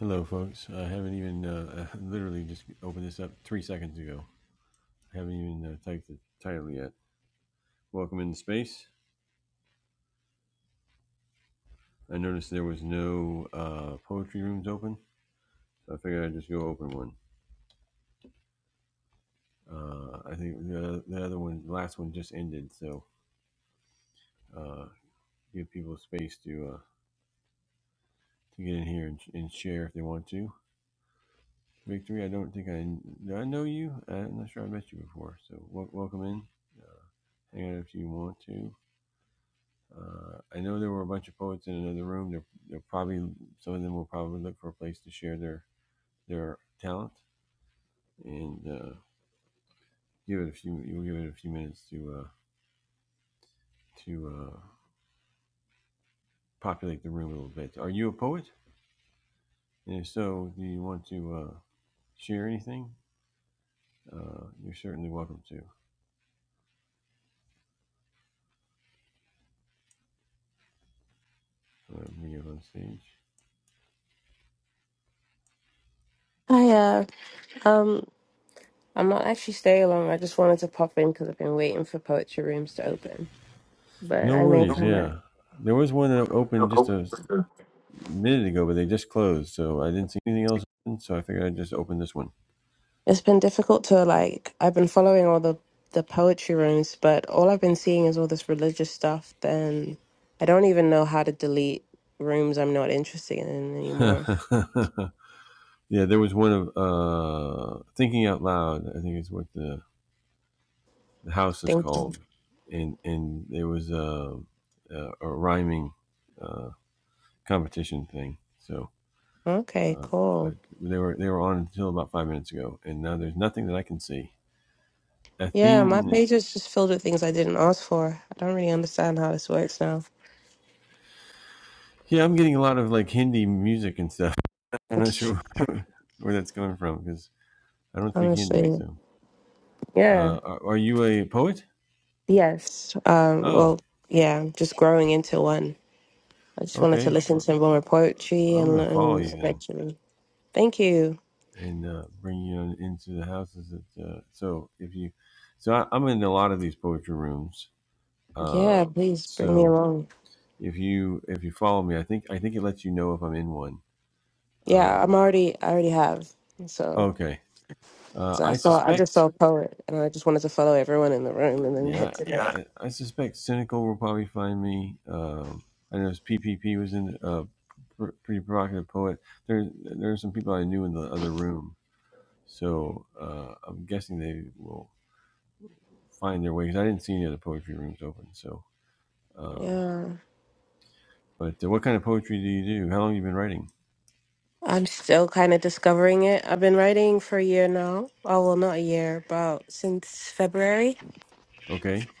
Hello, folks. I haven't even uh, I literally just opened this up three seconds ago. I haven't even uh, typed the title yet. Welcome into space. I noticed there was no uh, poetry rooms open, so I figured I'd just go open one. Uh, I think the, the other one, the last one, just ended, so uh, give people space to uh, to get in here and, and share if they want to. Victory, I don't think I do I know you. I'm not sure I met you before, so wel- welcome in. Hang out if you want to. Uh, I know there were a bunch of poets in another room. They're, they're probably some of them will probably look for a place to share their their talent and uh, give it a few. You'll give it a few minutes to uh, to uh, populate the room a little bit. Are you a poet? And if so, do you want to uh, share anything? Uh, you're certainly welcome to. Uh, bring you on stage. Hi, uh, um, I'm not actually staying long. I just wanted to pop in because I've been waiting for poetry rooms to open, but No I may worries. come back. Yeah, there was one that opened just a minute ago, but they just closed, so I didn't see anything else. So I figured I'd just open this one. It's been difficult to like. I've been following all the the poetry rooms, but all I've been seeing is all this religious stuff. Then I don't even know how to delete rooms I'm not interested in anymore. Yeah, there was one of uh, Thinking Out Loud. I think is what the, the house is Thank you. called, and and there was a a, a rhyming uh, competition thing. So, Okay, uh, but cool. they were they were on until about five minutes ago, and now there's nothing that I can see. Yeah, my Athene. page is just filled with things I didn't ask for. I don't really understand how this works now. Yeah, I'm getting a lot of like Hindi music and stuff. I'm not sure where that's coming from because I don't speak Hindi. Honestly, So, yeah. uh, are, are you a poet? Yes. Um, Oh, well, yeah, just growing into one. I just wanted to okay. listen Well, to more poetry I'm and gonna follow learn you then. eventually. Thank you. and uh, bring you into the houses. That, uh, so if you, so I, I'm in a lot of these poetry rooms. Yeah, Uh, please bring me so along. if you if you follow me, I think I think it lets you know if I'm in one. Yeah, I'm Uh, already, I already have. So, okay, uh, so I I saw, I just saw suspect. a poet, and I just wanted to follow everyone in the room, and then Yeah, head to yeah. that. I, I suspect cynical will probably find me. Um, I know P P P was in a uh, pr- pretty provocative poet. There there are some people I knew in the other room, so uh, I'm guessing they will find their way because I didn't see any other poetry rooms open. So, um, Yeah, but uh, what kind of poetry do you do? How long have you been writing? I'm still kind of discovering it. I've been writing for a year now. Oh well, not a year, about since February. Okay,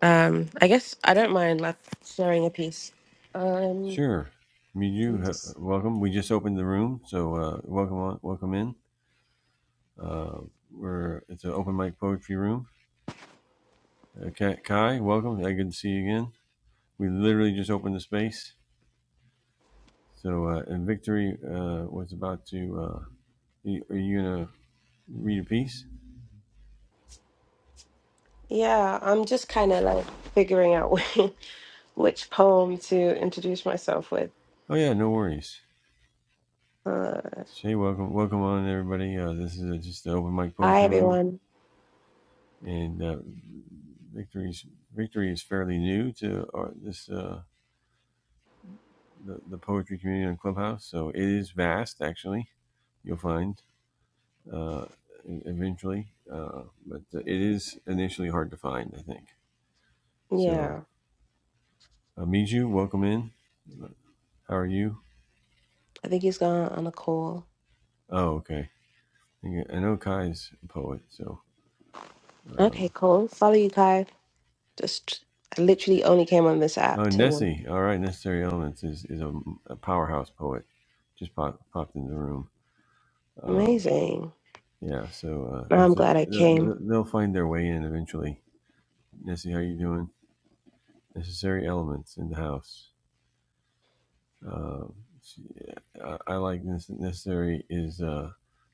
Um, I guess I don't mind like sharing a piece. Um, sure. Meet you I'm uh, just welcome. We just opened the room, so uh, welcome on, welcome in. Uh, we're it's an open mic poetry room. Uh, Kai, welcome. I good to see you again. We literally just opened the space. So, uh, and Victory uh, was about to. Uh, are you gonna read a piece? Yeah, I'm just kind of like figuring out wh- which poem to introduce myself with. Oh yeah, no worries. Uh, Say welcome, welcome on everybody. Uh, this is uh just the open mic hi, poetry room. everyone. and uh, victory's victory is fairly new to our, this uh, the, the poetry community on clubhouse so it is vast actually you'll find uh, e- eventually uh, but uh, it is initially hard to find i think so Yeah, uh, miju welcome in how are you I think he's gone on a call. oh okay i think- I know kai's a poet so uh, Okay, cool. Follow you, Kai. Just, I literally only came on this app oh to win. nessie all right necessary elements is, is a, a powerhouse poet just pop, popped in the room Um, Amazing. Yeah, so uh, if I'm the- glad I the- came. the- they'll find their way in eventually. Nessie, how you doing? Necessary elements in the house. Uh, she, I, I like this. Necessary is uh,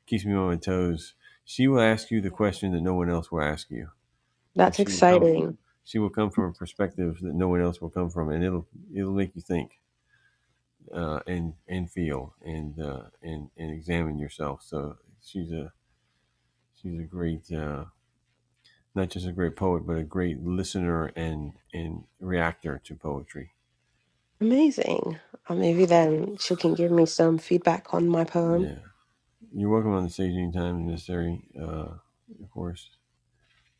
keeps me on my toes. She will ask you the question that no one else will ask you, and That's she will come. exciting. She will come from a perspective that no one else will come from, and it'll it'll make you think uh, and and feel and uh, and and examine yourself. So she's a she's a great. Uh, not just a great poet, but a great listener and and reactor to poetry. Amazing. Uh, maybe then she can give me some feedback on my poem. Yeah, you're welcome on the stage anytime if necessary. Uh, of course,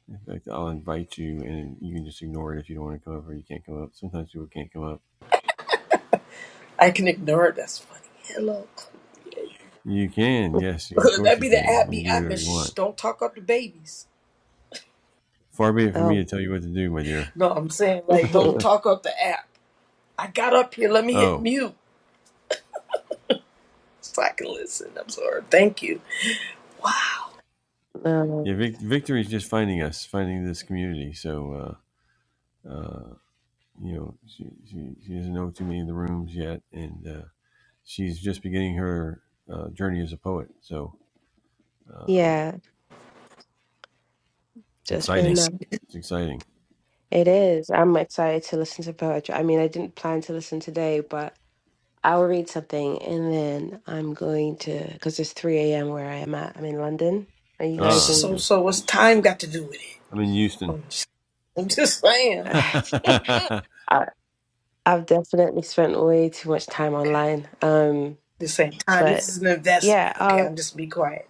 in fact, I'll invite you, and you can just ignore it if you don't want to come up or you can't come up. Sometimes people can't come up. I can ignore it. That's funny. Hello. You can, yes, of course That'd you be the can. app You be can do app and whatever you shh, want. don't talk up the babies. Far be it for me Oh, to tell you what to do, my dear. No, I'm saying like don't talk up the app. I got up here, let me hit Oh, mute so I can listen. I'm sorry. Thank you. yeah, no. Vic- Victory is just finding us, finding this community. So, uh, uh, you know, she, she, she doesn't know too many of the rooms yet, and. Uh, she's just beginning her uh, journey as a poet. So um, Yeah, just been. exciting! Yes. Um, It's exciting. it is. I'm excited to listen to poetry. I mean, I didn't plan to listen today, but I'll read something and then I'm going to, because it's 3 a.m. where I am at. I'm in London. Are you guys Ah, in? So okay. so what's time got to do with it? I'm in Houston. I'm just, I'm just saying. All I've definitely spent way too much time Okay. online. Um, This ain't time. This but is an investment. yeah, Okay, uh, I'm just be quiet.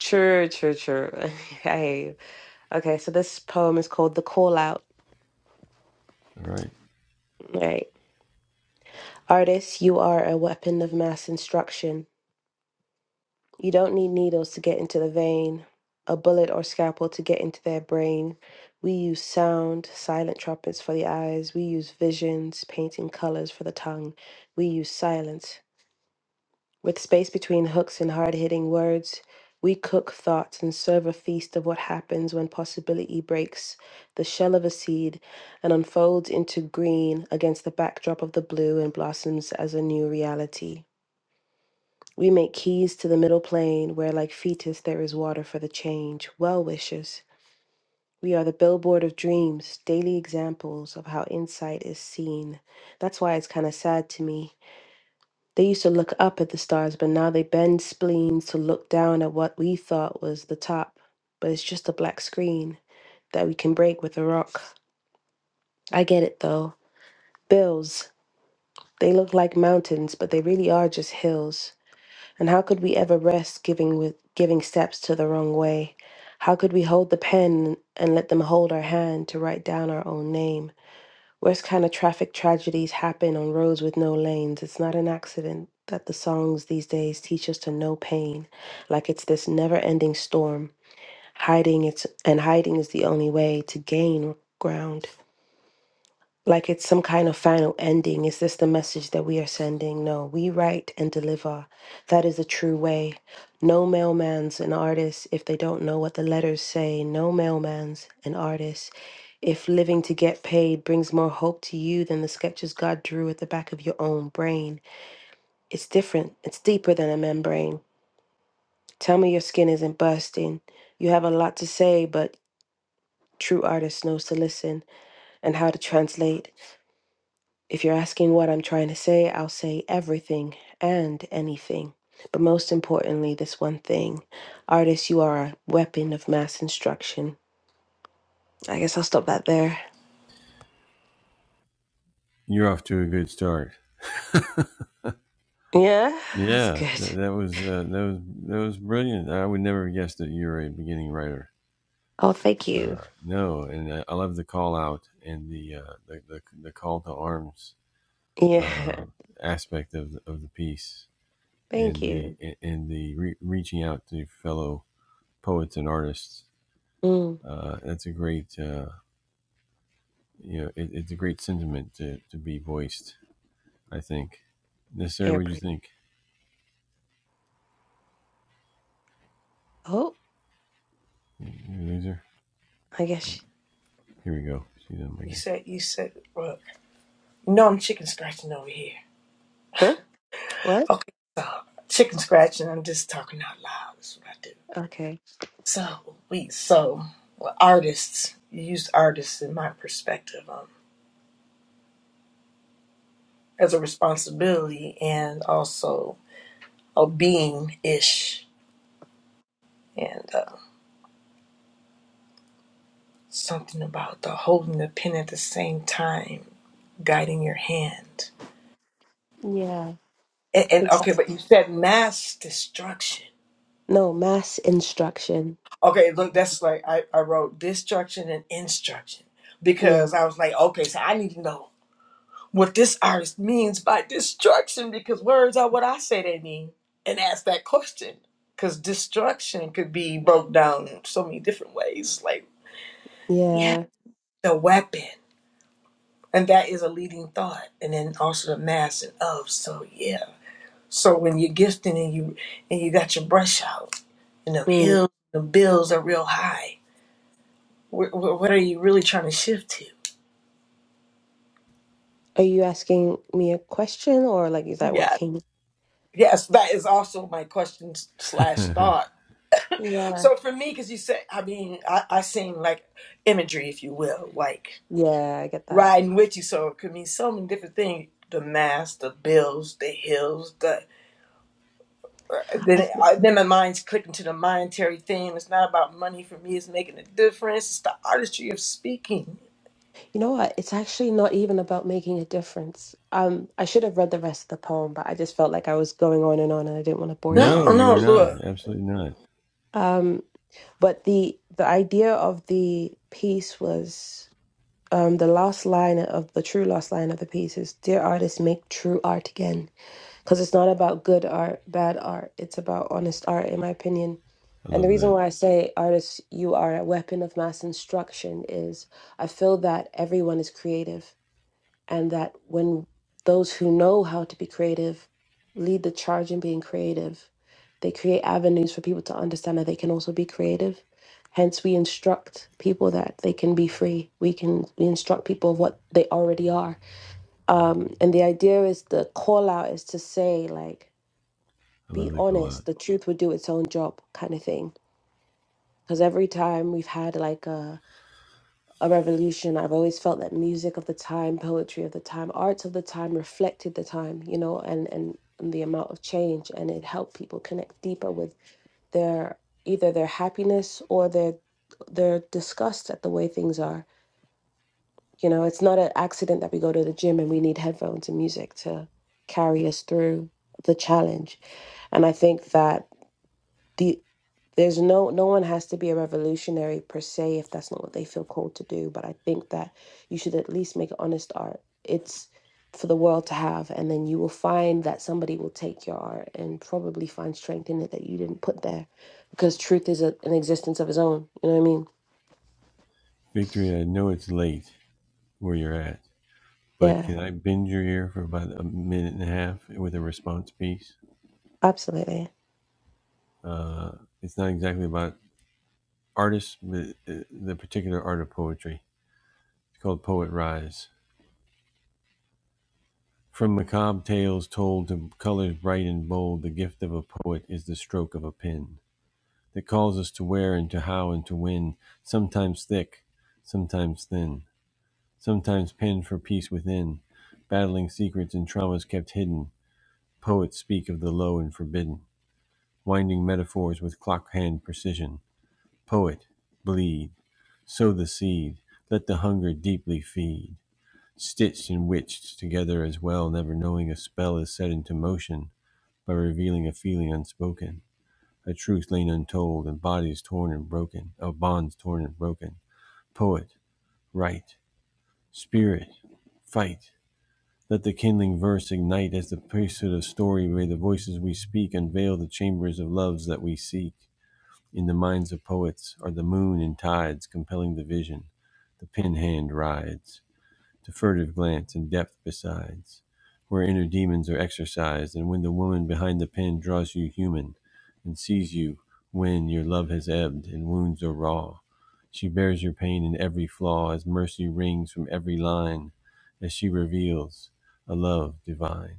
true, true, true. I hear you. Okay, so this poem is called The Call Out. right, Right. Artist, you are a weapon of mass instruction. You don't need needles to get into the vein, a bullet or scalpel to get into their brain. We use sound, silent trumpets for the eyes. We use visions, painting colors for the tongue. We use silence With space between hooks and hard hitting words, we cook thoughts and serve a feast of what happens when possibility breaks the shell of a seed and unfolds into green against the backdrop of the blue and blossoms as a new reality. We make keys to the middle plane where, like fetus, there is water for the change. Well wishes. We are the billboard of dreams, daily examples of how insight is seen. That's why it's kind of sad to me they used to look up at the stars, but now they bend spleens to look down at what we thought was the top. But it's just a black screen that we can break with a rock. I get it though. Bills. They look like mountains, but they really are just hills. And how could we ever rest giving with giving steps to the wrong way? How could we hold the pen and let them hold our hand to write down our own name? Worst kind of traffic tragedies happen on roads with no lanes. It's not an accident that the songs these days teach us to know pain, like it's this never ending storm. Hiding it's and hiding is the only way to gain ground like it's some kind of final ending. Is this the message that we are sending? No, we write and deliver. That is a true way. No mailman's an artist if they don't know what the letters say. No mailman's an artist. If living to get paid brings more hope to you than the sketches God drew at the back of your own brain, it's different. It's deeper than a membrane. Tell me your skin isn't bursting. You have a lot to say, but true artist knows to listen and how to translate. If you're asking what I'm trying to say, I'll say everything and anything. But most importantly, this one thing artists, you are a weapon of mass instruction. I guess I'll stop that there. you're off to a good start. Yeah, that's Yeah, good. that, that was uh, that was that was brilliant. I would never have guessed that you're a beginning writer. Oh, thank you. Uh, no, and I, I love the call out and the uh, the, the the call to arms Yeah, uh, aspect of the, of the piece thank and the you. and the re- reaching out to fellow poets and artists Mm, Uh, that's a great, uh, you know, it, it's a great sentiment to, to be voiced. I think. Yes, sir. What do you airprint. think? Oh, You loser. I guess. Here we go. She's You on said you said well, you know I'm chicken scratching over here. Huh? What? Okay. Chicken scratching, I'm just talking out loud. That's what I do. Okay. So we so well, artists use artists in my perspective um, as a responsibility and also a being ish and uh, something about the holding the pen at the same time, guiding your hand. Yeah, And, I and think so. okay, but you said mass destruction. No, mass instruction. Okay, look, that's like I, I wrote destruction and instruction Yeah, because I was like, okay, so I need to know what this artist means by destruction because words are what I say they mean and ask that question because destruction could be broke down in so many different ways. Like, yeah, yeah. the weapon. And that is a leading thought. And then also the mass and of. So, yeah. So when you're gifting and you and you got your brush out and the Mm. hills, the bills are real high, wh- wh- what are you really trying to shift to? Are you asking me a question or like, is that what Yeah. came? Yes, that is also my question slash again. thought Yeah. So for me, because you said, I mean, I, I seen like imagery, if you will, like Yeah, I get that. riding with you. So it could mean so many different things: the mass, the bills, the hills. The uh, I then th I, then my mind's clicking to the monetary thing. It's not about money for me. It's making a difference. It's the artistry of speaking. you know what? It's actually not even about making a difference. Um, I should have read the rest of the poem, but I just felt like I was going on and on, and I didn't want to bore you No, no, guys. you no, were not. look, Absolutely not. Um, but the the idea of the piece was um the last line of the true last line of the piece is, "Dear artist, make true art again." because it's not about good art, bad art. It's about honest art, in my opinion. I And the love reason that. why I say artists, you are a weapon of mass instruction is I feel that everyone is creative, and that when those who know how to be creative lead the charge in being creative, they create avenues for people to understand that they can also be creative. Hence, we instruct people that they can be free. We can we instruct people of what they already are. Um, and the idea is the call out is to say like I be love the call out. honest, the truth would do its own job kind of thing. Because every time we've had like a, a revolution, I've always felt that music of the time, poetry of the time, arts of the time reflected the time, you know, and, and, and the amount of change. And it helped people connect deeper with their either their happiness or their their disgust at the way things are. You know, it's not an accident that we go to the gym and we need headphones and music to carry us through the challenge. And I think that the there's no no one has to be a revolutionary per se if that's not what they feel called to do but i think that you should at least make honest art it's for the world to have and then you will find that somebody will take your art and probably find strength in it that you didn't put there because truth is a, an existence of its own you know what i mean Victory. I know it's late where you're at, but yeah can I bend your ear for about a minute and a half with a response piece? absolutely Uh, it's not exactly about artists, but uh, the particular art of poetry. It's called Poet Rise From macabre tales told to colors bright and bold, the gift of a poet is the stroke of a pen that calls us to where and to how and to when, sometimes thick, sometimes thin, sometimes penned for peace within, battling secrets and traumas kept hidden. Poets speak of the low and forbidden, winding metaphors with clock hand precision. Poet, bleed, sow the seed, let the hunger deeply feed. Stitched and witched together as well, never knowing a spell is set into motion by revealing a feeling unspoken, a truth lain untold, and bodies torn and broken, of bonds torn and broken. Poet, write, spirit, fight. Let the kindling verse ignite as the priesthood of story, where the voices we speak unveil the chambers of loves that we seek. In the minds of poets are the moon and tides compelling the vision. The pen hand rides to furtive glance and depth besides, where inner demons are exercised, and when the woman behind the pen draws you human, and sees you when your love has ebbed and wounds are raw. She bears your pain in every flaw as mercy rings from every line, as she reveals a love divine.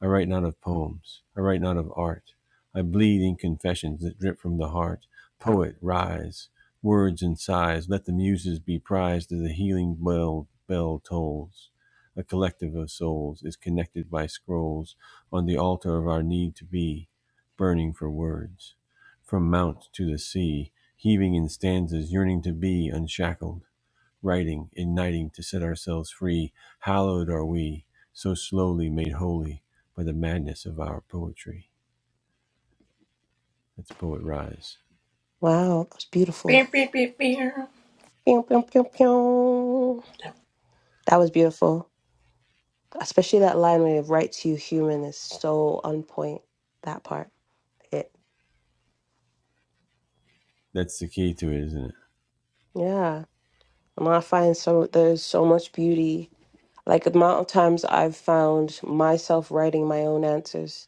I write not of poems. I write not of art. I bleed in confessions that drip from the heart. Poet, rise. Words and sighs, let the muses be prized as the healing bell, bell tolls. A collective of souls is connected by scrolls on the altar of our need to be, burning for words. From mount to the sea, heaving in stanzas, yearning to be unshackled writing, igniting to set ourselves free. Hallowed are we, so slowly made holy by the madness of our poetry. That's Poet Rise. wow that was beautiful beer, beer, beer, beer. Pew, pew, pew, pew. that was beautiful especially that line where it writes you human is so on point that part It That's the key to it, isn't it? Yeah, and I find so there's so much beauty. Like the amount of times I've found myself writing my own answers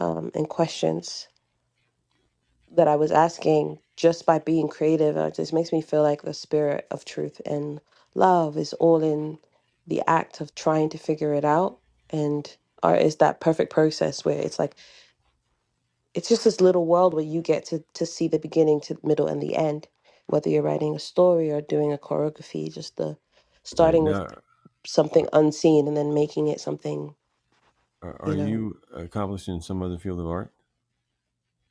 um, and questions that I was asking just by being creative. uh, It just makes me feel like the spirit of truth and love is all in the act of trying to figure it out. And art is that perfect process where it's like it's just this little world where you get to to see the beginning to the middle and the end, whether you're writing a story or doing a choreography, just the Right starting with now, something unseen and then making it something, are are you know, you accomplished in some other field of art?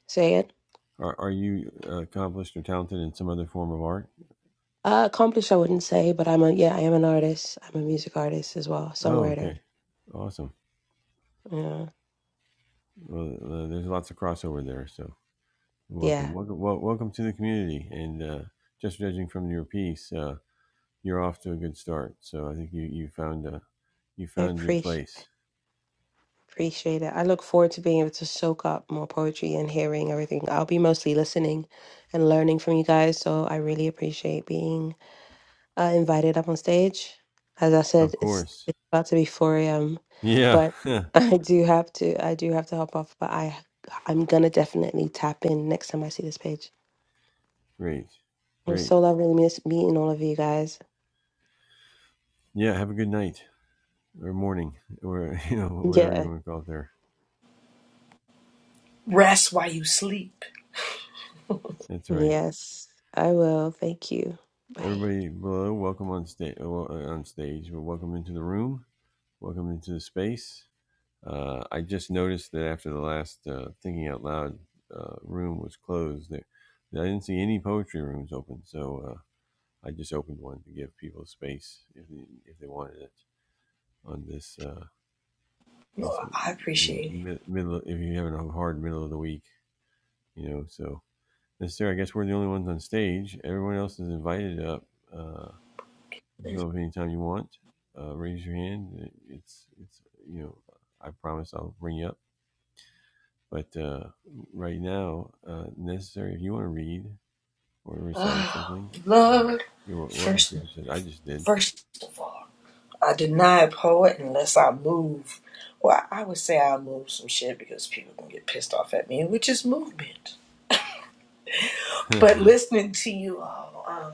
say it. Are, are you accomplished or talented in some other form of art? Uh, accomplished, I wouldn't say, but I'm a, yeah, I am an artist. I'm a music artist as well, Oh, songwriter. okay, awesome. Yeah, Well, uh, there's lots of crossover there, so yeah, welcome, welcome, wel- welcome to the community. And uh, just judging from your piece. uh, you're off to a good start. So I think you you found a you I found your appreciate place. appreciate it. I look forward to being able to soak up more poetry and hearing everything. I'll be mostly listening and learning from you guys, so I really appreciate being uh, invited up on stage. As I Of said, it's course. it's about to be four a.m., Yeah. but I do have to I do have to hop off. But I I'm gonna definitely tap in next time I see this page. great. It was Great. so lovely miss meeting all of you guys. Yeah. Have a good night or morning or you know whatever you Yeah. want to call it there. Rest while you sleep. That's right. Yes, I will. Thank you. Bye. Everybody below, welcome on stage. On stage, well, welcome into the room. Welcome into the space. Uh, I just noticed that after the last uh, thinking out loud uh, room was closed, that, that I didn't see any poetry rooms open. So. Uh, I just opened one to give people space if they, if they wanted it on this uh, this No, you I know, appreciate middle. If you're having a hard middle of the week, you know. So that's I guess we're the only ones on stage. Everyone else is invited up. Uh, you can it. come up anytime you want. Uh, raise your hand. It's it's you know. I promise I'll bring you up. But uh, right now, uh, necessary if you want to read or recite something, uh, Love you're welcome first, to. Because I just did. first of all. I deny a poet unless I move. Well, I would say I move some shit because people can get pissed off at me, which is movement. But listening to you all, um,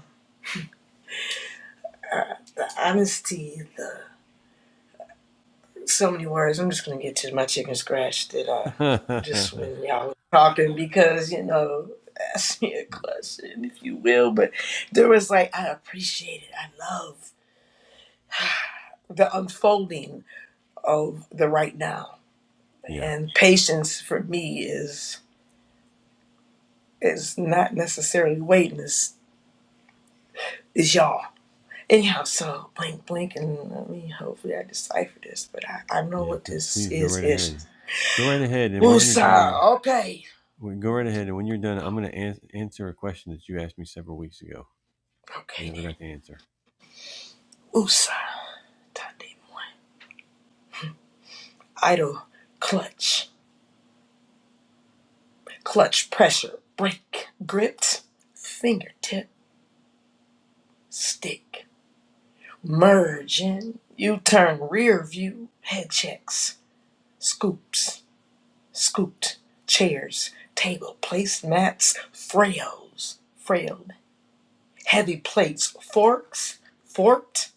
honesty, the, so many words. I'm just gonna get to my chicken scratch that I just when y'all were talking because you know ask me a question if you will, but there was like I appreciate it. I love the unfolding of the right now, yeah. and patience for me is. It's not necessarily waiting. It's, it's y'all. Anyhow, so blink, blink, and I mean, hopefully I decipher this, but I, I know Yeah, what pl- this please go is. right Ish. ahead. Go right ahead, and when you're Wusa. done, Okay. when, go right Lord. ahead, and when you're done, I'm going to ans- answer a question that you asked me several weeks ago. I Okay then. never got to answer. Wusa. Tade moi. Idle. Clutch. Clutch pressure. Break. Gripped. Fingertip. Stick. Merge in. U turn rear view. Head checks. Scoops. scooped chairs, table, placemats, frails, frayed heavy plates, forks, forked,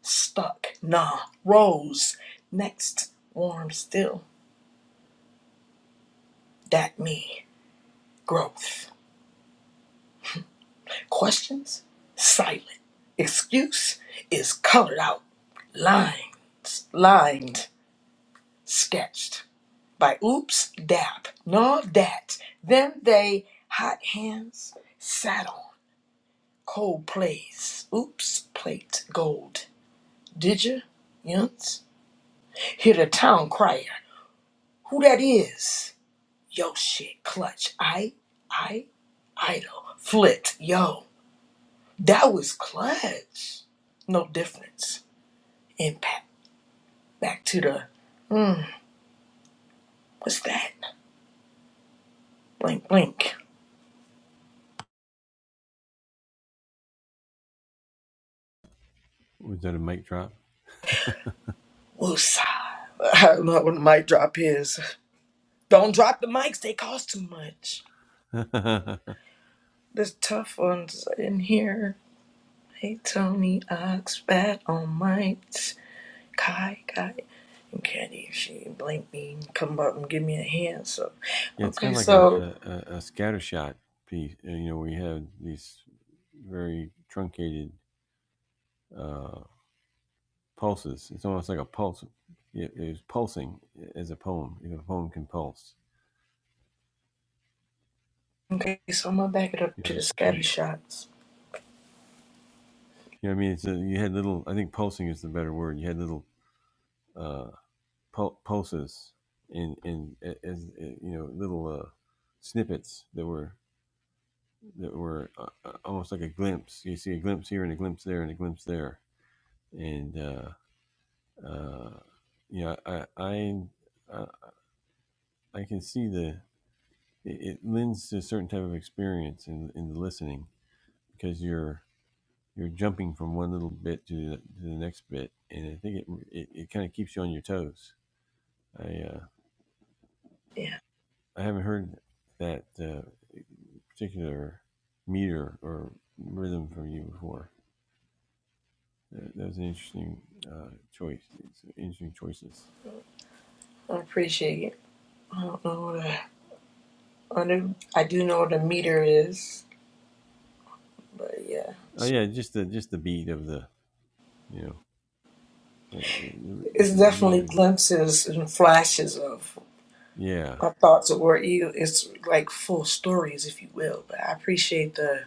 stuck, nah, rose, next, warm still, that me, growth. Questions? Silent. Excuse is colored out, lines, lined, sketched by oops, dap, no, that, them, they, hot hands, sat on. Cold plays. Oops, plate gold. Did ya? Yuns. Hear the town crier. Who that is? Yo shit, clutch. I, I, idol. Flit. Yo, that was clutch. No difference. Impact. Back to the, what's that? Blink, blink. Was that a mic drop? Woosah. I love when the mic drop is. Don't drop the mics, they cost too much. yeah, There's tough ones in here. Hey Tony Ox, Bat all Mites, Kai Kai, and Caddy. If she blink me, and come up and give me a hand. So, it's okay, kind of like a, so a, a a scatter shot piece. uh, You know, we have these very truncated uh, pulses. It's almost like a pulse. yeah, It, it's pulsing as a poem. If a poem can pulse, okay, so I'm gonna back it up you to the know, you, scatter you shots. know what I mean. It's a, you had little. I think pulsing is the better word. You had little. uh, pul- pulses in in as you know little uh, snippets that were that were uh, uh, almost like a glimpse. You see a glimpse here and a glimpse there and a glimpse there, and uh, uh, yeah, I I I I can see the it, it lends to a certain type of experience in in the listening because you're you're jumping from one little bit to the, to the next bit, and I think it it, it kind of keeps you on your toes. I uh, Yeah, I haven't heard that uh, particular meter or rhythm from you before. That, that was an interesting uh, choice. It's interesting choices. I appreciate it. I don't know what a, I do. I do know what a meter is, but yeah, Oh yeah, just the just the beat of the you know uh, the, it's the definitely meter. glimpses and flashes of Yeah, my thoughts of where you. It's like full stories, if you will. But I appreciate the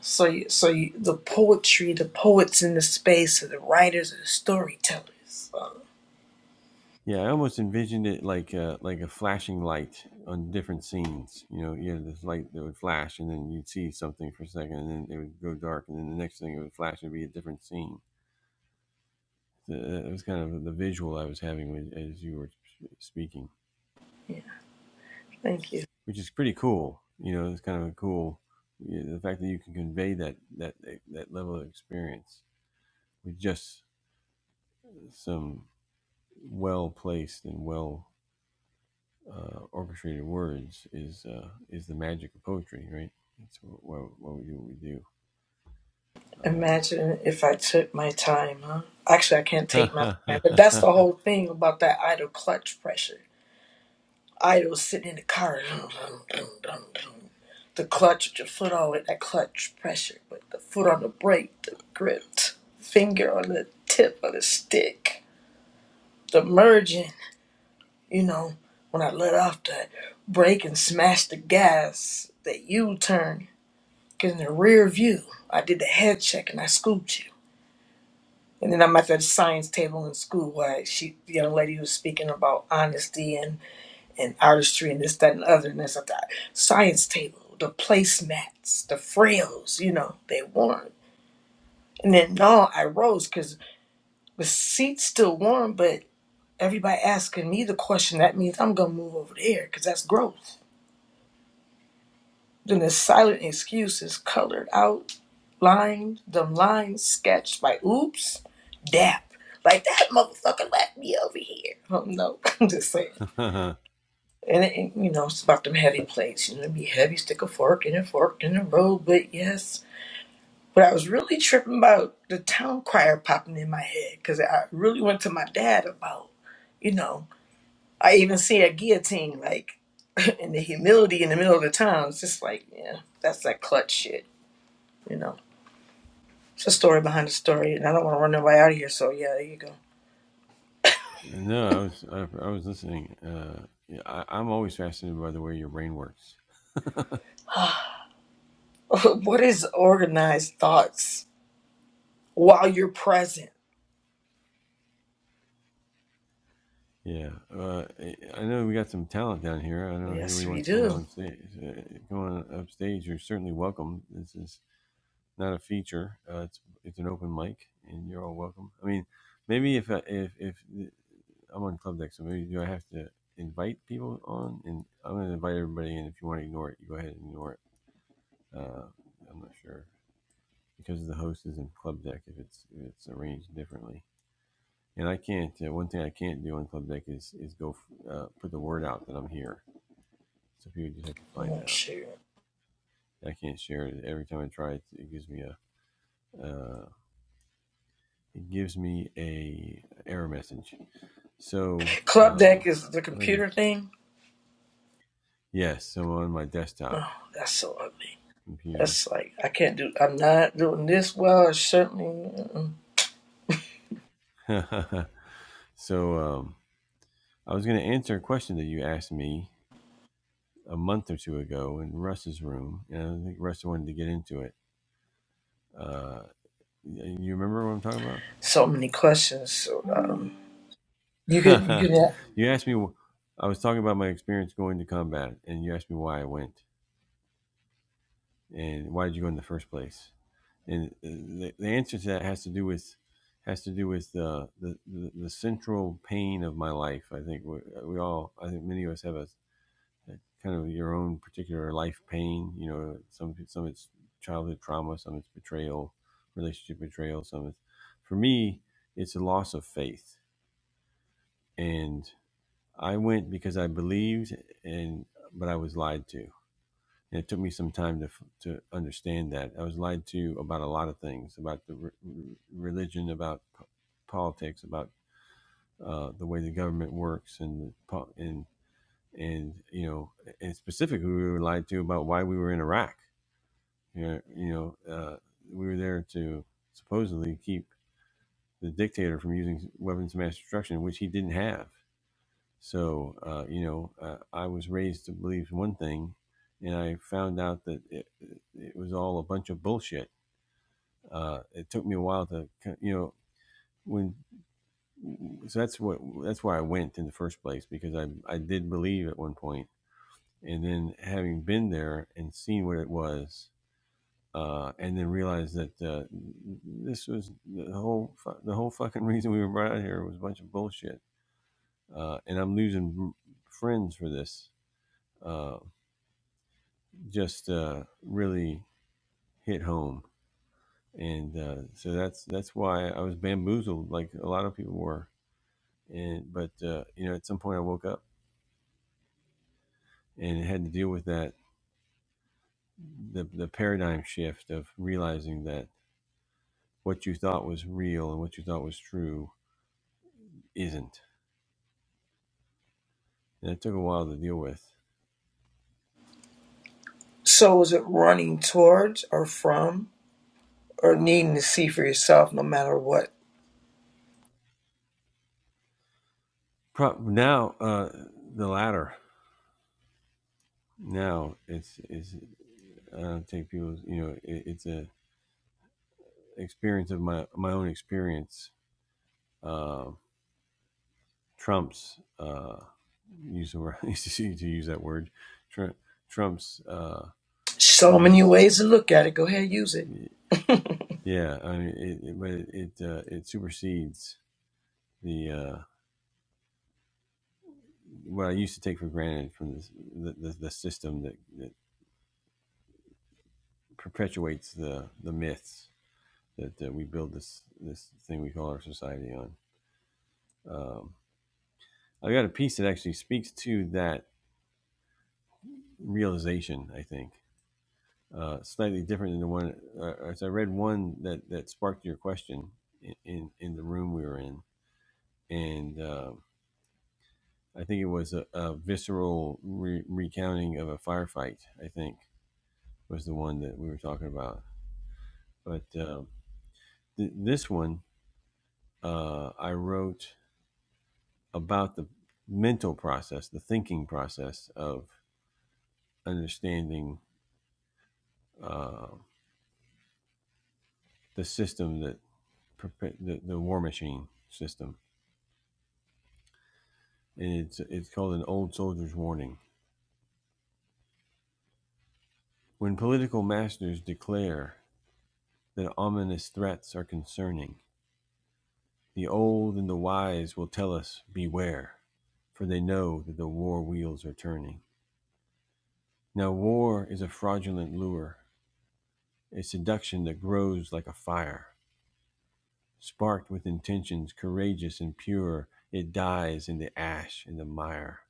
So, you, so you, the poetry, the poets in the space, are the writers, and the storytellers. Uh, yeah. I almost envisioned it like a, like a flashing light on different scenes. You know, you had this light that would flash, and then you'd see something for a second, and then it would go dark, and then the next thing it would flash and be a different scene. So that was kind of the visual I was having with, as you were speaking. yeah, thank you. which is pretty cool. You know, it's kind of a cool you know, the fact that you can convey that that that level of experience with just some well placed and well uh, orchestrated words is uh, is the magic of poetry, right? That's what, what, we do. What we do. Uh, Imagine if I took my time, huh? Actually, I can't take my time, but that's the whole thing about that idle clutch pressure. Idle sitting in the car, dum, dum, dum, dum, dum. the clutch with your foot on it, that clutch pressure, but the foot on the brake, the grip, finger on the tip of the stick, the merging. You know, when I let off the brake and smashed the gas, the U turn, 'cause in the rear view, I did the head check and I scooped you. And then I'm at that science table in school where she, the young lady was speaking about honesty and, and artistry and this, that, and the other. And that's at the science table, the placemats, the frills, you know, they warm. And then, no, I rose because the seat's still warm, but everybody asking me the question, that means I'm going to move over there because that's growth. Then the silent excuses colored out, lined, them lines sketched by oops, dap. Like that motherfucker left me over here. Oh no, I'm just saying. And it, you know, it's about them heavy plates. You know, it'd be heavy, stick a fork in a fork in the road, but yes. But I was really tripping about the town crier popping in my head because I really went to my dad about, you know, I even see a guillotine like in the humility in the middle of the town. It's just like, yeah, that's that clutch shit, you know. It's a story behind a story, and I don't want to run nobody out of here, so yeah, there you go. no, I was I, I was listening. Uh, yeah, I, I'm always fascinated by the way your brain works what is organized thoughts while you're present? Yeah, uh, I know we got some talent down here. I don't know if Yes, anybody we wants to come do. on stage. Uh, come on up stage. You're certainly welcome. This is not a feature. Uh, it's it's an open mic, and you're all welcome. I mean, maybe if I, if if I'm on club deck, so maybe do I have to invite people on? And I'm going to invite everybody in. If you want to ignore it, you go ahead and ignore it. Uh, I'm not sure because the host is in club deck. If it's if it's arranged differently. And I can't. Uh, one thing I can't do on Club Deck is is go uh, put the word out that I'm here. So people just have to find Oh, out. shoot. I can't share it. Every time I try it, it gives me a uh, it gives me a error message. So Club uh, deck is the if I can, computer thing. yes, so on my Oh, desktop that's so ugly. computer. That's like, I can't do, I'm not doing this well. I certainly, mm-mm. so um, I was going to answer a question that you asked me a month or two ago in Russ's room, and I think Russ wanted to get into it. Uh, you remember what I'm talking about? so many questions. So, um, you could, you could, you asked me. I was talking about my experience going to combat, and you asked me why I went and why did you go in the first place. And uh, the, the answer to that has to do with has to do with uh, the, the the central pain of my life. I think we, uh, we all. I think many of us have a, a kind of your own particular life pain. You know, some some of it's childhood trauma, some of it's betrayal, relationship betrayal, some of it's for me it's a loss of faith and I went because I believed, and but I was lied to. And it took me some time to to understand that I was lied to about a lot of things, about the re- religion, about p- politics, about uh, the way the government works, and and and you know, and specifically we were lied to about why we were in Iraq. You know, you know uh, we were there to supposedly keep the dictator from using weapons of mass destruction, which he didn't have So, uh, you know, uh, I was raised to believe one thing, and I found out that it, it was all a bunch of bullshit. Uh, it took me a while to, you know, when so that's what that's why I went in the first place because I I did believe at one point, and then having been there and seen what it was, uh, and then realized that uh, this was the whole the whole fucking reason we were brought out here was a bunch of bullshit, uh, and I'm losing friends for this Uh, just uh, really hit home, and uh, so that's that's why I was bamboozled, like a lot of people were. And but uh, you know, at some point I woke up and had to deal with that the the paradigm shift of realizing that what you thought was real and what you thought was true isn't. And it took a while to deal with. so is it running towards or from or needing to see for yourself no matter what? Pro- now uh, the latter. Now it's is I don't take people. You know, it, it's a experience of my my own experience Uh, Trump's uh, use the word. I used to to use that word. Trump, Trump's uh, So many the ways to look at it. Go ahead, use it. the yeah. I mean, it, it, but it it, uh, it supersedes the uh, what I used to take for granted from this, the, the the system that, that perpetuates the the myths that uh, we build this this thing we call our society on. Um, I got a piece that actually speaks to that realization. I think uh, slightly different than the one. Uh, as I read one that that sparked your question in in, in the room we were in, and uh, I think it was a, a visceral re- recounting of a firefight. I think was the one that we were talking about. But um, th- this one uh, I wrote about the mental process, the thinking process of understanding uh, the system that the, the war machine system and it's it's called an old soldier's warning. When political masters declare that ominous threats are concerning, the old and the wise will tell us beware, for they know that the war wheels are turning. Now war is a fraudulent lure, a seduction that grows like a fire, sparked with intentions courageous and pure. It dies in the ash and the mire,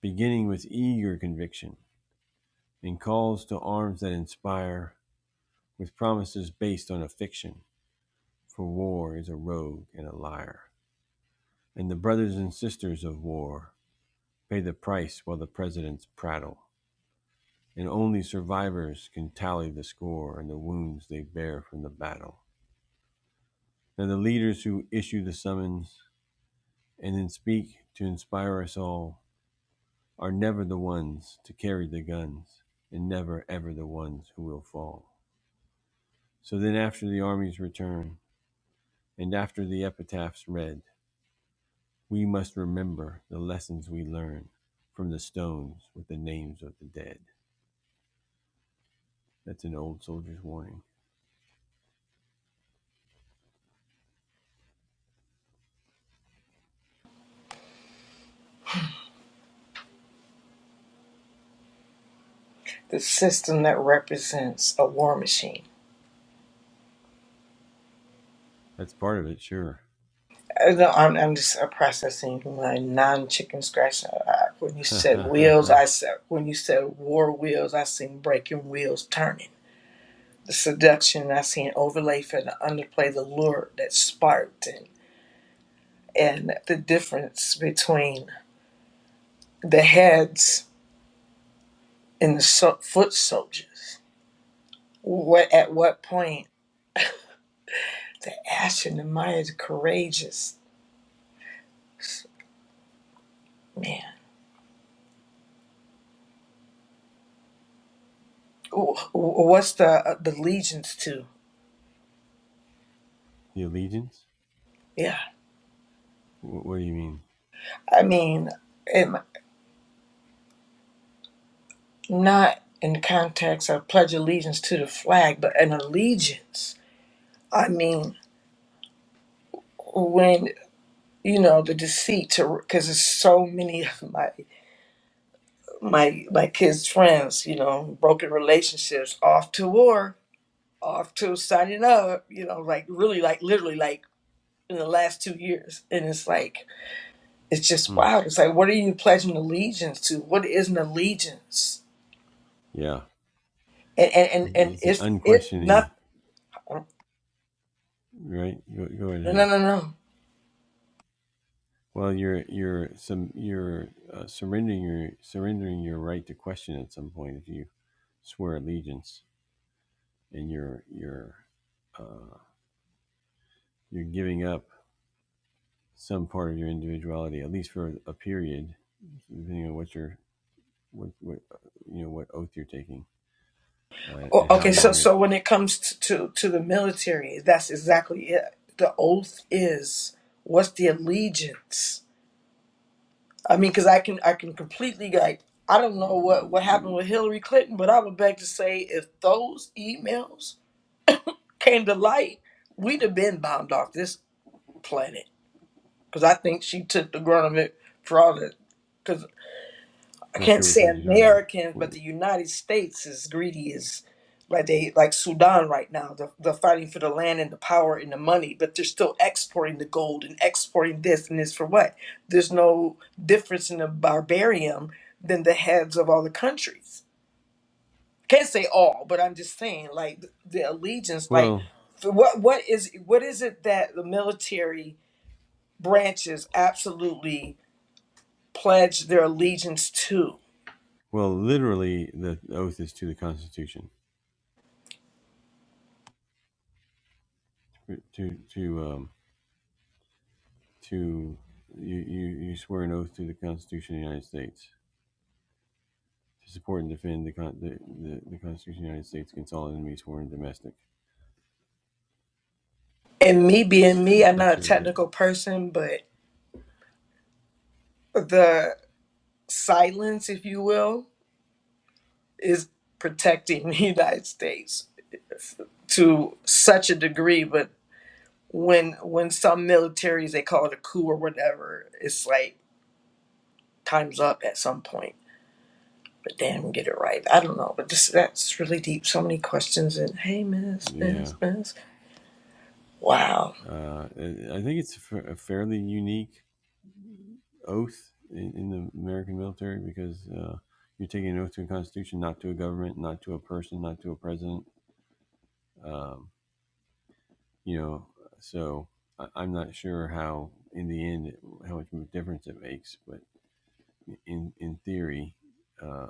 beginning with eager conviction and calls to arms that inspire with promises based on a fiction. For war is a rogue and a liar. And the brothers and sisters of war pay the price while the presidents prattle. And only survivors can tally the score and the wounds they bear from the battle. Now, the leaders who issue the summons and then speak to inspire us all are never the ones to carry the guns and never ever the ones who will fall. So then, after the armies return, and after the epitaphs read, We must remember the lessons we learn from the stones with the names of the dead. That's an old soldier's warning. the system that represents a war machine. That's part of it, sure. I don't- I'm, I'm just uh, processing my non-chicken scratch. Uh, I- When you said wheels, the I said when you said war wheels, I seen breaking wheels turning. The seduction I seen overlay for the underplay, the lure that sparked, and, and the difference between the heads and the so- foot soldiers. What at what point the ash and the Maya is courageous, man. wh- wh- what's the uh, the allegiance to? allegiance? Yeah, Wh- What do you mean? I mean, it, not in the context of pledge allegiance to the flag, but an allegiance. I mean, when you know the deceit to because there's so many of my my my kids' friends, you know, broken relationships, off to war, off to signing up, you know, like really, like literally, like in the last two years, and it's like it's just Hmm. wild. It's like, what are you pledging allegiance to? What is an allegiance? Yeah, and and and, and it's an if if not unquestioning, no right? Go, go right no ahead. no no Well, you're you're some you're uh, surrendering your surrendering your right to question at some point if you swear allegiance and you're you're uh, you're giving up some part of your individuality, at least for a period, depending on what you're, what, what uh, you know, what oath you're taking, uh, O- and how okay so long it. so when it comes to, to to the military that's exactly it the oath is what's the allegiance i mean because i can i can completely like i don't know what what happened with hillary clinton but i would beg to say if those emails came to light we'd have been bombed off this planet because i think she took the grunt of it for all that I I'm not can't sure which say ones you're talking Americans, but about. the United States is greedy as like they like Sudan right now. They're, they're fighting for the land and the power and the money, but they're still exporting the gold and exporting this and this for what? There's no difference in the barbarian than the heads of all the countries. Can't say all, but I'm just saying like the allegiance. Like Well, for what what is what is it that the military branches absolutely pledge their allegiance to? well, literally, the oath is to the Constitution, to to um, to you, you you swear an oath to the Constitution of the United States to support and defend the con- the, the, the Constitution of the United States against all enemies, foreign and domestic. and me being me, I'm That's not a your, that, technical person, but the silence, if you will, is protecting the United States to such a degree. But when when some militaries they call it a coup or whatever, it's like time's up at some point. But damn, get it right. I don't know, but this that's really deep. So many questions and hey, miss, yeah. miss, miss. Wow. Uh, I think it's a fairly unique oath in, in the American military because uh, you're taking an oath to the Constitution, not to a government, not to a person, not to a president. Um, you know, so I, I'm not sure how, in the end, how much of a difference it makes. But in in theory, uh,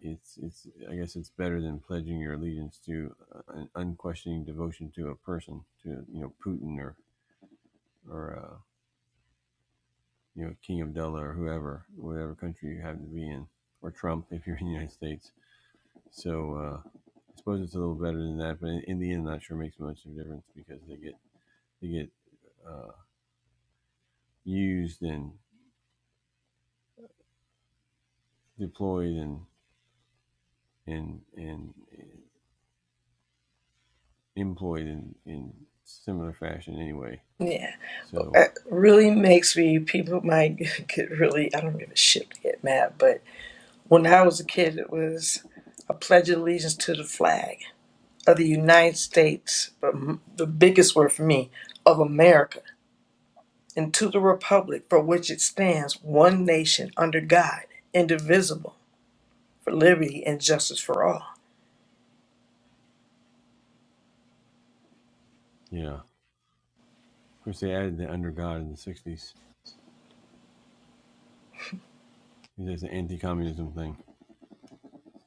it's it's I guess it's better than pledging your allegiance to an unquestioning devotion to a person, to you know Putin or or uh, you know King Abdullah or whoever, whatever country you happen to be in, or Trump if you're in the United States. So uh, I suppose it's a little better than that, but in, the end, I'm not sure it makes much of a difference because they get they get uh, used and deployed and and and uh, employed in, in similar fashion anyway. Yeah, So it really makes me. People might get really. I don't give a shit. Get mad, but. When I was a kid, it was a pledge of allegiance to the flag of the United States, but m- the biggest word for me, of America, and to the republic for which it stands, one nation under God, indivisible, for liberty and justice for all. yeah, of course they added the under God in the '60s. That's an anti-communism thing.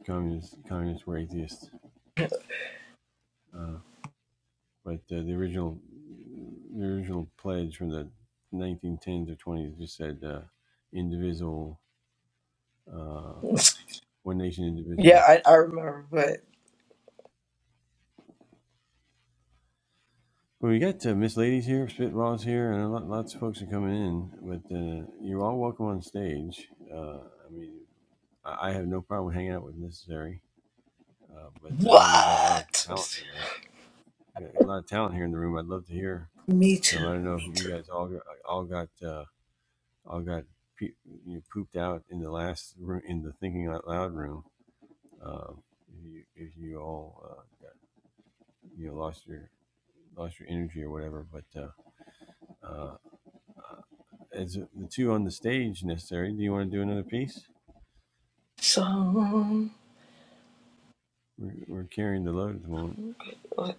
Communists communists were atheists, uh, but uh, the original the original pledge from the 1910s or 20s just said uh, indivisible. Uh, One Nation yeah, Indivisible. I, I remember, but Well, we got uh, Miss Ladies here, Spitballs here, and lot, lots of folks are coming in. But uh, you're all welcome on stage. Uh, I mean, I, have no problem hanging out with necessary, uh, but I know we got a lot of what? talent here, and we got a lot of talent here in the room. I'd love to hear Me some. too, I don't know me if you too. guys all got, all got uh, all got pe- you know, pooped out in the last room in the thinking out loud room. Uh, if you if you all uh, got, you know lost your lost your energy or whatever, but. Uh, uh, Is the two on the stage necessary. Do you want to do another piece? So. We're, we're carrying the load at the moment.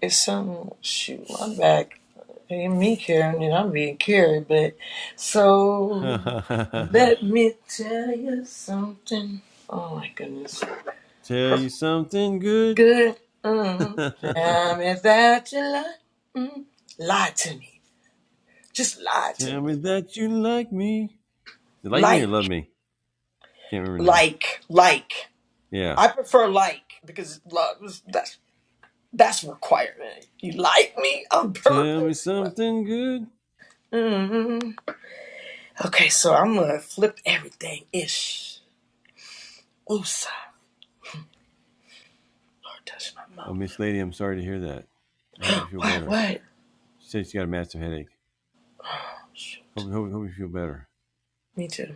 It's some shoot, I'm back ain't me carrying it, I'm being carried, but so let me tell you something. Oh my goodness. Tell Purple you something good. good. Mm. Tell Tell me that you lie. Mm. Lie to me. Just lie to me. me that you like me. You like me or Like, love me? Can't remember now. like, like. Yeah. I prefer like because love is that's that's requirement. You like me on Tell me purpose. something good. Mmm. Okay, so I'm gonna flip everything ish. Woosah. Lord, touch my Oh, mouth. Miss Lady, I'm sorry to hear that. I hope you feel What? better. What? She said she's got a massive headache. Oh, shoot. Hope, hope, hope you feel better. Me too.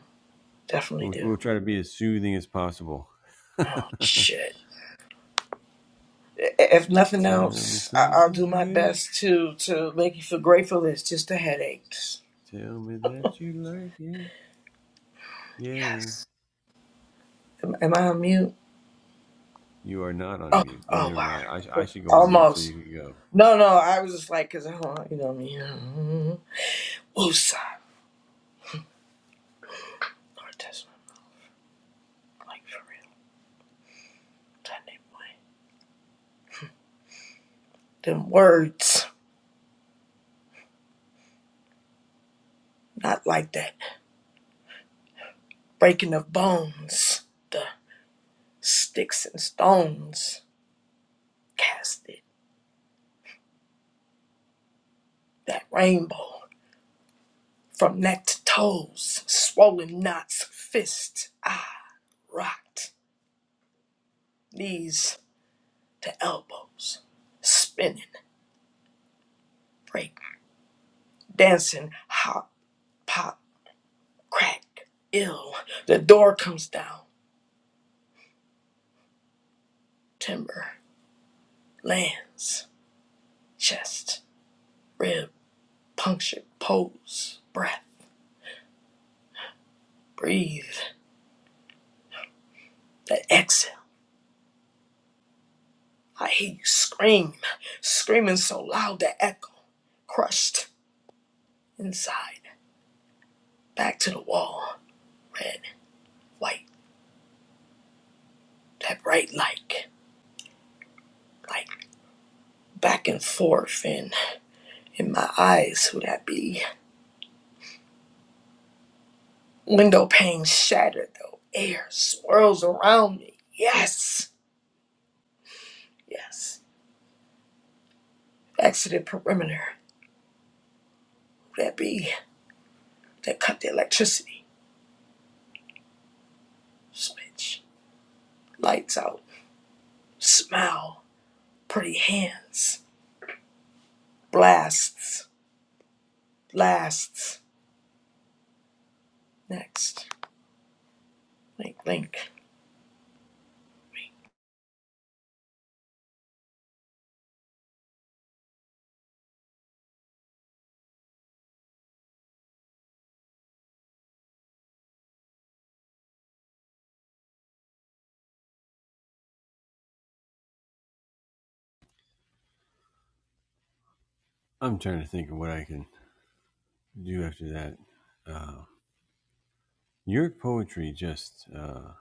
Definitely We'll, do. we'll try to be as soothing as possible. Oh, Tell shit. I- If nothing me else, I- I'll do something my good. best to to make you feel grateful. It's just the headaches. Tell me that you like it. Yeah. Yes. Am, am I on mute? You are not on Oh, mute. oh Neither am I. I, wow. I should go on mute so Almost. you can go. No, no. I was just like, cause I don't, want- you know me. Woosah. Lord, touch my like for real. That name, boy. Them words, not like that. breaking of bones, the sticks and stones casted that rainbow from neck to toes, swollen knots, fist, I rocked, knees to elbows, spinning, break, dancing, hop, pop, crack, ill. The door comes down, timber lands, chest, rib, punctured, pose, breath, breathe, the exhale. I hear you scream, screaming so loud the echo crushed inside, back to the wall, red, white, that bright light, like back and forth, and in my eyes, who that be? Window pane shattered, though air swirls around me. Yes, yes. Exited perimeter, who that be? That cut the electricity switch, lights out, smell, pretty hands, blasts, blasts. next link, link I'm trying to think of what I can do after that. Uh, your poetry just uh,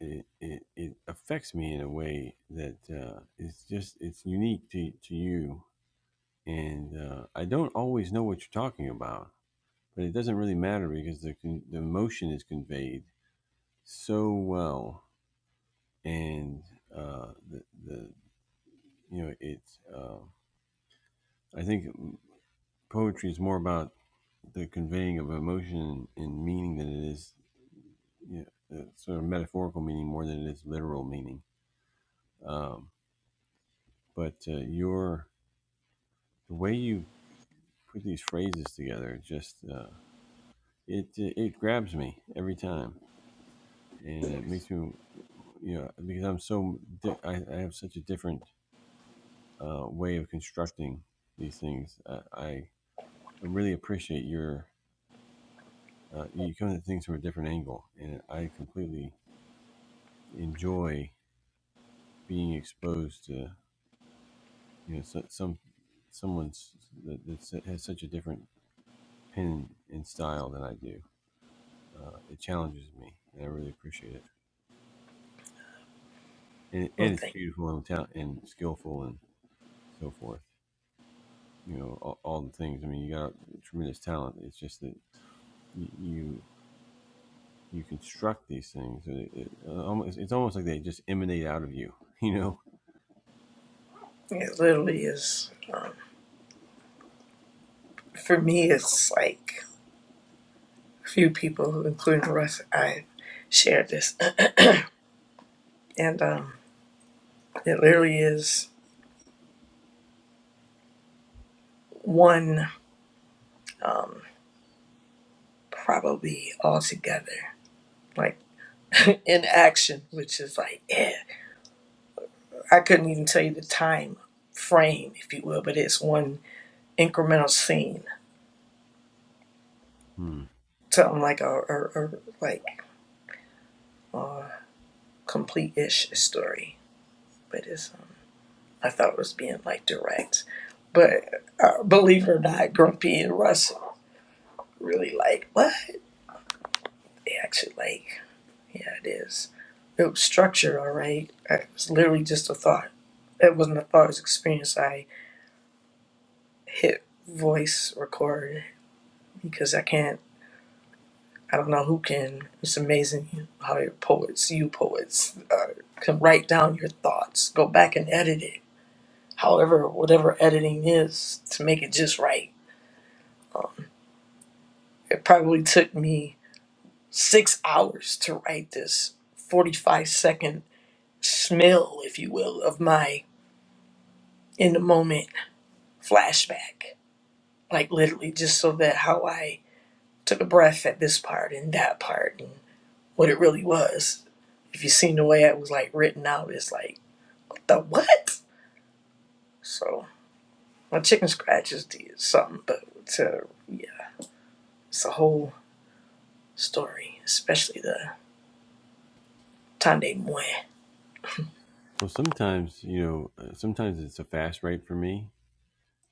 it, it it affects me in a way that uh, it's just it's unique to to you, and uh, I don't always know what you're talking about, but it doesn't really matter because the the emotion is conveyed so well, and uh, the the you know it's. Uh, I think poetry is more about the conveying of emotion and meaning than it is you know, uh, sort of metaphorical meaning more than it is literal meaning. Um, but uh, your the way you put these phrases together just uh, it it grabs me every time, and it makes me you know because I'm so di- I, I have such a different uh, way of constructing these things. I, I I really appreciate your uh, you come at things from a different angle, and I completely enjoy being exposed to you know so, some someone's that that's, has such a different pen and style than I do. Uh, it challenges me, and I really appreciate it. And, and it's nothing. beautiful and talent and skillful and so forth. You know all, all the things. I mean, you got tremendous talent. It's just that y- you you construct these things. and It, it, uh, almost, it's almost like they just emanate out of you. You know. It literally is for me. It's like a few people, including Russ, I shared this, and um, it literally is one probably all together, like in action, which is like yeah. I couldn't even tell you the time frame, if you will, but it's one incremental scene, Hmm. something like a, a, a like a complete ish story, but it's I thought was being like direct. But uh, believe it or not, Grumpy and Russ really like what they actually like. Yeah, it is. It was structured, all right. It was literally just a thought. It wasn't a thought. It was experience. I hit voice record because I can't. I don't know who can. It's amazing how your poets, you poets, uh, can write down your thoughts, go back and edit it. However, whatever editing is to make it just right. It probably took me six hours to write this 45 second smell, if you will, of my in the moment flashback. Like literally, just so that how I took a breath at this part and that part and what it really was. If you seen the way it was like written out, it's like, what the what? So, my chicken scratches did something, but to, yeah, it's a whole story, especially the Tande Moy. Well, sometimes you know, uh, sometimes it's a fast rate for me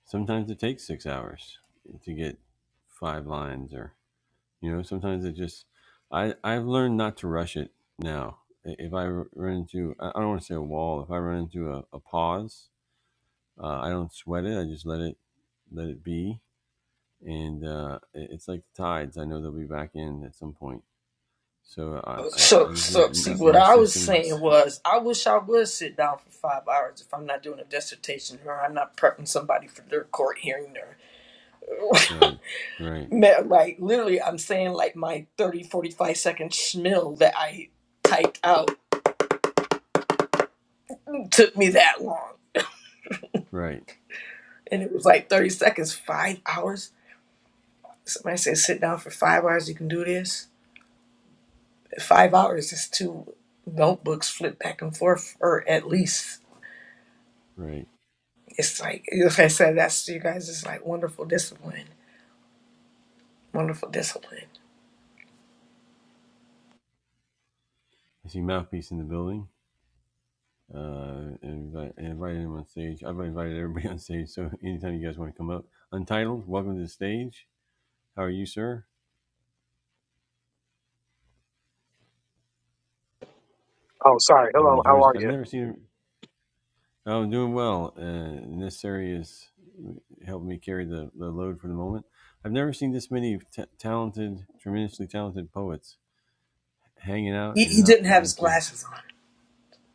Sometimes it takes six hours to get five lines, or you know, sometimes it just. I I've learned not to rush it now. If I run into, I don't want to say a wall. If I run into a, a pause, uh, I don't sweat it. I just let it let it be, and uh, it's like the tides. I know they'll be back in at some point. So I I, So, I just know so see, my, what my I was system. saying was, I wish I would sit down for five hours if I'm not doing a dissertation or I'm not prepping somebody for their court hearing or, Right, right, Man, like, literally, I'm saying like my 30, 45 second schmill that I typed out took me that long. right, And it was like 30 seconds, five hours. Somebody said, sit down for five hours, you can do this. Five hours is two notebooks flipped back and forth, or at least. right. It's like, like I said, that's you guys, it's like wonderful discipline Wonderful discipline. I see mouthpiece in the building. Uh, and invite, and invited him on stage. I've invited everybody on stage. So anytime you guys want to come up, Untitled, welcome to the stage. How are you, sir? Oh, sorry. Welcome Hello. to join How us. are I've never you? seen him. Oh, I'm doing well. Uh, and this area is helping me carry the, the load for the moment. I've never seen this many t- talented, tremendously talented poets hanging out He, and he didn't not have his wanting to. glasses on.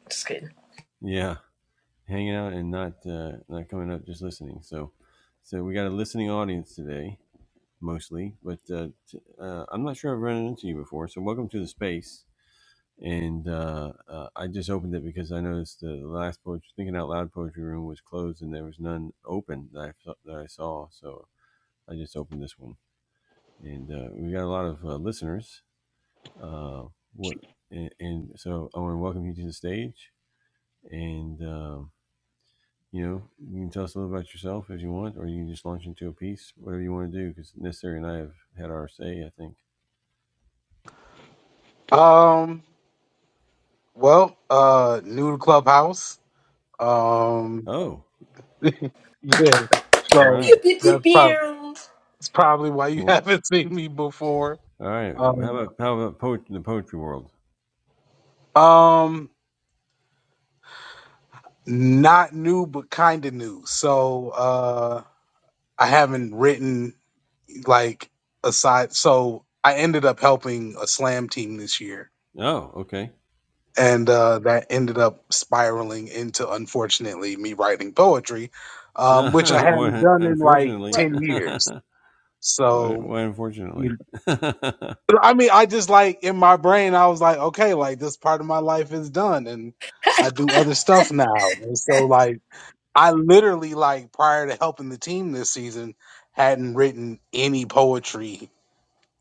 Just kidding. Yeah, hanging out and not uh, not coming up, just listening. So, so we got a listening audience today mostly, but uh, t- uh, I'm not sure I've run into you before. So welcome to the space. And uh, uh, I just opened it because I noticed the last poetry, thinking out loud poetry room was closed and there was none open that I, saw- that I saw. So I just opened this one, and uh, we got a lot of uh, listeners. Uh, what and, and so I want to welcome you to the stage, and um, you know you can tell us a little about yourself if you want, or you can just launch into a piece, whatever you want to do, because necessary and I have had our say, I think. Um. Well, uh, new to Clubhouse. Um. Oh, Yeah. All So Pew, right. pew, pew, that's probably pew. that's probably why you Well, haven't seen me before. all right. How Um. about how about po- the poetry world? Um. Not new, but kind of new. So, uh, I haven't written like aside. So I ended up helping a slam team this year. Oh, okay. and uh, that ended up spiraling into unfortunately me writing poetry um, which i hadn't why, done in like unfortunately. What? 10 years why, so why? you Unfortunately. know, i mean i just like in my brain i was like okay like this part of my life is done and i do other stuff now and so like i literally like prior to helping the team this season hadn't written any poetry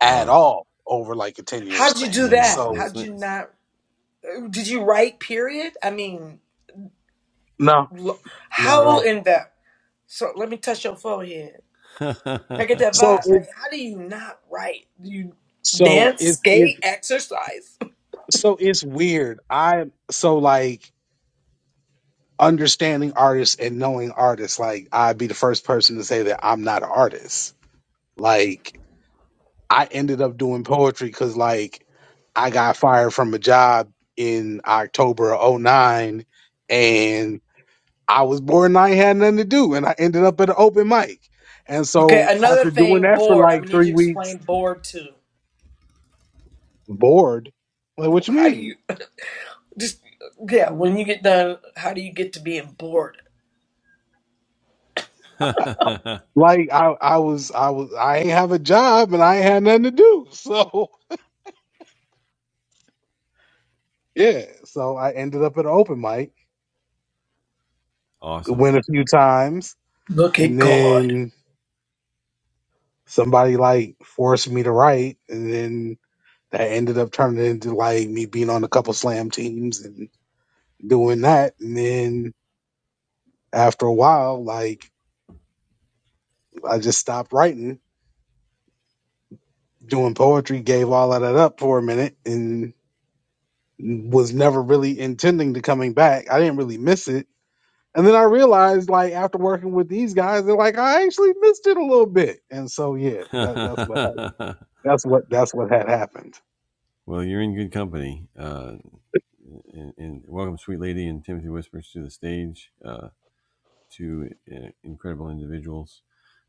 at wow. all over like a 10 year How'd you do span Yeah. that? I so mean, How'd you Sli- not? Did you write period? I mean, no lo- not at how all in the? So let me touch your forehead. Can I get that so vibe? it Like, how do you not write? Do you so dance, if if skate, exercise? so it's weird. I so like understanding artists and knowing artists. Like I'd be the first person to say that I'm not an artist. Like I ended up doing poetry because like I got fired from a job in October of oh 09 and I was bored and I ain't had nothing to do and I ended up at an open mic. And Okay, so another after doing thing, that for bored. I'm like gonna need you three to weeks, explain bored too. bored. Like what you How do mean? you just yeah, when you get done, how do you get to being bored? Like I, I was, I was, I ain't have a job and I ain't had nothing to do. So yeah, so I ended up at an open mic, awesome. went a few times, Look at and God. then somebody like forced me to write, and then that ended up turning into like me being on a couple slam teams and doing that, and then after a while, like I just stopped writing, doing poetry, gave all of that up for a minute, and was never really intending to coming back. I didn't really miss it And then I realized, like after working with these guys, they're like, I actually missed it a little bit. And so, yeah, that, that's what hap- well, that's what that's what had happened. you're in good company. Uh, and, and welcome, sweet lady, and Timothy Whispers to the stage. Uh, two uh, incredible individuals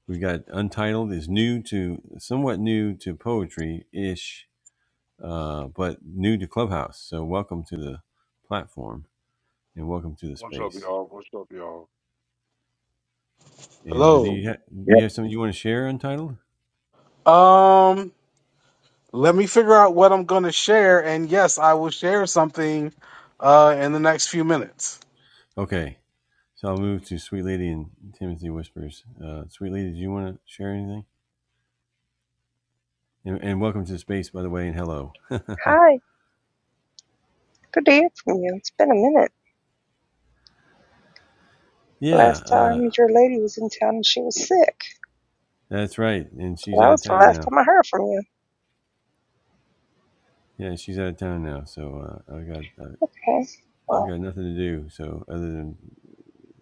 We got Untitled is new to somewhat new to poetry ish, uh, but new to Clubhouse. So welcome to the platform and welcome to the What's up, space. y'all? What's up, y'all? And uh, do Hello. you ha- do you Yep. have something you want to share? Untitled. Um, let me figure out what I'm gonna share, and yes, I will share something uh in the next few minutes. Okay, so I'll move to Sweet Lady and Timothy Whispers. Uh, Sweet Lady, do you want to share anything? And, and welcome to the space, by the way, and hello. Hi, good to hear from you. It's been a minute. yeah, Last uh, time your lady was in town and she was sick. that's right. And So she's that out was of the town last now. time I heard from you. Yeah, she's out of town now. So uh, I got uh, Okay, I've well, got nothing to do, so other than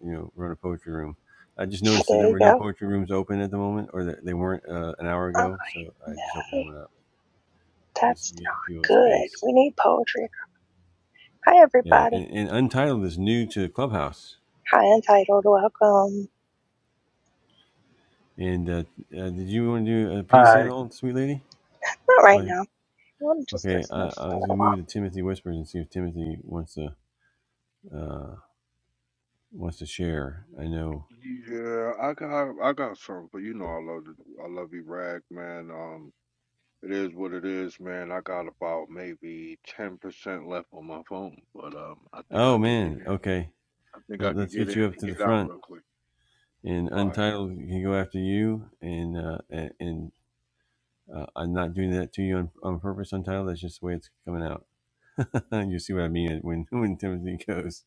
you know run a poetry room. I just noticed that there there you were no go. poetry rooms open at the moment, or that they weren't uh, an hour Oh, ago, so I just opened hey, one up just that's to give not people good. space. We need poetry. Hi, Yeah, everybody. and, and Untitled is new to Clubhouse. Hi, Untitled. Welcome. And uh, uh, did you want to do a piece at I all, sweet lady? Not right Why now. I'm just okay, listening I, I for a was gonna little while. move to Timothy Whispers and see if Timothy wants to uh, wants to share. I know. Yeah, I got I got something for you know I love the- I love you, Rag man. Um, it is what it is, man. I got about maybe ten percent left on my phone, but um, I think I Oh could get man, in. okay. I think I Let, could let's get get in you up and to the get out front. real quick. and All right. Untitled can go after you, and uh, and uh, I'm not doing that to you on, on purpose, Untitled. That's just the way it's coming out. you see what I mean when when Timothy goes.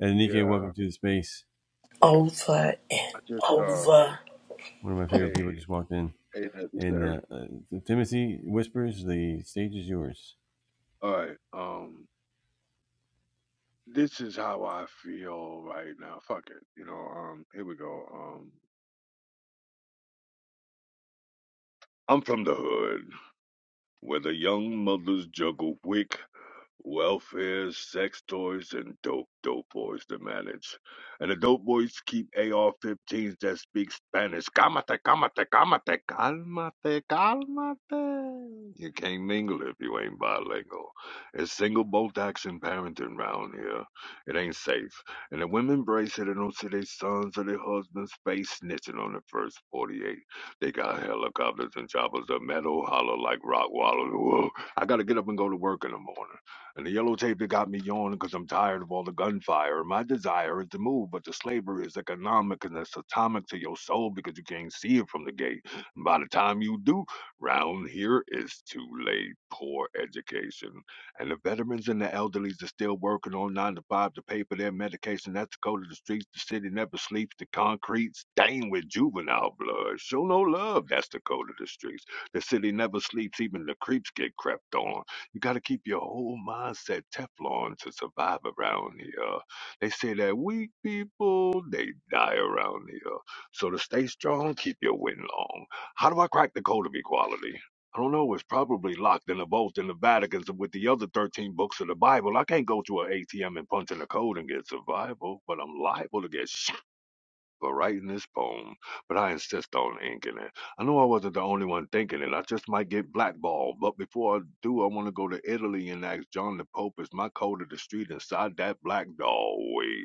And Nikkei, Yeah, welcome to the space. over and I just uh, over. One of my favorite hey, people just walked in, hey, that's and necessary. uh, uh, Timothy whispers, "The stage is yours." All right. Um, this is how I feel right now. Fuck it. You know. Um, here we go. Um, I'm from the hood. where the young mothers juggle wick, welfare, sex toys, and dope dope boys to manage. And the dope boys keep AR-15s that speak Spanish. Calmate, calmate, calmate, calmate, calmate. You can't mingle if you ain't bilingual. It's single bolt action parenting round here. It ain't safe. And the women brace it and don't see their sons or their husbands face snitching on the first 48. They got helicopters and choppers that metal holler like rock wallers. Whoa. I gotta get up and go to work in the morning. And the yellow tape that got me yawning 'cause I'm tired of all the gunfire. My desire is to move, but the slavery is economic and it's atomic to your soul because you can't see it from the gate. And by the time you do, round here, it's too late. Poor education. And the veterans and the elderlies are still working on nine to five to pay for their medication. That's the code of the streets. The city never sleeps. The concrete stained with juvenile blood. Show no love. That's the code of the streets. The city never sleeps. Even the creeps get crept on. You got to keep your whole mindset Teflon to survive around here. They say that weak people, they die around here. So to stay strong, keep your win long. How do I crack the code of equality? I don't know. It's probably locked in a vault in the Vatican with the other 13 books of the Bible. I can't go to an ATM and punch in a code and get survival, but I'm liable to get shot for writing this poem. But I insist on inking it. I know I wasn't the only one thinking it. I just might get blackballed. But before I do, I want to go to Italy and ask John the Pope is my code of the street inside that black doorway.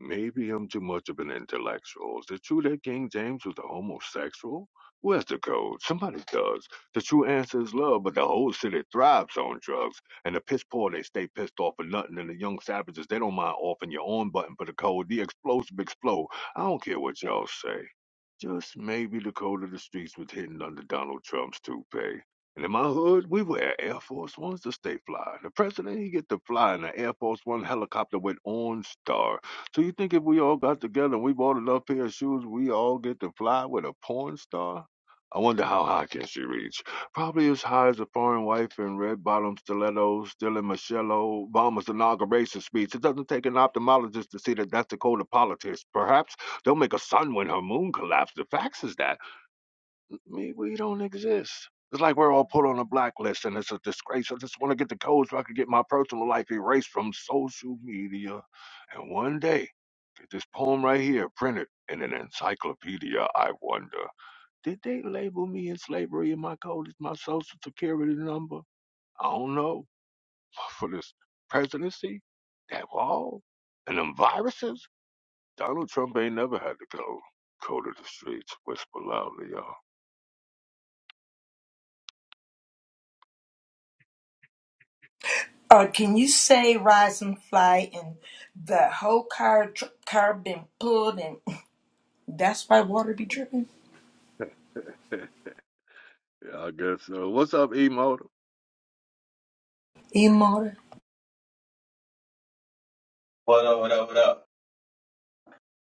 Maybe I'm too much of an intellectual. Is it true that King James was a homosexual? Who has the code? Somebody does. The true answer is love, but the whole city thrives on drugs. And the piss poor, they stay pissed off for nothing. And the young savages, they don't mind offing your own button for the code. The explosive explode. I don't care what y'all say. Just maybe the code of the streets was hidden under Donald Trump's toupee. And in my hood, we wear Air Force Ones to stay fly. The president, he get to fly in an Air Force One helicopter with OnStar. So you think if we all got together and we bought enough pair of shoes, we all get to fly with a porn star? I wonder how high can she reach? Probably as high as a foreign wife in red bottom stilettos, still in Michelle Obama's inauguration speech. It doesn't take an ophthalmologist to see that that's the code of politics. Perhaps They'll make a sun when her moon collapsed. The facts is that we, we don't exist. It's like we're all put on a blacklist and it's a disgrace. I just want to get the code so I can get my personal life erased from social media. And one day, get this poem right here printed in an encyclopedia, I wonder. Did they label me in slavery and my code is my social security number? I don't know. For this presidency, that wall, and them viruses? Donald Trump ain't never had to go go to the streets, whisper loudly, y'all. Or can you say rise and fly and the whole car tr- car been pulled and that's why water be dripping yeah, I guess so. What's up, E motor? in motor? What up, what up, what up?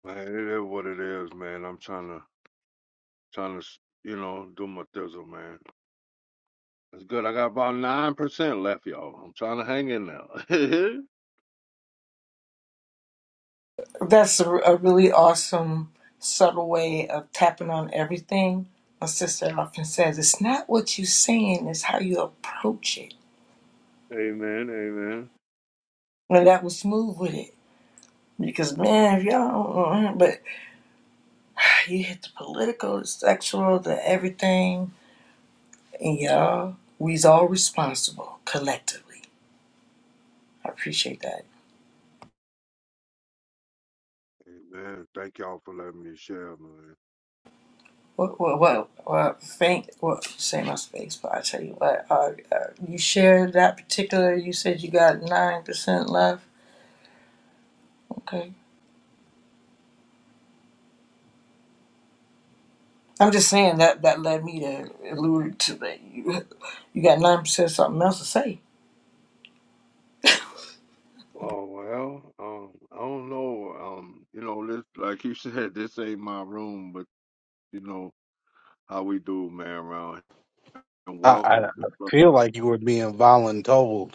Man, it is what it is, man. I'm trying to trying to you know do my thizzle, man. It's good. I got about nine percent left, y'all. I'm trying to hang in now. amen, That's a, a really awesome subtle way of tapping on everything. My sister often says it's not what you're saying, it's how you approach it. amen, And that was smooth with it. Because man, if y'all, don't- but you hit the political, the sexual, the everything And y'all, we's all responsible collectively. I appreciate that. amen. Thank y'all for letting me share, man. What, what, what, what, thank, what, say my space, but I tell you what, uh, uh, you shared that particular, you said you got 9% left. Okay. I'm just saying that that led me to allude to that you, you got 9% something else to say. Oh well, um, I don't know. Um, you know, this like you said, this ain't my room, but you know how we do, man, around and I, I welcome to feel Clubhouse. like you were being voluntold.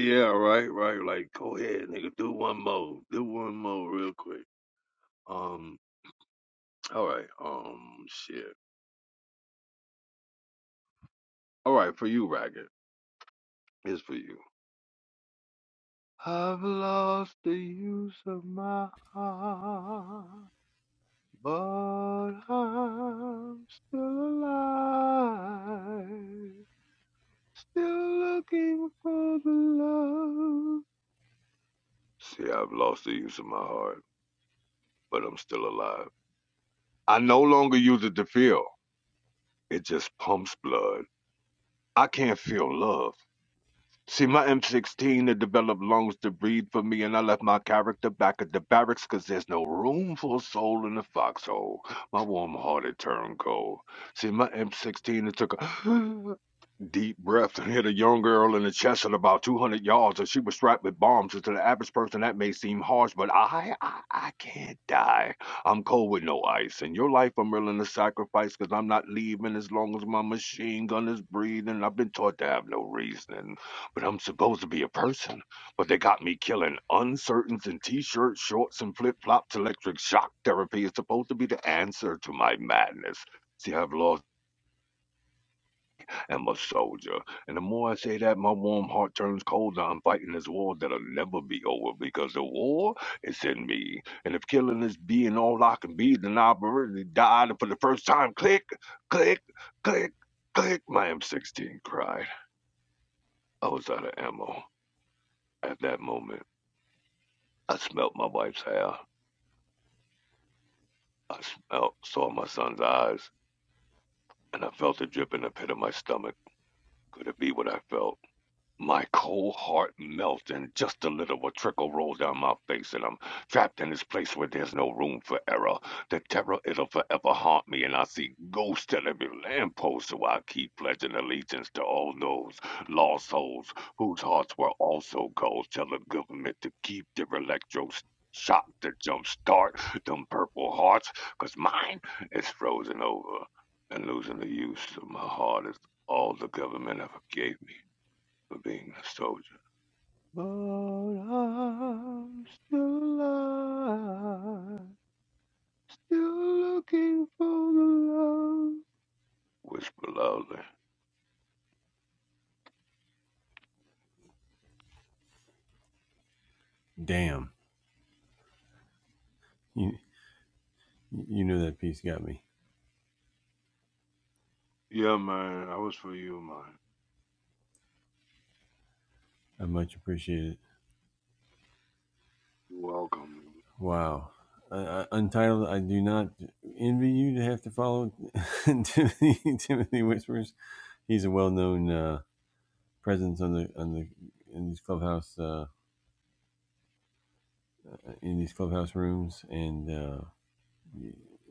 yeah, right, right. Like, go ahead, nigga. Do one more. Do one more real quick. Um, all right. Um, shit. All right, for you, Ragged. It's for you. I've lost the use of my heart, but I'm still alive. Still looking for the love. See, I've lost the use of my heart, but I'm still alive. I no longer use it to feel. It just pumps blood. I can't feel love. See, my M16 had developed lungs to breathe for me, and I left my character back at the barracks 'cause there's no room for a soul in the foxhole. My warm hearted turned cold. See, my M16 it took a deep breath and hit a young girl in the chest at about 200 yards, and she was strapped with bombs. And to the average person, that may seem harsh, but I, I, I can't die. I'm cold with no ice, and your life I'm willing to sacrifice 'cause I'm not leaving as long as my machine gun is breathing. I've been taught to have no reason but I'm supposed to be a person. But they got me killing uncertains in t-shirts, shorts, and flip-flops. Electric shock therapy is supposed to be the answer to my madness. See, I've lost. I'm a soldier. And the more I say that, my warm heart turns colder. I'm fighting this war that'll never be over because the war is in me. And if killing is being all I can be, then I've already died. And for the first time, click, click, click, click, my M16 cried. I was out of ammo at that moment. I smelt my wife's hair. I smelt, saw my son's eyes, and I felt a drip in the pit of my stomach. Could it be what I felt? My cold heart melted, and just a little of a trickle rolled down my face, and I'm trapped in this place where there's no room for error. The terror, it'll forever haunt me, and I see ghosts at every lamppost, so I keep pledging allegiance to all those lost souls whose hearts were also cold. Tell the government to keep their electrodes shot to jumpstart them purple hearts, 'cause mine is frozen over, and losing the use of my heart is all the government ever gave me for being a soldier. But I'm still alive, still looking for the love. Whisper loudly. Damn, you you know that piece got me. Yeah, man, I was for you, man. I much appreciate it. You're welcome. Wow. Uh, Untitled, I do not envy you to have to follow Timothy, Timothy Whispers he's a well-known uh, presence on the on the in these clubhouse uh, in these clubhouse rooms, and uh,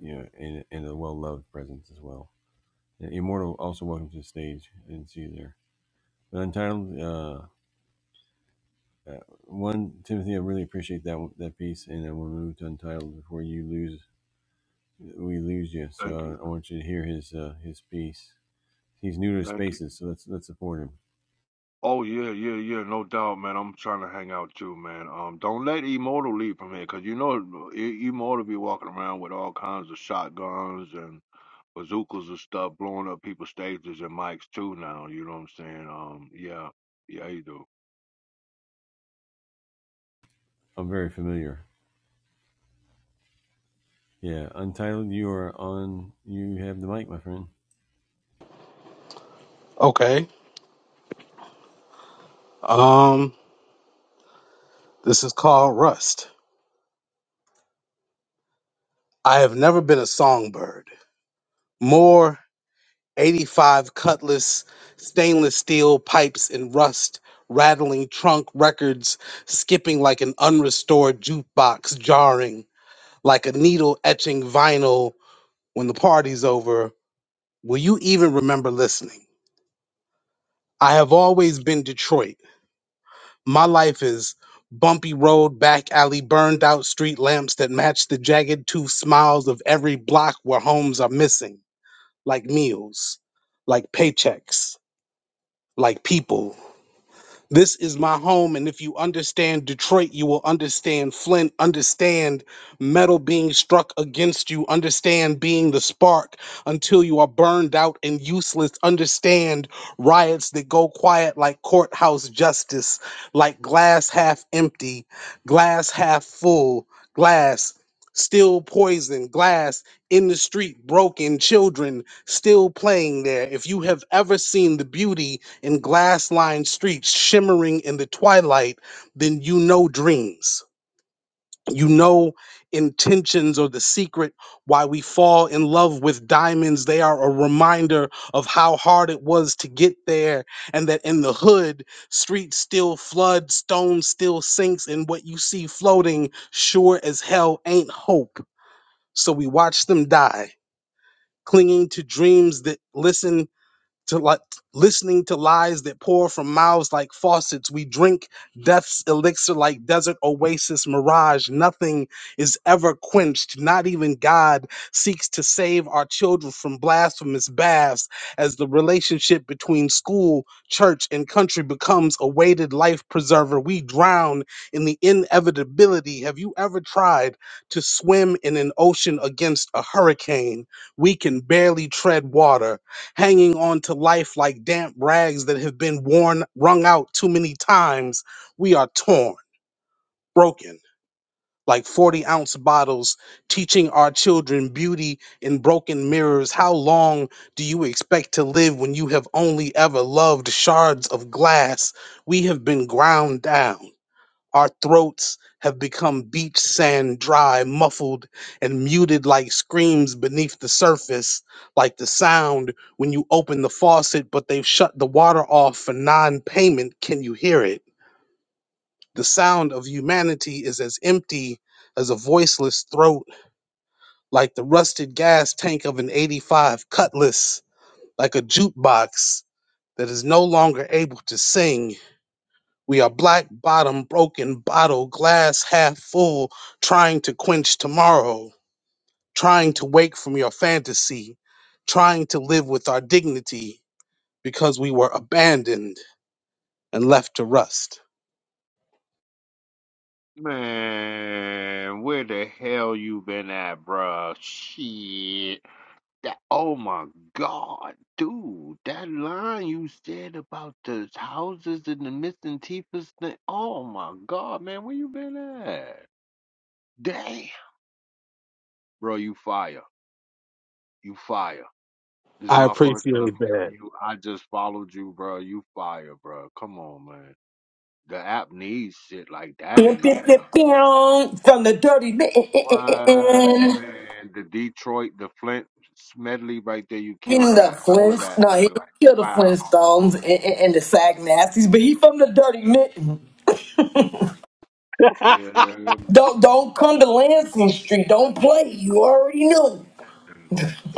you know, and, and a well-loved presence as well. Yeah, Immortal also welcome to the stage. I didn't see you there. But Untitled, uh, uh, one Timothy, I really appreciate that that piece, and I want to move to Untitled before you lose we lose you. So Thank you. uh, I want you to hear his uh, his piece. He's new to Thank you. spaces, so let's let's support him. Oh yeah, yeah, yeah, no doubt, man. I'm trying to hang out too, man. Um, don't let Immortal leave from here, cause you know I- Immortal be walking around with all kinds of shotguns and. bazookas and stuff blowing up people's stages and mics too now. You know what I'm saying? Um, yeah, yeah, you do. I'm very familiar. Yeah, Untitled, you are on. You have the mic, my friend. Okay. Um, this is called Rust. I have never been a songbird. More 85 cutlass stainless steel pipes in rust rattling trunk records skipping like an unrestored jukebox jarring like a needle etching vinyl when the party's over will you even remember listening i have always been detroit my life is bumpy road back alley burned out street lamps that match the jagged tooth smiles of every block where homes are missing like meals like paychecks like people This is my home, and if you understand Detroit, you will understand Flint, understand metal being struck against you, understand being the spark until you are burned out and useless, understand riots that go quiet like courthouse justice, like glass half empty, glass half full, glass still poison, glass in the street, broken children still playing there. If you have ever seen the beauty, and glass lined streets shimmering in the twilight, then you know dreams. You know intentions or the secret why we fall in love with diamonds. They are a reminder of how hard it was to get there, and that in the hood, streets still flood, stone still sinks, and what you see floating sure as hell ain't hope. So we watch them die, clinging to dreams that listen to like listening to lies that pour from mouths like faucets. We drink death's elixir like desert oasis mirage. Nothing is ever quenched. Not even God seeks to save our children from blasphemous baths as the relationship between school, church, and country becomes a weighted life preserver. We drown in the inevitability. Have you ever tried to swim in an ocean against a hurricane? We can barely tread water hanging on to life like damp rags that have been worn, wrung out too many times, we are torn, broken, like 40 ounce bottles, teaching our children beauty in broken mirrors. How long do you expect to live when you have only ever loved shards of glass? We have been ground down. Our throats have become beach sand dry, muffled, and muted like screams beneath the surface, like the sound when you open the faucet, but they've shut the water off for non payment. Can you hear it? The sound of humanity is as empty as a voiceless throat, like the rusted gas tank of an 85 cutlass, like a jukebox that is no longer able to sing. We are black bottom, broken bottle, glass half full, trying to quench tomorrow, trying to wake from your fantasy, trying to live with our dignity because we were abandoned and left to rust. Man, where the hell you been at, bruh? Shit. That, oh my god, dude. That line you said about the houses and the missing teepers thing. Oh my god, man, where you been at? Damn. Bro, you fire. You fire. This is I my first appreciate time hearing that. you. I just followed you, bro. You fire, bro. Come on, man. The app needs shit like that Bim, in the bim, bim, app. bim, From the dirty man What man? The Detroit, the Flint medley right there. You killed in the that. All of Flint. that, No, he man. didn't Like kill the wow. Flintstones Come and, on, and, and the Sag Nasties, but he from the dirty man. man. Yeah, man. Don't don't come to Lansing Street. Don't play. You already knew.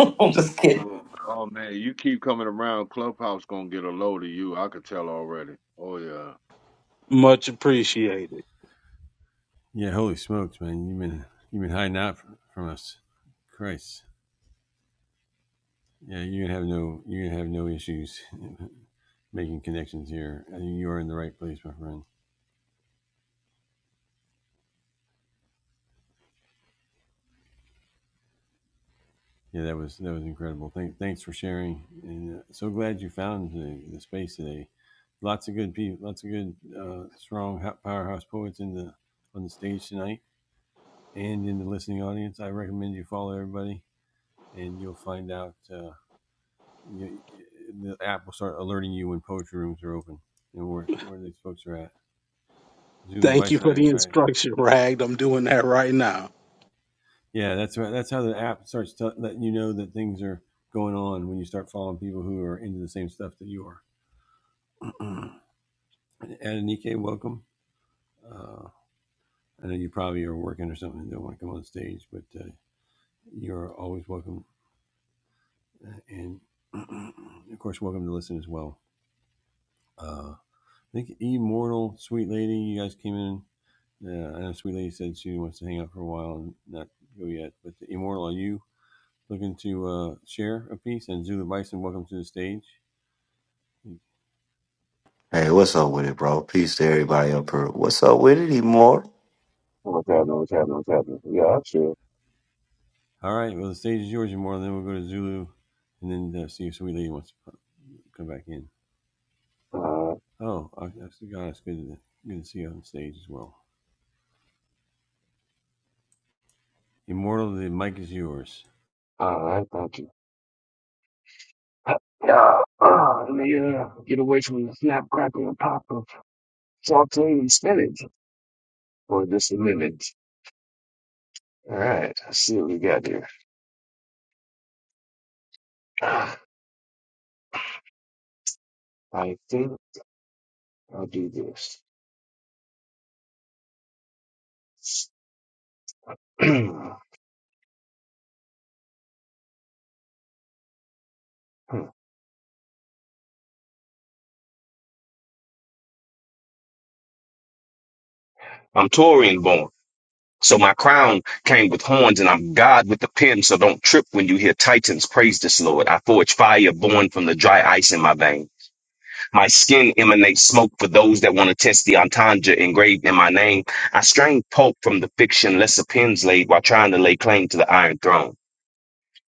I'm just kidding. Oh, oh man, you keep coming around. Clubhouse gonna get a load of you. I could tell already. Oh yeah. Much appreciated. Yeah, holy smokes, man! You've been you've been hiding out from, from us, Christ. Yeah, you're gonna have no you're gonna have no issues making connections here. I think you are in the right place, my friend. Yeah, that was that was incredible. Thank, thanks for sharing, and uh, so glad you found the, the space today. Lots of good people, lots of good uh, strong ho- powerhouse poets in the on the stage tonight, and in the listening audience. I recommend you follow everybody, and you'll find out. Uh, you, know, the app will start alerting you when poetry rooms are open and where, where these folks are at. Zulu Thank you for Bison, the I, I instruction, Rag. I'm doing that right now. yeah, that's right. That's how the app starts tell letting you know that things are going on when you start following people who are into the same stuff that you are. Adanike, welcome. Uh, I know you probably are working or something and don't want to come on stage, but uh, you're always welcome. Uh, And of course, welcome to listen as well. Uh, I think Immortal, Sweet Lady, you guys came in Yeah, I know Sweet Lady said she wants to hang out for a while and not go yet. But Immortal, are you looking to uh, share a piece? And Zulu Bison, welcome to the stage. Hey, what's up with it, bro? Peace to everybody up here. What's up with it, Immortal? What's happening? What's happening? What's happening? Yeah, I'm sure. All right, well, the stage is yours, Immortal. Then we'll go to Zulu and then uh, see if Sweet Lady wants to come back in. Uh, Oh, I, I forgot. It's good to, good to see you on stage as well. Immortal, the mic is yours. all right, thank you. Yeah, uh, yeah. Get away from the snap, crackle, and pop of saute and spinach for just a minute. All right, let's see what we got here. Ah, I think I'll do this. I'm Taurian born, so my crown came with horns, and I'm God with the pen. So don't trip when you hear Titans praise this Lord. I forge fire born from the dry ice in my veins. My skin emanates smoke for those that want to test the entendre engraved in my name. I strain pulp from the fiction lesser pens laid while trying to lay claim to the Iron Throne.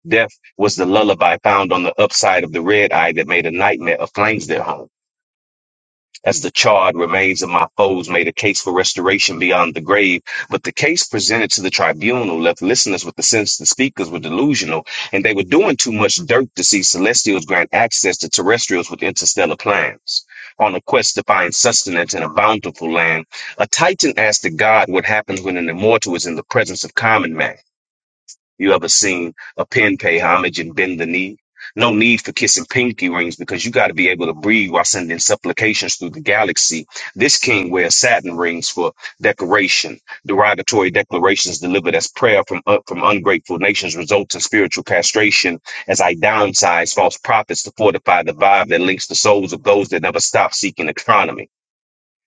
Death was the lullaby found on the upside of the red eye that made a nightmare of flames their home as the charred remains of my foes made a case for restoration beyond the grave. But the case presented to the tribunal left listeners with the sense the speakers were delusional and they were doing too much dirt to see celestials grant access to terrestrials with interstellar plans. On a quest to find sustenance in a bountiful land, a titan asked the god what happens when an immortal is in the presence of common man. You ever seen a pen pay homage and bend the knee? No need for kissing pinky rings because you got to be able to breathe while sending supplications through the galaxy. This king wears satin rings for decoration. Derogatory declarations delivered as prayer from uh, from ungrateful nations results in spiritual castration as I downsize false prophets to fortify the vibe that links the souls of those that never stop seeking economy.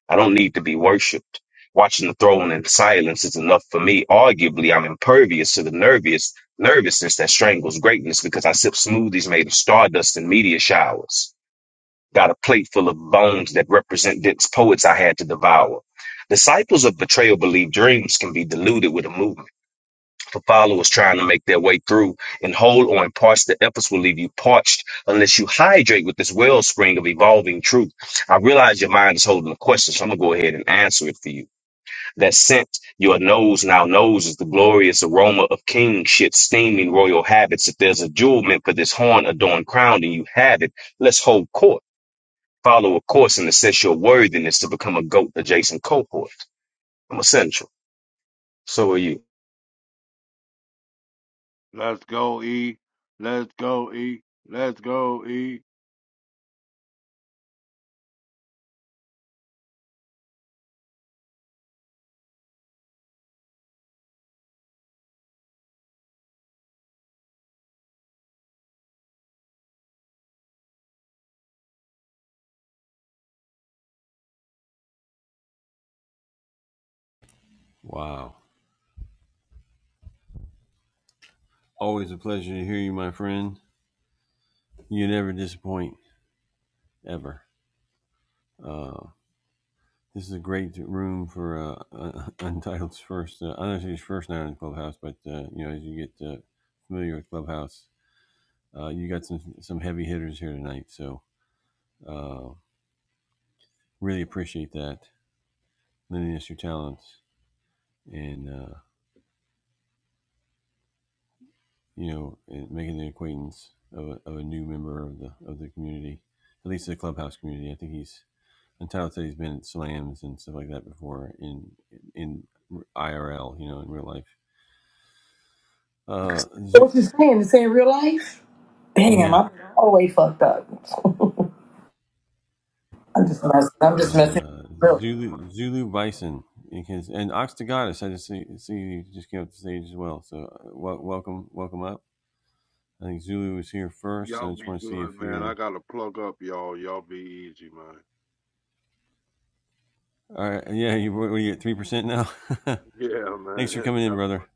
I don't need to be worshipped. Watching the throne in silence is enough for me. Arguably, I'm impervious to the nervous nervousness that strangles greatness because I sip smoothies made of stardust and meteor showers. Got a plate full of bones that represent dense poets I had to devour. Disciples of betrayal believe dreams can be diluted with a movement for followers trying to make their way through and hold on parts the efforts will leave you parched unless you hydrate with this wellspring of evolving truth i realize your mind is holding a question so i'm gonna go ahead and answer it for you that scent your nose now knows is the glorious aroma of kingship steaming royal habits if there's a jewel meant for this horn adorned crown and you have it let's hold court follow a course and assess your worthiness to become a goat adjacent cohort i'm essential so are you Let's go, E. Let's go, E. Let's go, E. Wow. Always a pleasure to hear you, my friend. You never disappoint, ever. Uh, This is a great room for uh, uh, Untitled's first. Uh, I don't know if it's first night on Clubhouse, but uh, you know, as you get uh, familiar with Clubhouse, uh, you got some some heavy hitters here tonight. So uh, really appreciate that, lending us your talents, and uh, you know, and making the acquaintance of a, of a new member of the of the community, at least the Clubhouse community. I think he's Untitled said he's been at slams and stuff like that before in in IRL, you know, in real life. Uh, Zo- What you saying? This ain't real life. Damn, yeah. I'm all the way fucked up. I'm just messing. I'm just messing. Uh, Really. Zulu Zulu Bison because and Ox to Goddess. I just see see you just came up to stage as well. So uh, welcome welcome up. I think Zulu was here first. So Y'all I be just want to see if good, man. I you're gotta plug up, y'all. Y'all be easy, man. all right. Yeah, you what are you at three percent now? Yeah, Thanks for man. coming in, brother.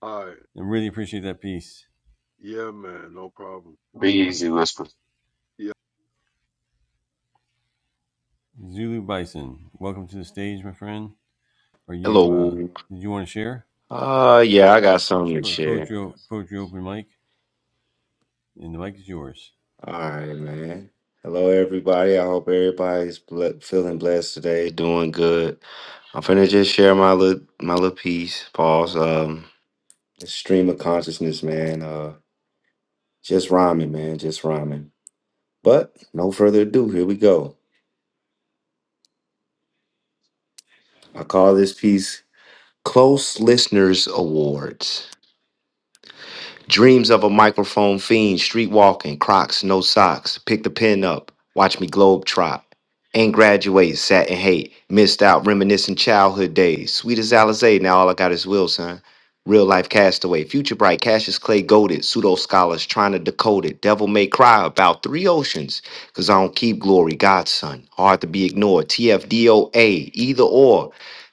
All right. I really appreciate that piece. Yeah, man. No problem. be easy whisper Yeah. Zulu Bison, welcome to the stage, my friend. Are you? uh Hello. Did you want to share? Uh yeah, I got It's something to po- share. poetry o- poetry open mic, and the mic is yours. All right, man. Hello everybody. I hope everybody's ble- feeling blessed today, doing good. I'm finna just share my little my little piece. Pause. Um stream of consciousness, man. Uh just rhyming, man, just rhyming. But no further ado, here we go. I call this piece Close Listeners Awards. Dreams of a microphone fiend, street walking, crocs, no socks. Pick the pen up, watch me globe trot. Ain't graduate, sat in hate, missed out, reminiscing childhood days. Sweet as Alizé, now all I got is will, son. Real life castaway, future bright, Cassius Clay goaded, pseudo scholars trying to decode it. Devil may cry about three oceans, cause I don't keep glory, Godson. Hard to be ignored, TFDOA, either or.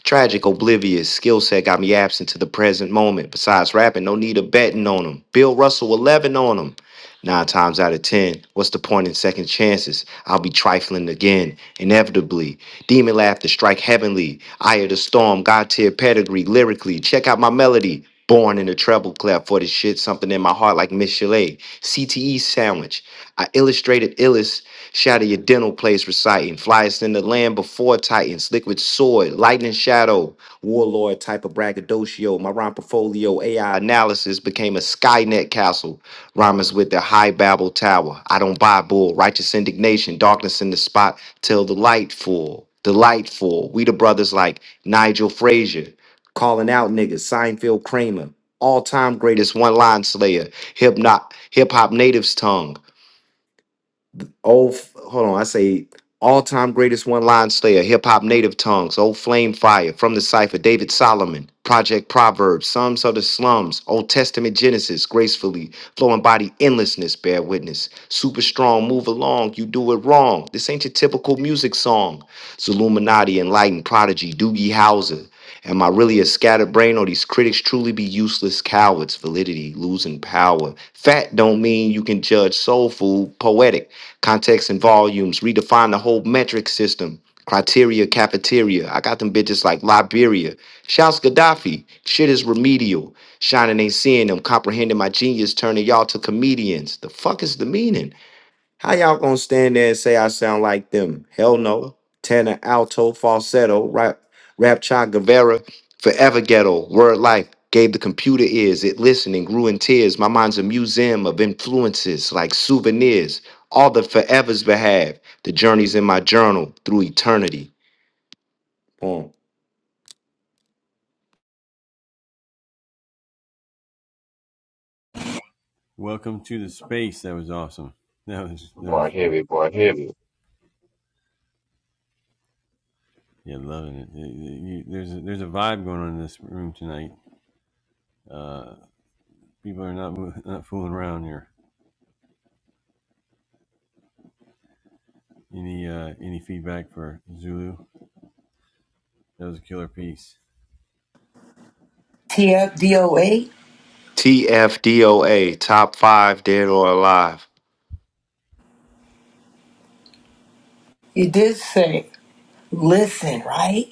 Tragic, oblivious, skill set got me absent to the present moment. Besides rapping, no need of betting on him. Bill Russell, 11 on him. Nine times out of 10, what's the point in second chances? I'll be trifling again, inevitably. Demon laughter, strike heavenly. Eye of the storm, God tier pedigree, lyrically. Check out my melody. Born in a treble clef for this shit, something in my heart like Miss Chalet. CTE sandwich. I illustrated illest Shatter your dental place, reciting. Flyest in the land before Titans. Liquid sword, lightning shadow, warlord type of braggadocio. My rhyme portfolio AI analysis became a Skynet castle. Rhymers with the high Babel tower. I don't buy bull. Righteous indignation, darkness in the spot till the light full. Delightful. We the brothers like Nigel Frazier, calling out niggas. Seinfeld Kramer, all time greatest one line slayer. Hip hop native's tongue old hold on, I say all-time greatest one-line slayer, hip-hop native tongues, old flame fire from the cipher, David Solomon, Project Proverbs, Psalms of the Slums, Old Testament Genesis, gracefully, flowing body endlessness, bear witness. Super strong, move along, you do it wrong. This ain't your typical music song. Zilluminati, enlightened prodigy, Doogie Howser. Am I really a scatterbrain or these critics truly be useless cowards? Validity, losing power. Fat don't mean you can judge soul food, poetic context and volumes, redefine the whole metric system, criteria, cafeteria. I got them bitches like Liberia. Shouts Gaddafi. Shit is remedial. Shining ain't seeing them, comprehending my genius, turning y'all to comedians. The fuck is the meaning? How y'all gonna stand there and say I sound like them? Hell no. Tenor, alto, falsetto, rap, rap, cha, Guevara, forever ghetto, word life. Gave the computer ears, it listened and grew in tears. My mind's a museum of influences like souvenirs. All the forevers behalf, the journeys in my journal through eternity. Boom. Welcome to the space. That was awesome. That was that Boy, was heavy, boy, heavy. Yeah, loving it. You- you- There's a, there's a vibe going on in this room tonight. Uh, people are not mo- not fooling around here. Any uh, any feedback for Zulu? That was a killer piece. TFDOA. TFDOA, top five, dead or alive. You did say listen, right?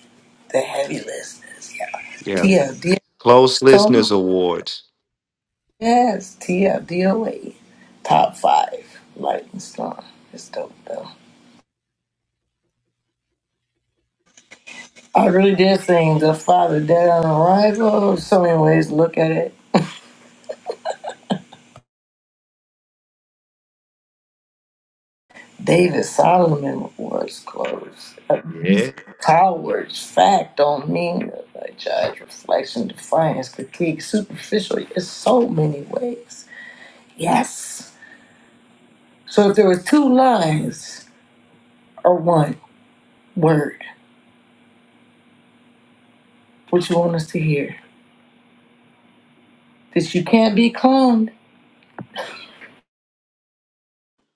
The heavy listeners. Yeah. Yeah. TFDOA. Close So Listeners Awards. yes, TFDOA. Top five. Lightning storm. It's dope though. I really did sing The Father Dead on Arrival. So many ways to look at it. David Solomon was close. Yeah. Abuse, cowards, fact don't mean a judge, reflection, defiance, critique, superficial. There's so many ways. Yes. So if there were two lines or one word, what you want us to hear? That you can't be cloned.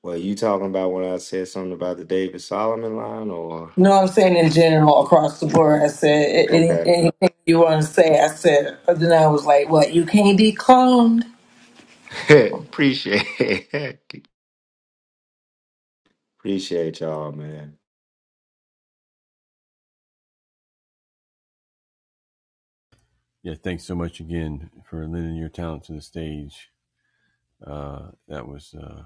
Well, you talking about when I said something about the David Solomon line, or You know what I'm saying in general across the board. I said a- any- okay? anything you want to say. I said, but then I was like, what? You can't be cloned. Appreciate it. Appreciate y'all, man. Yeah, thanks so much again for lending your talent to the stage. Uh, that was uh,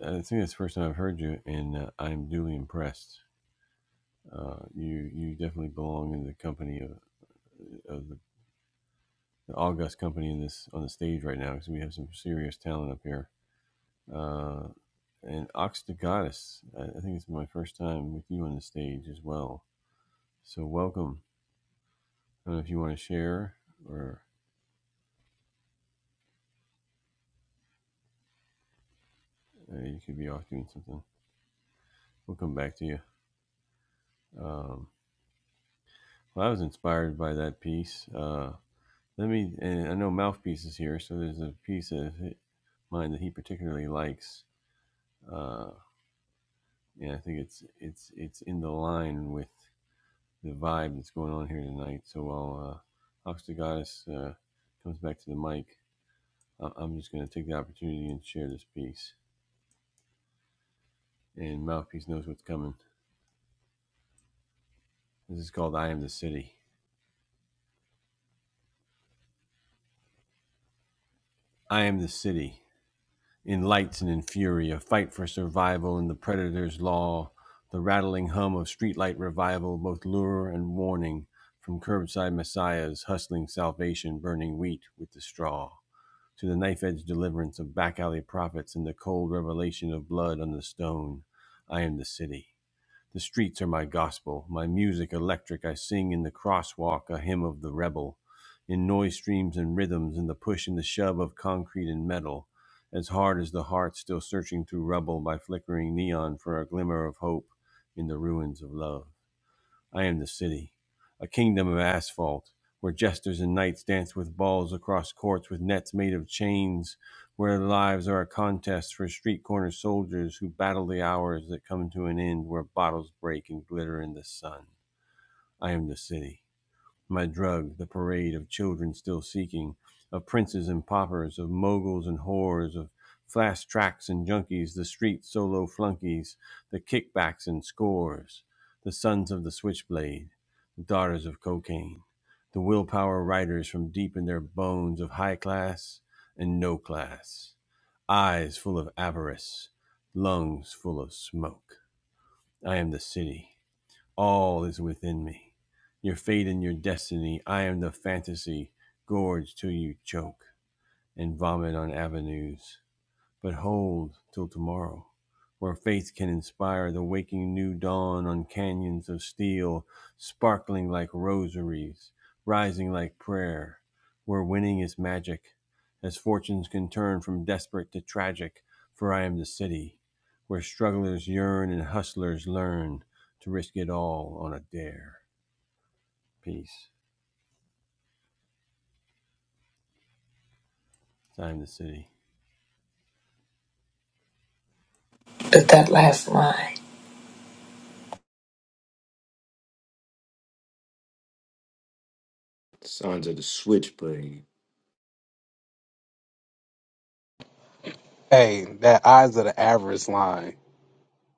I think that's the first time I've heard you, and uh, I'm duly impressed. Uh, you you definitely belong in the company of, of the, the august company in this on the stage right now because we have some serious talent up here uh, and Ox the Goddess. I, think it's my first time with you on the stage as well. So welcome. I don't know if you want to share or uh, you could be off doing something. We'll come back to you. Um, well, I was inspired by that piece. Uh, let me, and I know Mouthpiece is here, so there's a piece of mine that he particularly likes. Uh, and I think it's it's it's in the line with the vibe that's going on here tonight. So while uh, Ox the Goddess uh, comes back to the mic, I- am just going to take the opportunity and share this piece. And Mouthpiece knows what's coming. This is called I Am the City. I am the city. In lights and in fury, a fight for survival in the predator's law. The rattling hum of streetlight revival, both lure and warning. From curbside messiahs hustling salvation, burning wheat with the straw. To the knife edge deliverance of back alley prophets and the cold revelation of blood on the stone. I am the city. The streets are my gospel, my music electric. I sing in the crosswalk a hymn of the rebel, in noise streams and rhythms, in the push and the shove of concrete and metal, as hard as the heart still searching through rubble by flickering neon for a glimmer of hope in the ruins of love. I am the city, a kingdom of asphalt, where jesters and knights dance with balls across courts with nets made of chains, where lives are a contest for street corner soldiers who battle the hours that come to an end, where bottles break and glitter in the sun. I am the city. My drug, the parade of children still seeking, of princes and paupers, of moguls and whores, of flash tracks and junkies, the street solo flunkies, the kickbacks and scores, the sons of the switchblade, the daughters of cocaine, the willpower riders from deep in their bones of high class and no class eyes full of avarice, lungs full of smoke. I am the city. All is within me. Your fate and your destiny. I am the fantasy. Gorge till you choke and vomit on avenues but hold till tomorrow, where faith can inspire the waking new dawn on canyons of steel, sparkling like rosaries, rising like prayer, where winning is magic, as fortunes can turn from desperate to tragic, for I am the city, where strugglers yearn and hustlers learn to risk it all on a dare. Peace. I am the city. But that last line, Sons of the Switchblade. Hey, that eyes of the average line.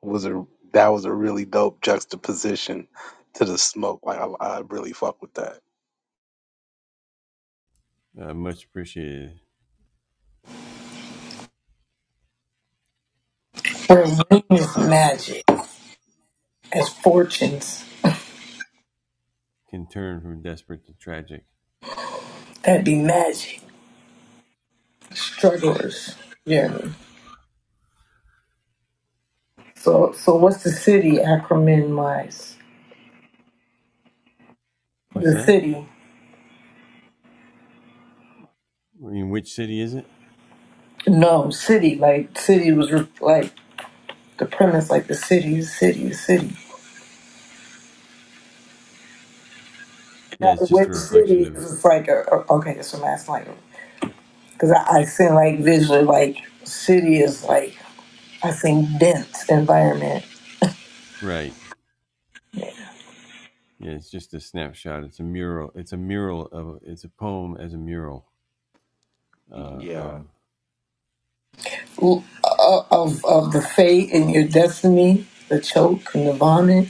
was a that was a really dope juxtaposition to the smoke. Like I, I really fuck with that. Uh, much appreciated. her wings Ox magic. as fortunes. can turn from desperate to tragic. That'd be magic. Strugglers yeah. So so what's the city acronym wise? What's The that? city. I mean, which city is it? No, city, like city was re- like the premise like the city, city, city. Yeah, Now, it's just a which city reflection is of like a, a- okay, that's what I'm asking like because I, I seen like visually like city is like I think dense environment right. Yeah, it's just a snapshot. It's a mural. It's a mural of. It's a poem as a mural uh, of. Yeah, o- of of the fate and your destiny, the choke and the vomit.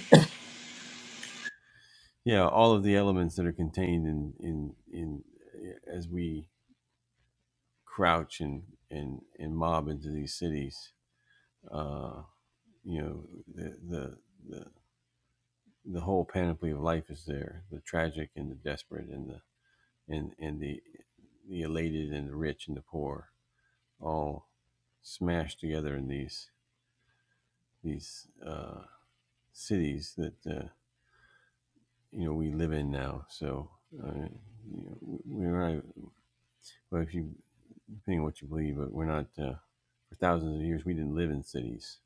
Yeah, all of the elements that are contained in in in as we crouch and and and mob into these cities. Uh, you know, the the the the whole panoply of life is there: the tragic and the desperate, and the and and the the elated and the rich and the poor all smashed together in these these uh, cities that uh, you know we live in now. So uh, you know, we're not, well, if you depending on what you believe, but we're not uh, for thousands of years we didn't live in cities,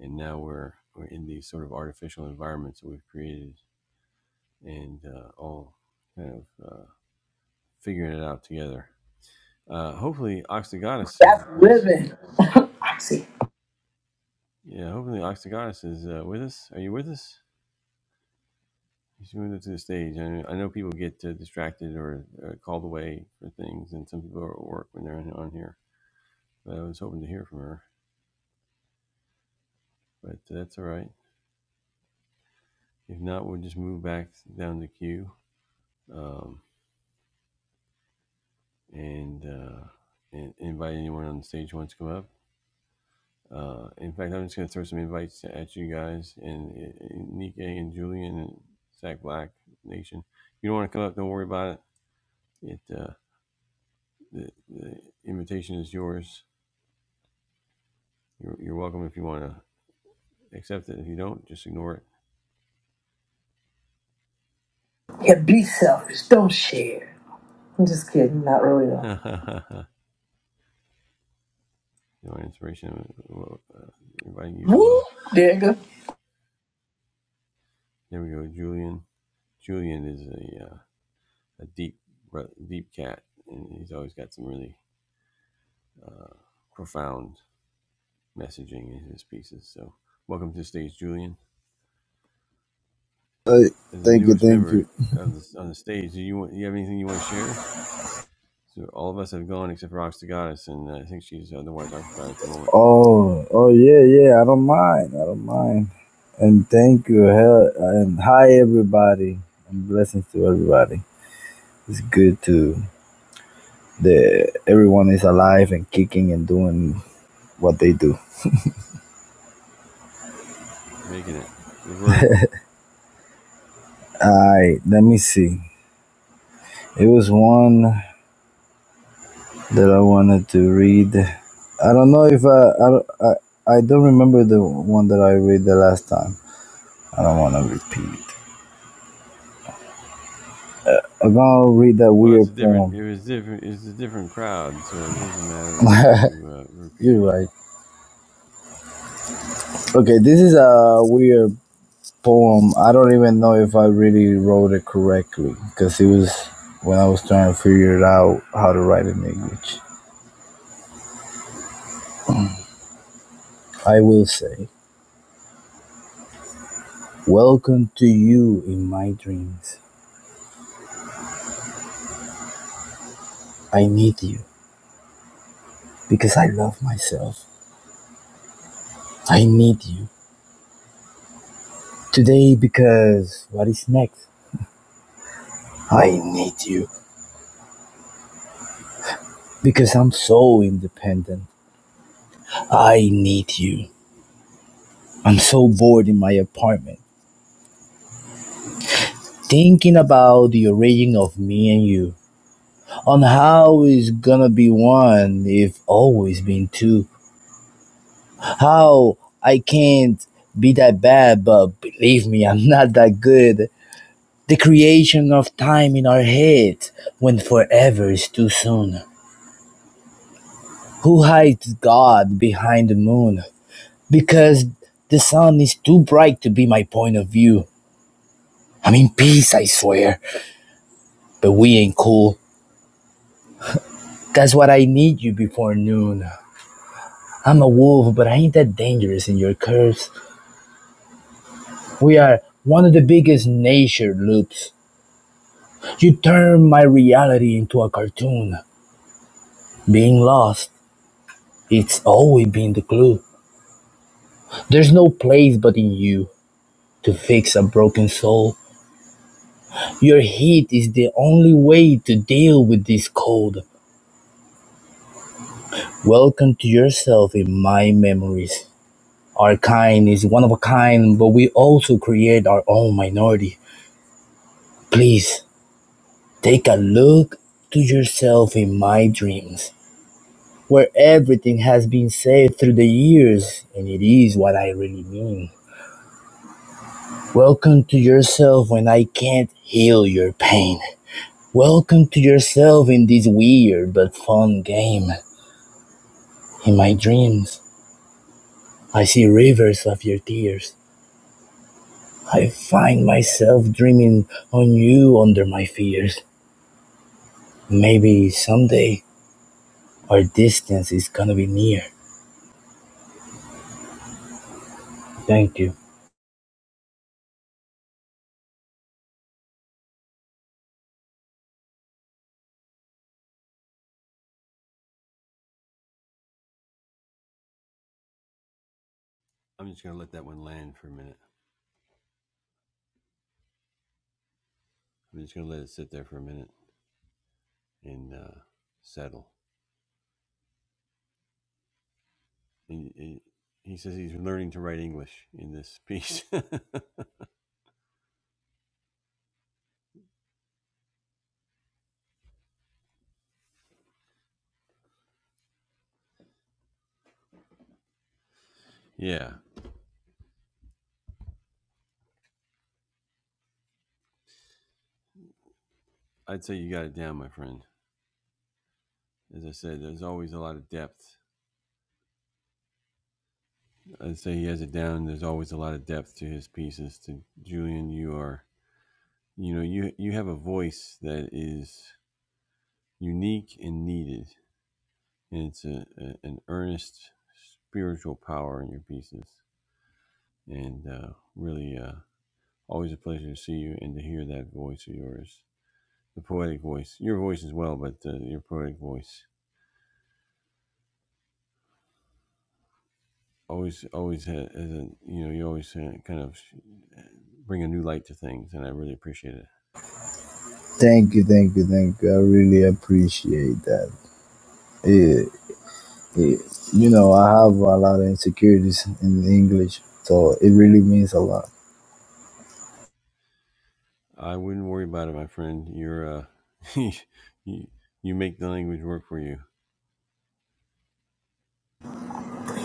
and now we're we're in these sort of artificial environments that we've created, and uh, all kind of uh, figuring it out together. Uh, hopefully, Oxygonis is, That's is living. I see. yeah. Hopefully, Oxygonis is uh, with us. Are you with us? He's moved up to the stage. I I know people get uh, distracted or uh, called away for things, and some people are at work when they're on, on here. But I was hoping to hear from her, but that's all right. If not, we'll just move back down the queue um, and, uh, and invite anyone on the stage who wants to come up. Uh, in fact, I'm just going to throw some invites at you guys and, and Nike and Julian and Sack Black Nation. If you don't want to come up, don't worry about it. It uh, the, the invitation is yours. You're, you're welcome if you want to Except that If you don't, just ignore it. Yeah, be selfish. Don't share. I'm just kidding. Not really though. you know, inspiration well, uh, inviting you as Woo, well. nigga. There we go. Julian. Julian is a uh, a deep deep cat, and he's always got some really uh, profound messaging in his pieces. So, welcome to the stage, Julian. Hey, As the thank you, newest thank member you. of the on the stage, do you want, Do you have anything you want to share? So, all of us have gone except for Ox the Goddess, and uh, I think she's otherwise occupied at the moment. Oh, oh yeah, yeah. I don't mind. I don't mind. And thank you. Hell, and hi everybody. And blessings to everybody. It's good to the everyone is alive and kicking and doing what they do. We're making it. We're vertical. Alright, let me see. It was one that I wanted to read. I don't know if I I don't- I, I don't remember the one that I read the last time. I don't want to repeat. I'm gonna read that Well, it's weird a different. poem. It was different. It's a different crowd, so it doesn't matter if you uh, repeat You're it. right. Okay, this is a weird poem. I don't even know if I really wrote it correctly because it was when I was trying to figure it out how to write in English. I will say, Welcome to you in my dreams. I need you because I love myself. I need you today because what is next? I need you because I'm so independent. I need you. I'm so bored in my apartment. thinking about the origin of me and you, on how it's gonna be one if always been two, how I can't be that bad, but believe me, I'm not that good. The creation of time in our head when forever is too soon. Who hides God behind the moon? Because the sun is too bright to be my point of view. I'm in peace, I swear, but we ain't cool. That's what I need you before noon. I'm a wolf, but I ain't that dangerous in your curves. We are one of the biggest nature loops. You turn my reality into a cartoon. Being lost, it's always been the clue. There's no place but in you to fix a broken soul. Your heat is the only way to deal with this cold. Welcome to yourself in my memories. Our kind is one of a kind, but we also create our own minority. Please Take a look to yourself in my dreams, where everything has been said through the years, and it is what I really mean. Welcome to yourself when I can't heal your pain. Welcome to yourself in this weird but fun game. In my dreams, I see rivers of your tears. I find myself dreaming on you under my fears. Maybe someday our distance is gonna be near. Thank you. I'm just gonna let that one land for a minute. I'm just gonna let it sit there for a minute and uh, settle. And he, he says he's learning to write English in this piece. yeah, I'd say you got it down, my friend. As I said, there's always a lot of depth. I'd say he has it down. There's always a lot of depth to his pieces. To Julian, you are, you know, you you have a voice that is unique and needed And it's a, a, an earnest spiritual power in your pieces. And uh, really, uh, always a pleasure to see you and to hear that voice of yours, the poetic voice, your voice as well, but uh, your poetic voice. Always, always has a, you know, you always uh, kind of bring a new light to things, and I really appreciate it. Thank you, thank you, thank you. I really appreciate that. It, it, you know, I have a lot of insecurities in English, so it really means a lot. I wouldn't worry about it, my friend. You're, uh, you, you make the language work for you.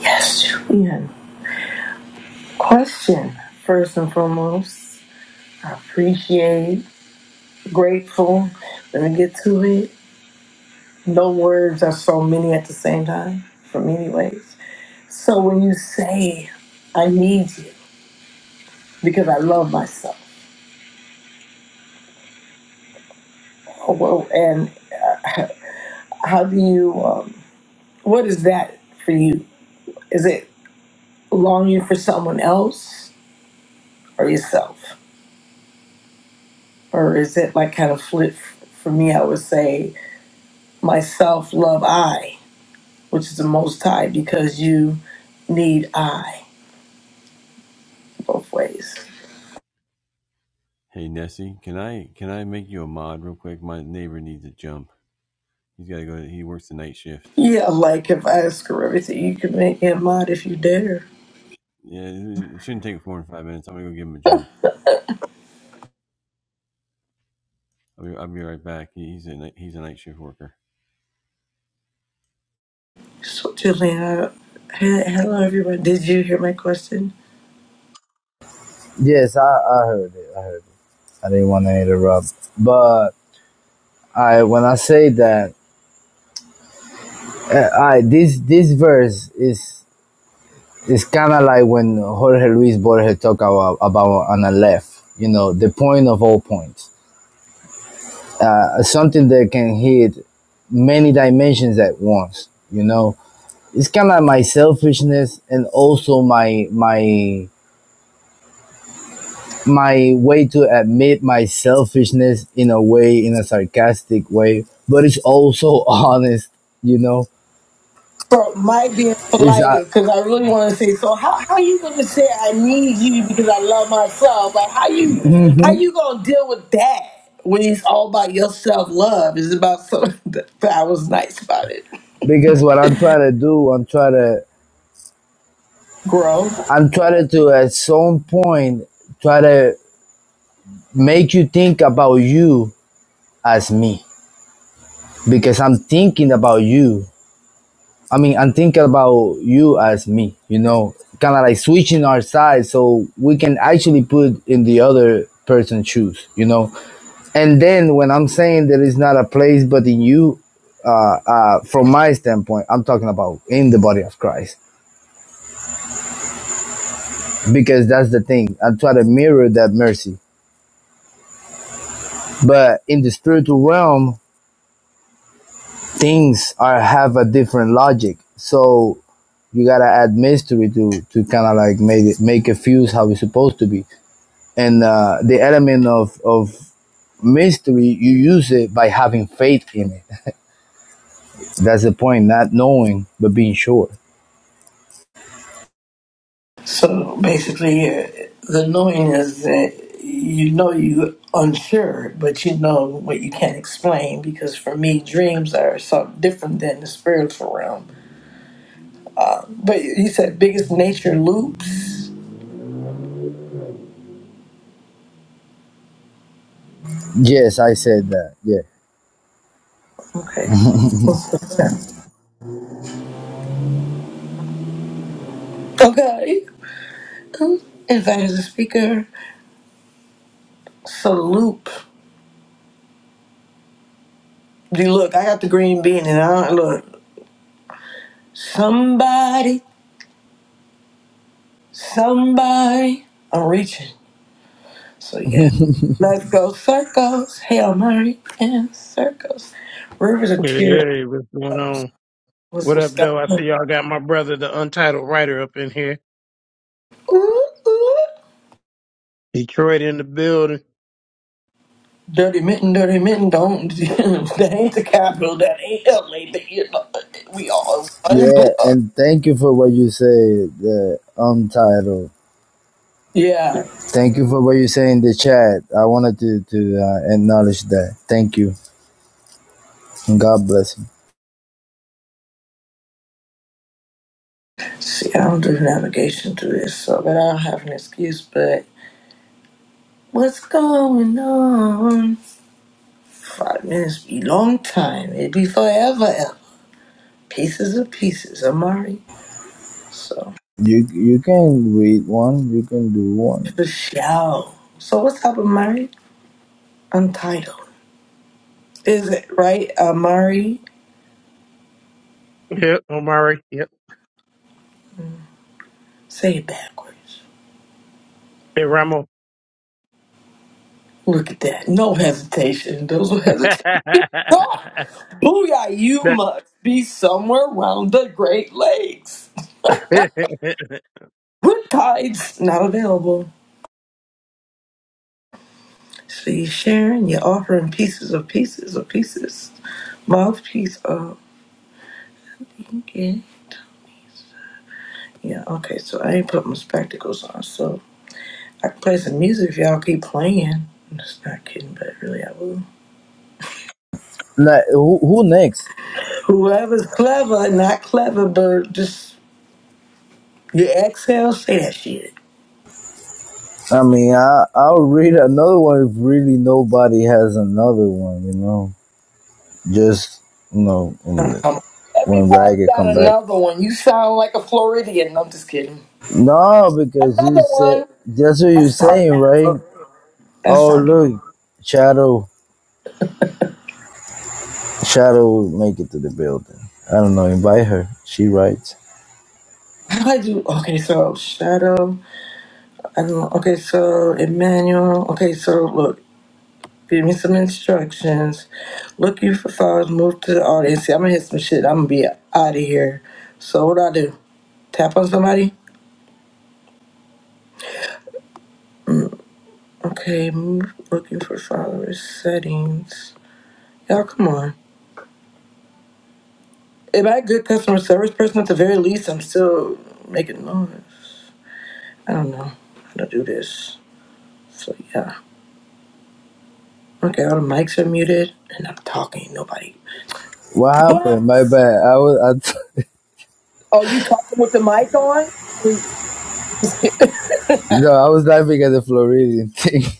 Yes, Julian. Question first and foremost. I appreciate, grateful. Let me get to it. No words are so many at the same time, for me, anyways. So when you say, "I need you," because I love myself, oh, well, and how do you? Um, what is that for you? Is it? longing for someone else or yourself? Or is it like kind of flip? For me, I would say myself love I, which is the most high because you need I both ways. Hey Nessie, can I can I make you a mod real quick? My neighbor needs a jump. He's got to go. He works the night shift. Yeah, like if I ask her everything, you can make me a mod if you dare. Yeah, it shouldn't take more than five minutes. I'm gonna go give him a jump. I'll be, I'll be right back. He's a he's a night shift worker. So, Jillian, hello everyone. Did you hear my question? Yes, I, I heard it. I didn't want to interrupt, but I when I say that, uh, I this this verse is is kind of like when Jorge Luis Borges talk about about on a left. You know, the point of all points, uh, something that can hit many dimensions at once. You know, it's kind of my selfishness and also my my my way to admit my selfishness in a way in a sarcastic way but it's also honest you know So my being it's polite uh, because I really want to say. So how how you gonna say I need you because I love myself? Like how you how mhm. you gonna deal with that when it's all about your self love? It's about something that that I was nice about it. because what i'm trying to do i'm trying to Grow. i'm trying to at some point try to make you think about you as me because i'm thinking about you I mean, and think about you as me, you know, kind of like switching our sides so we can actually put in the other person's shoes, you know. And then when I'm saying there is not a place but in you, uh, uh, from my standpoint, I'm talking about in the body of Christ because that's the thing. I try to mirror that mercy, but in the spiritual realm, things are have a different logic. So you gotta add mystery to to kind of like make it make it fuse how it's supposed to be. and uh, the element of of mystery you use it by having faith in it that's the point not knowing but being sure So basically, uh, the knowing is that you know you unsure, but you know what you can't explain. Because for me, dreams are something different than the spiritual realm. But you said biggest nature loops. yes i said that yeah Okay, so what's the plan? Okay. Invite as a speaker. Salute. Dude, look, I got the green bean and I don't look. Somebody, somebody. I'm reaching. So yeah. Let's go circles. Hail Mary and circles. Rivers of Hey, tears. hey, what's going Was on? What was up, though? I see gone. y'all got my brother, the untitled writer, up in here. Ooh, ooh. Detroit in the building. Dirty mitten, dirty mitten. Don't. that ain't the capital. That ain't LA. That, you know, we all one yeah blood. and thank you for what you say the untitled Yeah. thank you for what you say in the chat i wanted to to uh, acknowledge that thank you and god bless you See, I don't do navigation to this, so that I'll have an excuse, but what's going on? Five minutes be long time. It be forever ever. Pieces of pieces, Amari. So, you you can read one you can do one for sure. So, what's up, Amari? Untitled. Is it right, Amari? Yep, Omari. Yep. Say it backwards. Hey, Ramo. Look at that. No hesitation. Those who hesitate. God! Booyah, you That- must be somewhere round the Great Lakes. With tides not available. So you are sharing, you're offering pieces of pieces of pieces, mouthpiece of. Okay. Yeah. Okay. So I ain't put my spectacles on, so I can play some music if y'all keep playing. I'm just not kidding, but really I will. like who, who next Whoever's clever, not clever, but just you exhale, say that shit. I mean, I I'll read another one if really nobody has another one, you know. Just you know, in Uh, the, Come on. when Everybody Ragged got come back. another one. You sound like a Floridian. No, I'm just kidding. No, because you Another said one. that's what you're That's saying, sarcasm. right? That's Oh, sarcasm. look, Shadow, Shadow will make it to the building. I don't know. Invite her. She writes. How do I do? Okay, so shadow. I Okay, so Emmanuel. Okay, so look, give me some instructions. Look you for thoughts. Move to the audience. See, I'm gonna hit some shit. I'm gonna be out of here. So what do I do? Tap on somebody. Okay, move, looking for followers settings. Y'all, come on. Am I a good customer service person? At the very least, I'm still making noise. I don't know how to do this. So yeah. Okay, all the mics are muted, and I'm talking. Nobody. What happened? My What? bad. I was I Oh, you talking with the mic on? And- no, I was laughing at the Floridian thing.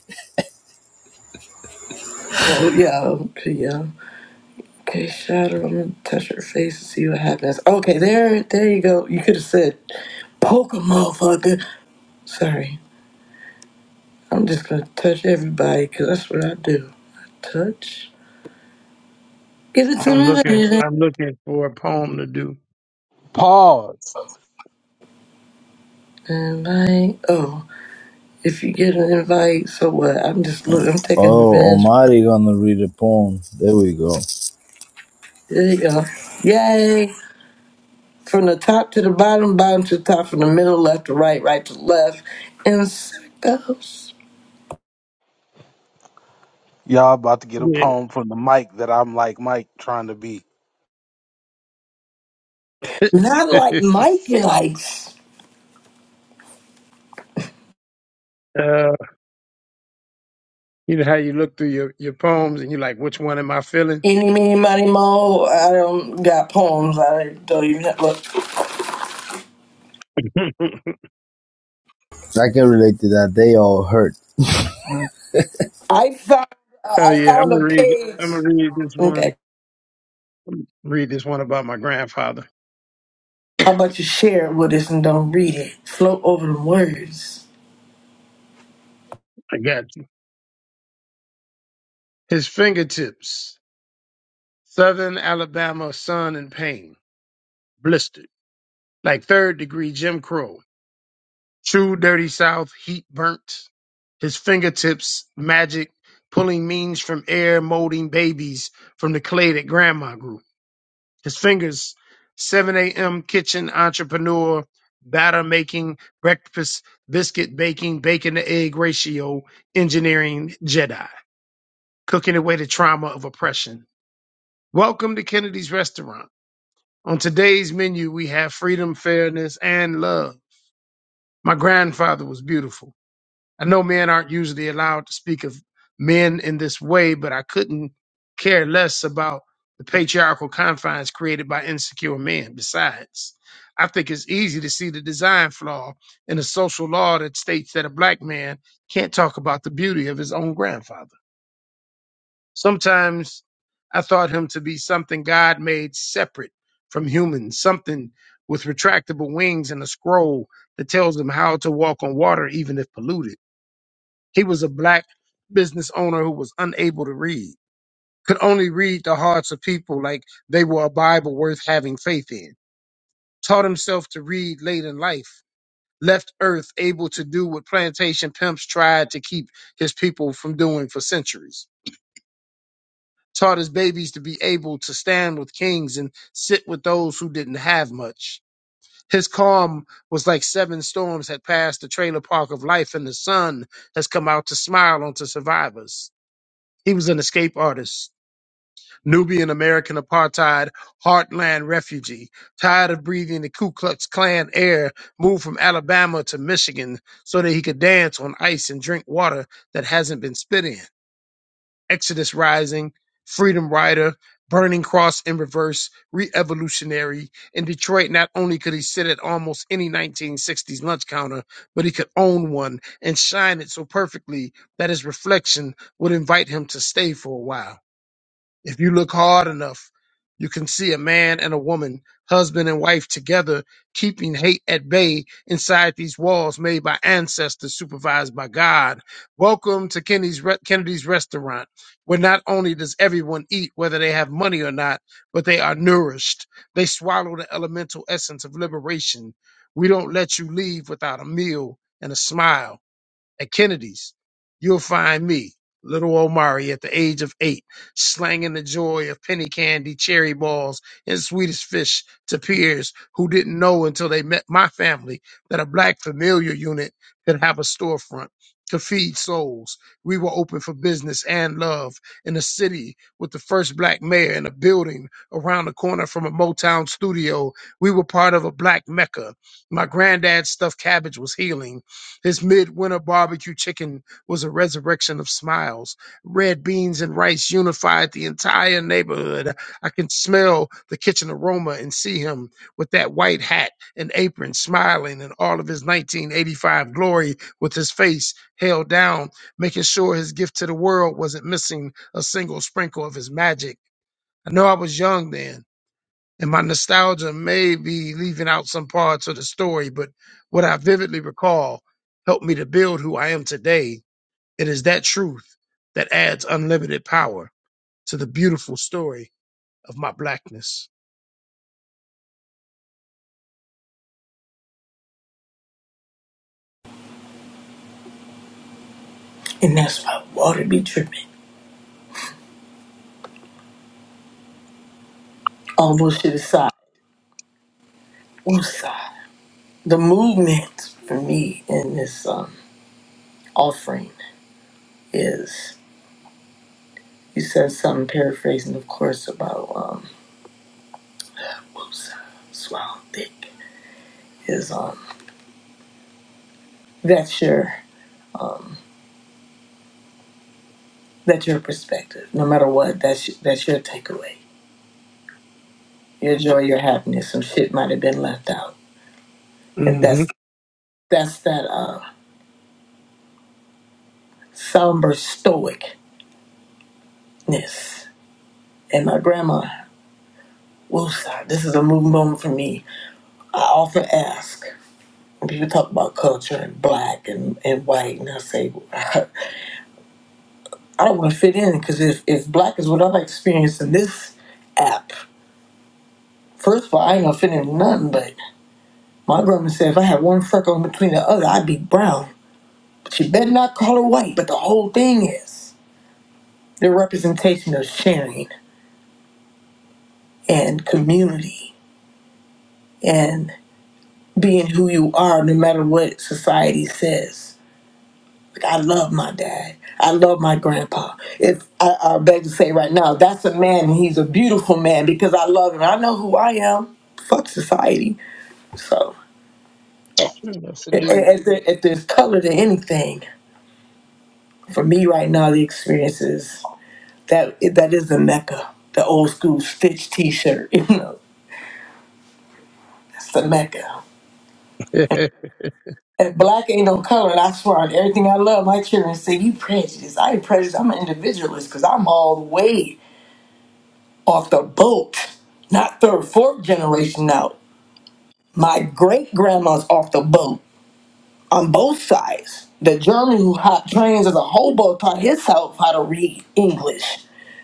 Oh yeah, okay, yeah. Okay, shadow. I'm gonna touch her face and see what happens. Okay, there, there you go. You could have said, "Poke a motherfucker." Sorry, I'm just gonna touch everybody because that's what I do. I touch. Give it to I'm me, looking. baby. I'm looking for a poem to do. Pause. Invite. Oh, if you get an invite, so what? I'm just look. I'm taking Oh, advantage. Omari gonna read a poem. There we go. There you go. Yay! from the top to the bottom, bottom to the top, from the middle, left to right, right to left, and circles. Y'all about to get a Yeah. poem from the mic that I'm like Mike trying to be. Not like Mikey likes. uh, you know how you look through your, your poems and you're like, which one am I feeling? Any, meeny, money, mo. I don't got poems. I don't even have, look. I can relate to that. They all hurt. I found, uh, oh I yeah, I'm found gonna a read. page. I'm gonna read this Okay. one. Read this one about my grandfather. How about you share it with us and don't read it? Float over the words. I got you. His fingertips. Southern Alabama sun and pain, blistered, like third degree Jim Crow, true dirty South, heat burnt, his fingertips magic, pulling means from air, molding babies from the clay that grandma grew. His fingers, 7 a.m. kitchen entrepreneur, batter making, breakfast, biscuit baking, bacon to egg ratio, engineering Jedi, cooking away the trauma of oppression. Welcome to Kennedy's Restaurant On today's menu, we have freedom, fairness, and love. My grandfather was beautiful. I know men aren't usually allowed to speak of men in this way, but I couldn't care less about the patriarchal confines created by insecure men. Besides, I think it's easy to see the design flaw in a social law that states that a black man can't talk about the beauty of his own grandfather. Sometimes I thought him to be something God made separate from humans, something with retractable wings and a scroll that tells him how to walk on water, even if polluted. He was a black business owner who was unable to read, could only read the hearts of people like they were a Bible worth having faith in, taught himself to read late in life. Left Earth able to do what plantation pimps tried to keep his people from doing for centuries taught his babies to be able to stand with kings and sit with those who didn't have much. His calm was like seven storms had passed the trailer park of life, and the sun has come out to smile onto survivors. He was an escape artist, Nubian American apartheid, heartland refugee, tired of breathing the Ku Klux Klan air, moved from Alabama to Michigan so that he could dance on ice and drink water that hasn't been spit in. Exodus Rising, Freedom Rider, Burning Cross in Reverse, Re-Evolutionary. In Detroit, not only could he sit at almost any 1960s lunch counter, but he could own one and shine it so perfectly that his reflection would invite him to stay for a while. If you look hard enough, you can see a man and a woman, husband and wife together, keeping hate at bay inside these walls made by ancestors supervised by God. Welcome to Kennedy's, Re- Kennedy's restaurant, where not only does everyone eat, whether they have money or not, but they are nourished. They swallow the elemental essence of liberation. We don't let you leave without a meal and a smile at Kennedy's, you'll find me, little Omari, at the age of eight, slanging the joy of penny candy, cherry balls, and Swedish fish to peers who didn't know until they met my family that a black familiar unit could have a storefront, could feed souls. We were open for business and love in a city with the first black mayor in a building around the corner from a Motown studio. We were part of a black mecca. My granddad's stuffed cabbage was healing. His midwinter barbecue chicken was a resurrection of smiles. Red beans and rice unified the entire neighborhood. I can smell the kitchen aroma and see him with that white hat and apron smiling in all of his 1985 glory with his face held down, making sure his gift to the world wasn't missing a single sprinkle of his magic. I know I was young then, and my nostalgia may be leaving out some parts of the story, but what I vividly recall helped me to build who I am today. It is that truth that adds unlimited power to the beautiful story of my blackness. And that's why water be dripping. All bullshit aside. Woosah. The movement for me in this um, offering is You said something paraphrasing, of course, about um, whoops, swallow dick is um, that's your that's your perspective. No matter what, that's that's your takeaway. Your joy, your happiness. Some shit might have been left out, and hmm that's that's that uh, somber stoicness. And my grandma, whoops, this is a moving moment for me. I often ask when people talk about culture and black and, and white, and I say. I don't want to fit in because if, if black is what I'm experiencing this app, first of all, I ain't gonna fit in nothing. But my grandma said if I had one freckle in between the other, I'd be brown. But you better not call her white. But the whole thing is the representation of sharing and community and being who you are, no matter what society says. I love my dad. I love my grandpa. If I, I beg to say right now, that's a man and he's a beautiful man because I love him. I know who I am. Fuck society. So Yes, i- indeed. if, there, if there's color to anything, for me right now, the experience is that that is the mecca, the old school Stitch T-shirt. You know, that's the mecca. Thank And black ain't no color, and I swear on everything I love, my children say you prejudiced. I ain't prejudiced. I'm an individualist because I'm all the way. off the boat, not third, fourth generation out. My great grandma's off the boat on both sides. The German who hot trains as a hobo taught his self how to read English.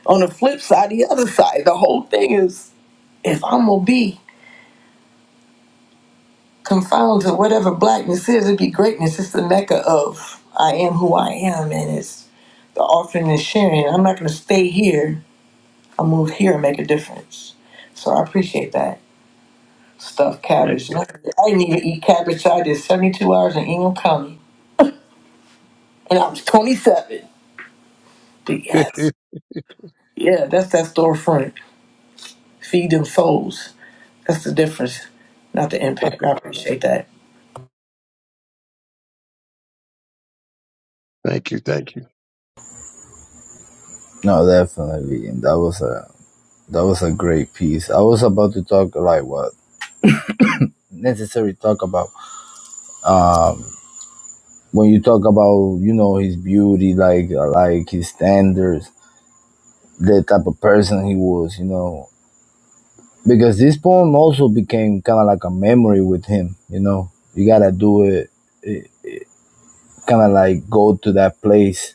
On the flip side, the other side, the whole thing is if I'm gonna be confined to whatever blackness is, it'd be greatness. It's the mecca of I am who I am, and it's the offering and sharing. I'm not gonna stay here. I'll move here and make a difference. So I appreciate that. stuffed cabbage. And you. I I didn't even eat cabbage. I did 72 hours in Ingham County, and I was 27. But yes, yeah, that's that storefront. Feed them souls. That's the difference, not the impact. I appreciate that. Keep that- No, definitely. And that was a that was a great piece. I was about to talk like what necessary talk about um when you talk about you know his beauty like uh, like his standards the type of person he was you know because this poem also became kind of like a memory with him you know you gotta do it, it kind of like go to that place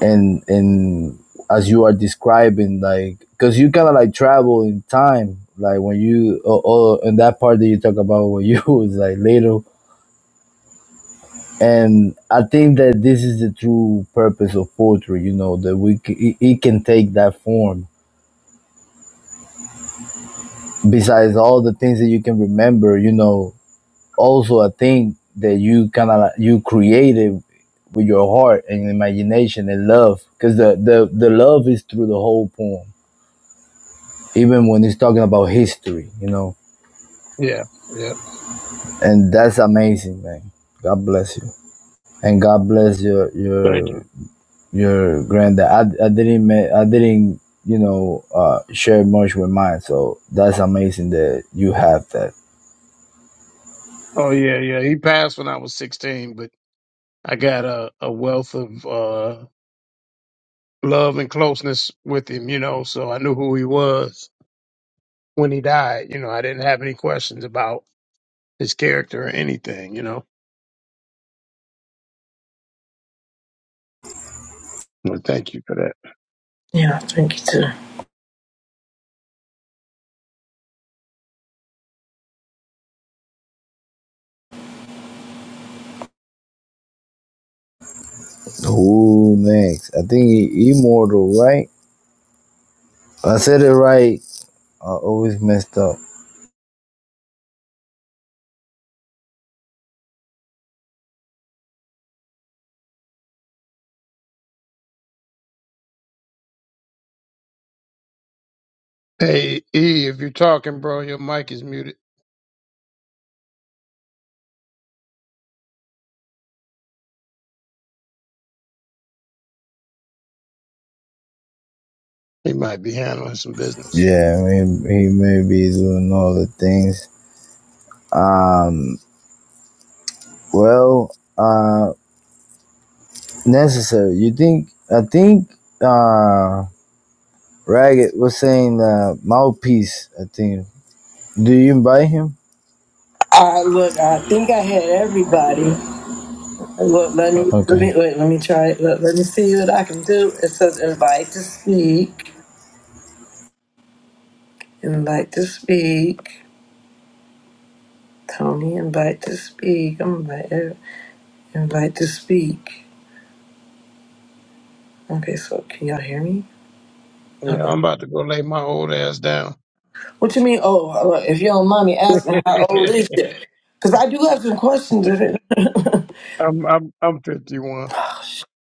and and as you are describing like because you kind of like travel in time like when you oh, oh and that part that you talk about when you was like little and i think that this is the true purpose of poetry you know that we c- it, it can take that form besides all the things that you can remember you know also i think that you kind of like, you created with your heart and imagination and love because the, the the love is through the whole poem even when he's talking about history, you know. Yeah, yeah. And that's amazing, man. God bless you, and God bless your Thank your you. your granddad. I, I didn't ma- I didn't you know uh, share much with mine, so that's amazing that you have that. Oh yeah, yeah. He passed when I was sixteen, but I got a, a wealth of uh, love and closeness with him, you know. So I knew who he was. when he died, you know, I didn't have any questions about his character or anything, you know. Well, thank you for that. Yeah, thank you too. Who next? I think he, immortal, right? I said it right. I always messed up. Hey, E, if you're talking, bro, your mic is muted. He might be handling some business. Yeah, I mean, he may be doing other things. Um, well, Uh. necessary. You think? I think uh, Ragged was saying uh, mouthpiece. I think. Do you invite him? I look, I think I had everybody. Look, let me let Okay. me wait. Let me try it. Look, let me see what I can do. It says invite to speak. Invite to speak. Tony, invite to speak. I'm invite invite to speak. Okay, so can y'all hear me? Yeah, Uh-uh. I'm about to go lay my old ass down. What you mean? Oh, uh, if you don't mind me asking, how old is it? Because I do have some questions. If it. I'm I'm I'm 51,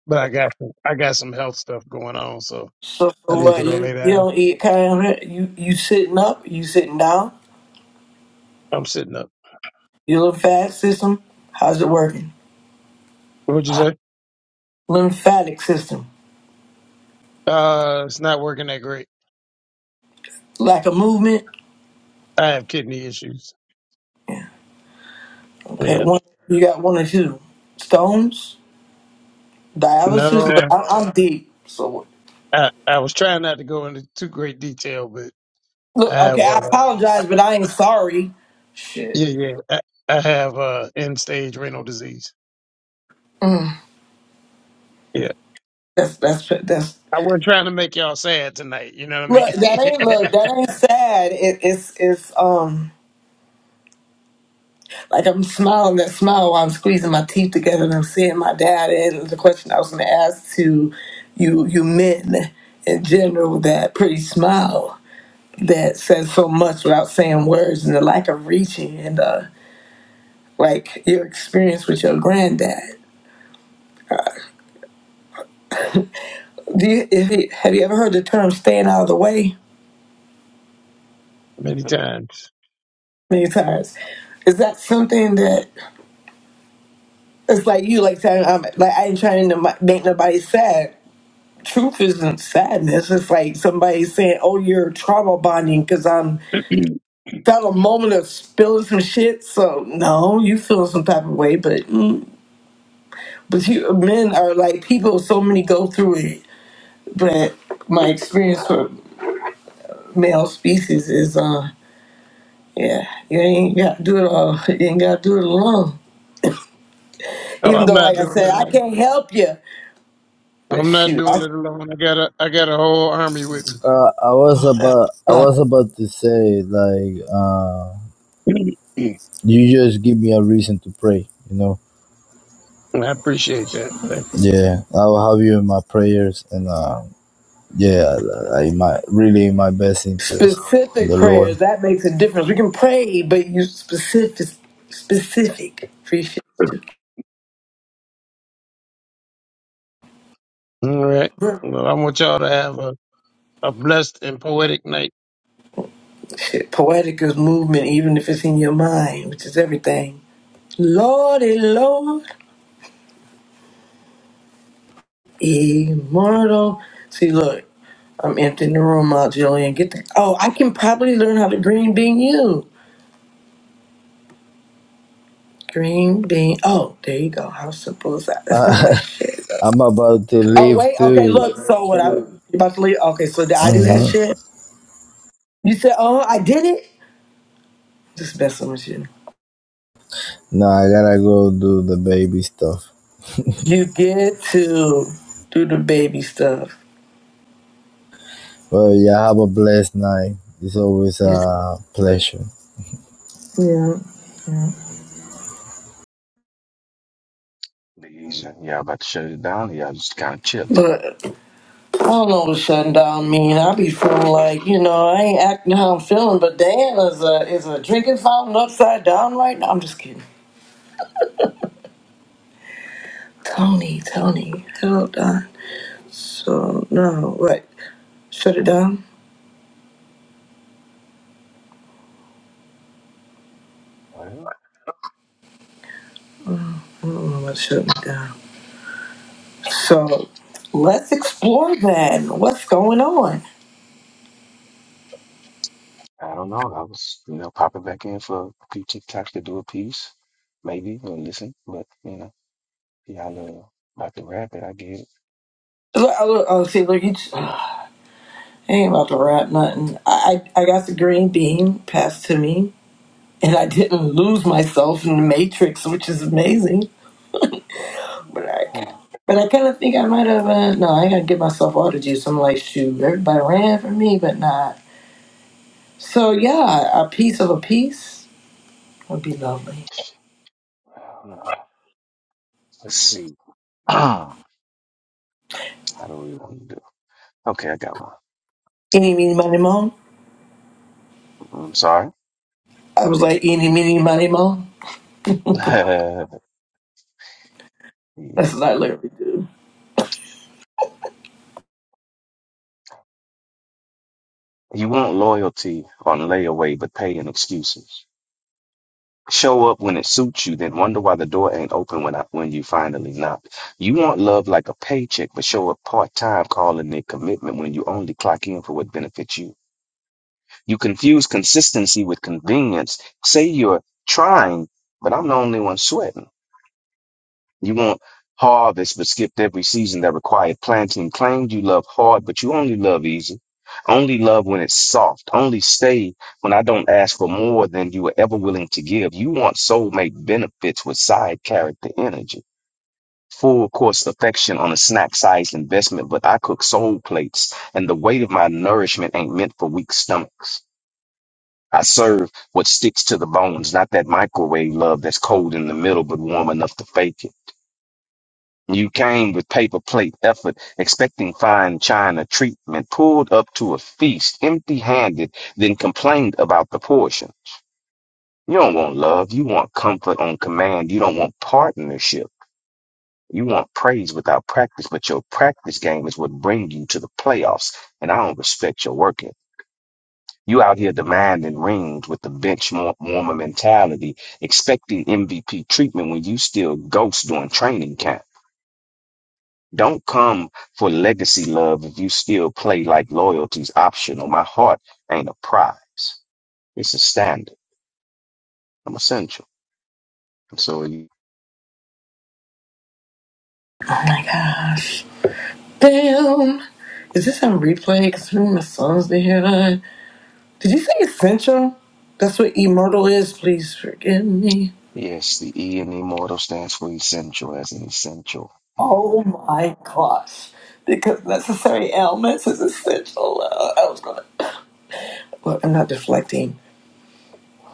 but I got I got some health stuff going on, so so, so I need to what? go You, lay you down. don't eat kind you you sitting up? You sitting down? I'm sitting up. Your lymphatic system? How's it working? What'd you say? Lymphatic system. Uh, it's not working that great. Lack of movement. I have kidney issues. Yeah. Okay. Yeah. One. You got one or two stones. Dialysis. Look, No, I, I'm deep. So what? I I was trying not to go into too great detail, but. Look. I Okay. have I uh apologize, but I ain't sorry. Shit. yeah yeah I, I have uh end stage renal disease. Yeah, That's that's that's I wasn't trying to make y'all sad tonight. You know what I Look, mean? that ain't look, that ain't sad. It, it's it's um like I'm smiling that smile while I'm squeezing my teeth together and I'm seeing my dad. And the question I was going to ask to you, you men in general, that pretty smile that says so much without saying words and the lack of reaching and uh like your experience with your granddad. Do you, if you have you ever heard the term "staying out of the way"? Many times. Many times. Is that something that? It's like you like saying I'm like I ain't trying to m- make nobody sad. Truth isn't sadness. It's like somebody saying, "Oh, you're trauma bonding because I'm felt a moment of spilling some shit." So no, you feel some type of way, but mm, but you men are like people. So many go through it, but my experience for male species is uh yeah you ain't got to do it all. You ain't got to do it alone. Oh, Even I'm though, not like I doing it said, I alone. can't help you, but I'm not shoot, doing it alone. I got a I got a whole army with Uh, I was about I was about to say like uh, me. you just give me a reason to pray. You know. I appreciate that. Thank Yeah, I'll have you in my prayers, and uh, yeah, I I- my really in my best interest in Specific the Lord. prayers, that makes a difference. We can pray, but you specific specific. Appreciate you. All right. you. Well, I want y'all to have a, a blessed and poetic night. Shit, poetic is movement, even if it's in your mind, which is everything. Lordy Lord, immortal. See, look, I'm emptying the room out, Jillian. Get the. Oh, I can probably learn how to green bean you. Green bean. Oh, there you go. How simple is that? That's not Uh, my shit. I'm about to Oh leave wait. Okay, too. look. So what I you about to leave? Okay, so I do that hmm shit. You said, "Oh, I did it." Just messing with you. No, I gotta go do the baby stuff. You get to do the baby stuff. Well, yeah, have a blessed night. It's always Yes. a pleasure. Yeah. Yeah. These, y'all about to shut it down. or Y'all just kind of chilling. But I don't know what shutting down mean. I be feeling like you know I ain't acting how I'm feeling, but damn, is a is a drinking fountain upside down right now. I'm just kidding. Tony, Tony, hold on. So no, right? Shut it down. Well, I don't know about shutting it down. So let's explore then. What's going on? I don't know. I was, you know, popping back in for a few TikToks to do a piece, maybe, or listen. But, you know, y'all uh, about to wrap it. I get it. Look, I- look, oh, see, look, you. I ain't about to rap nothing. I, I got the green bean passed to me, and I didn't lose myself in the matrix, which is amazing. But Uh, yeah, I, but I kind of think I might have. Uh, no, I ain't gotta give myself all the juice. I'm like, shoot, everybody ran for me, but not. So yeah, a piece of a piece would be lovely. I don't know. Let's see. How do we want to do? Okay, I got one. Any meeny money mo. I'm sorry. I was like, any meeny money mo. That's Yeah. what I literally do. You want loyalty on layaway, but pay in excuses. Show up when it suits you, then wonder why the door ain't open when I, when you finally knock. You want love like a paycheck, but show up part time, calling it commitment when you only clock in for what benefits you. You confuse consistency with convenience. Say you're trying, but I'm the only one sweating. You want harvest, but skipped every season that required planting. Claimed you love hard, but you only love easy. Only love when it's soft. Only stay when I don't ask for more than you were ever willing to give. You want soulmate benefits with side character energy. Full course affection on a snack sized investment, but I cook soul plates, and the weight of my nourishment ain't meant for weak stomachs. I serve what sticks to the bones, not that microwave love that's cold in the middle but warm enough to fake it. You came with paper plate effort, expecting fine china treatment, pulled up to a feast empty handed, then complained about the portion. You don't want love. You want comfort on command. You don't want partnership. You want praise without practice, but your practice game is what bring you to the playoffs, and I don't respect your work ethic. You out here demanding rings with the bench wa- warmer mentality, expecting MVP treatment when you still ghost during training camp. Don't come for legacy love if you still play like loyalty's optional. My heart ain't a prize. It's a standard. I'm essential. And So you- Oh my gosh, damn. Is this on replay? Because my sons to hear that. Did you say essential? That's what immortal is. Please forgive me. yes, the E in immortal stands for essential as an essential. mortal. Oh my gosh. Because necessary ailments is essential. Uh, I was going to. Well, I'm not deflecting.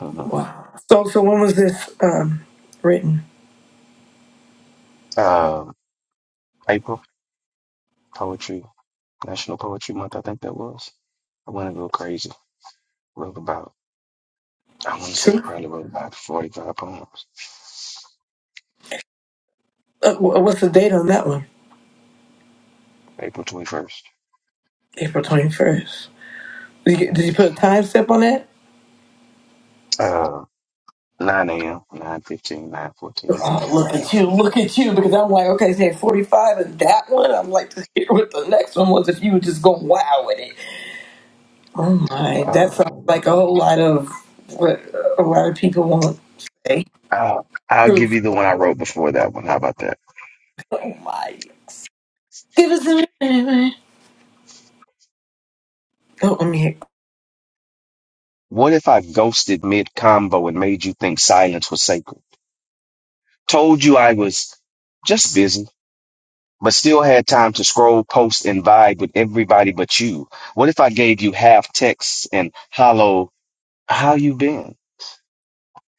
Mhm. Wow. So, so when was this um, written? Um, April poetry, National Poetry Month. I think that was. I went a little crazy. Wrote about. I want to say I True. probably wrote about 45 poems. Uh, wh- what's the date on that one? April 21st. April 21st. Did you, did you put a time step on that? Uh, 9 a.m., 9 15, 9 14 Oh, look a.m. at you, look at you, because I'm like, okay, say 45 and that one. I'm like, to hear what the next one was if you were just going wow with it. Oh my, that sounds Um, like a whole lot of what a lot of people won't say. I'll, I'll give Truth. you the one I wrote before that one. How about that? Oh my. Give us a minute. Oh, let me hit. What if I ghosted mid combo and made you think silence was sacred? Told you I was just busy, but still had time to scroll, post, and vibe with everybody but you. What if I gave you half texts and hollow, how you been?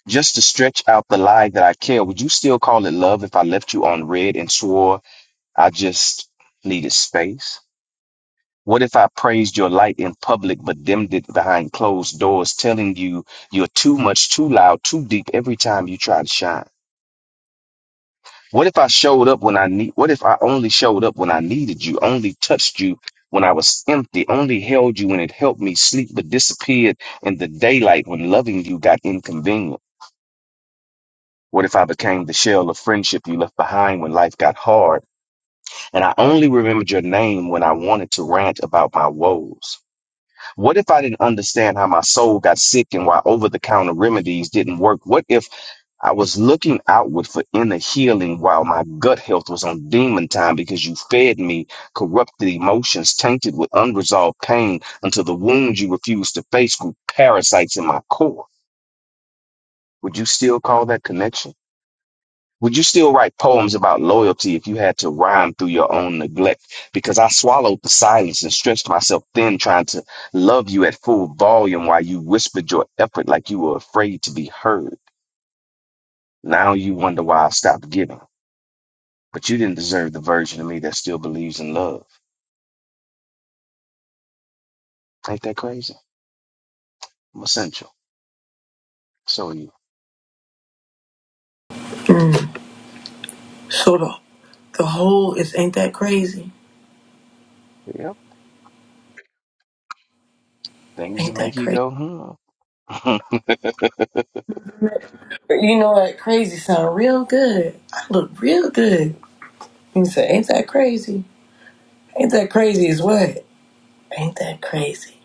Just to stretch out the lie that I care. Would you still call it love if I left you on red and swore I just needed space? What if I praised your light in public but dimmed it behind closed doors, telling you you're too much, too loud, too deep every time you try to shine? What if I showed up when I need, what if I only showed up when I needed you, only touched you when I was empty, only held you when it helped me sleep but disappeared in the daylight when loving you got inconvenient? What if I became the shell of friendship you left behind when life got hard and I only remembered your name when I wanted to rant about my woes? What if I didn't understand how my soul got sick and why over the counter remedies didn't work? What if I was looking outward for inner healing while my gut health was on demon time because you fed me corrupted emotions tainted with unresolved pain until the wounds you refused to face grew parasites in my core? Would you still call that connection? Would you still write poems about loyalty if you had to rhyme through your own neglect? Because I swallowed the silence and stretched myself thin trying to love you at full volume while you whispered your effort like you were afraid to be heard. Now you wonder why I stopped giving. But you didn't deserve the version of me that still believes in love. Ain't that crazy? I'm essential. So are you. Sorta. The whole is ain't that crazy? Yep. Things that Ain't that make you crazy? go, hmm. But you know what? Crazy sound real good. I look real good. You say, ain't that crazy? Ain't that crazy is what? Ain't that crazy?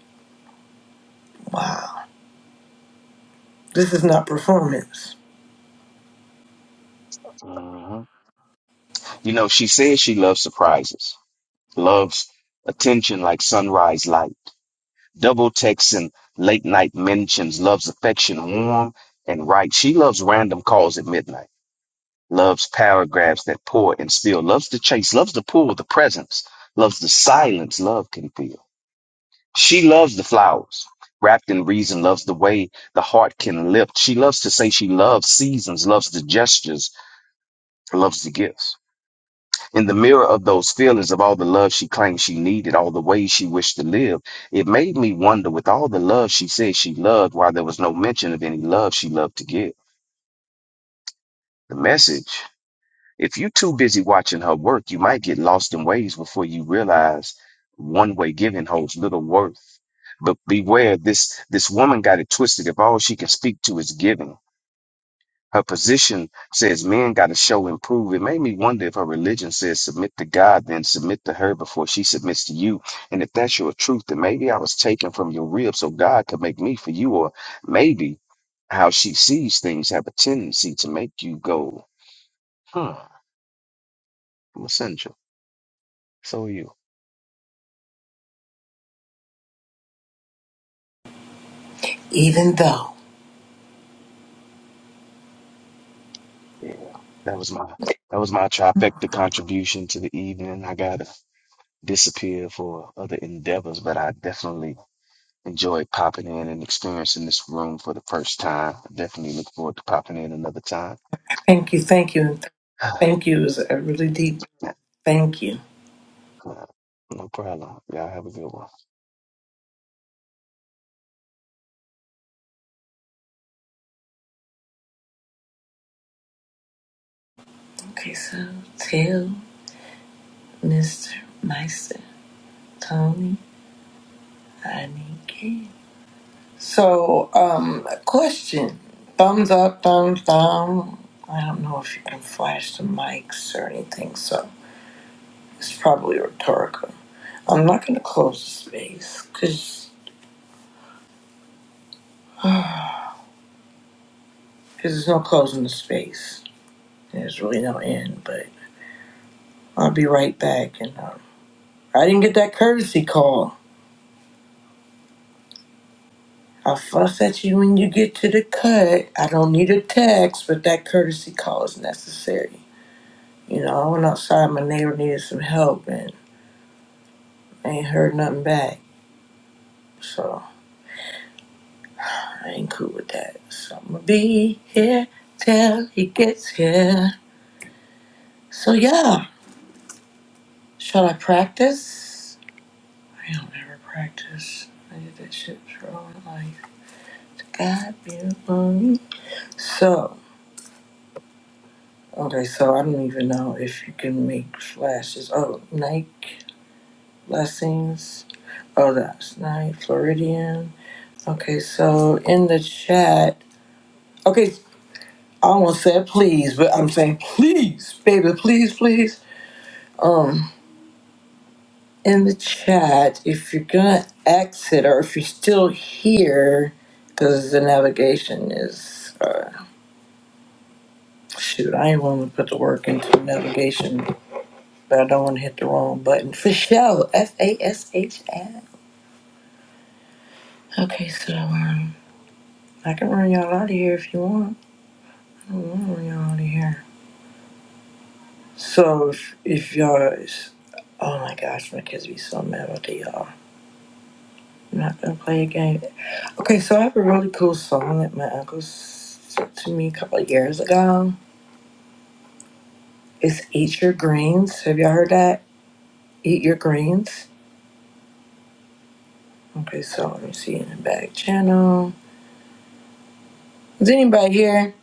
Wow. This is not performance. hmm You know, she says she loves surprises, loves attention like sunrise light, double texts and late night mentions, loves affection warm and right. She loves random calls at midnight, loves paragraphs that pour and spill, loves to chase, loves to pull the presence, loves the silence love can feel. She loves the flowers. Wrapped in reason loves the way the heart can lift. She loves to say she loves seasons, loves the gestures, loves the gifts. In the mirror of those feelings of all the love she claimed she needed, all the ways she wished to live, it made me wonder with all the love she said she loved, why there was no mention of any love she loved to give. The message If you're too busy watching her work, you might get lost in ways before you realize one-way giving holds little worth. But beware, this this woman got it twisted. If all she can speak to is giving, her position says men got to show and prove. It made me wonder if her religion says submit to God, then submit to her before she submits to you. And if that's your truth, then maybe I was taken from your rib so God could make me for you, or maybe how she sees things have a tendency to make you go, huh, i am essential. So are you. Even though. Yeah. That was my that was my trifecta contribution to the evening. I gotta disappear for other endeavors, but I definitely enjoyed popping in and experiencing this room for the first time. I definitely look forward to popping in another time. Thank you, thank you, and th- thank you is a really deep thank you. no problem. Y'all have a good one. Okay, so tell Mr. Meister Tony I need game. So, um, question. Thumbs up, thumbs down. I don't know if you can flash the mics or anything, so it's probably rhetorical. I'm not going to close the space because there's no closing the space. There's really no end, but I'll be right back. And um, I didn't get that courtesy call. i fuss at you when you get to the cut. I don't need a text, but that courtesy call is necessary. You know, I went outside, my neighbor needed some help, and I ain't heard nothing back. So I ain't cool with that. So I'm gonna be here till he gets here. So yeah, shall I practice? I don't ever practice. I did that shit for all my life. God be the glory. So, okay, so I don't even know if you can make flashes. Oh, Nike. Blessings. Oh, that's nice. Floridian. Okay, so in the chat, okay, I almost said please, but I'm saying please, baby, please, please. Um, in the chat, if you're gonna exit or if you're still here, because the navigation is, uh, shoot, I ain't want to put the work into navigation, but I don't want to hit the wrong button. For show, F A S H F. Okay, so um, I can run y'all out of here if you want. We're out of here. So if if y'all, is- oh my gosh, my kids be so mad about the y'all. I'm not gonna play a game. Okay, so I have a really cool song that my uncle s- sent to me a couple of years ago. It's "Eat Your Greens." Have y'all heard that? Eat your greens. Okay, so let me see in the back channel. Is anybody here?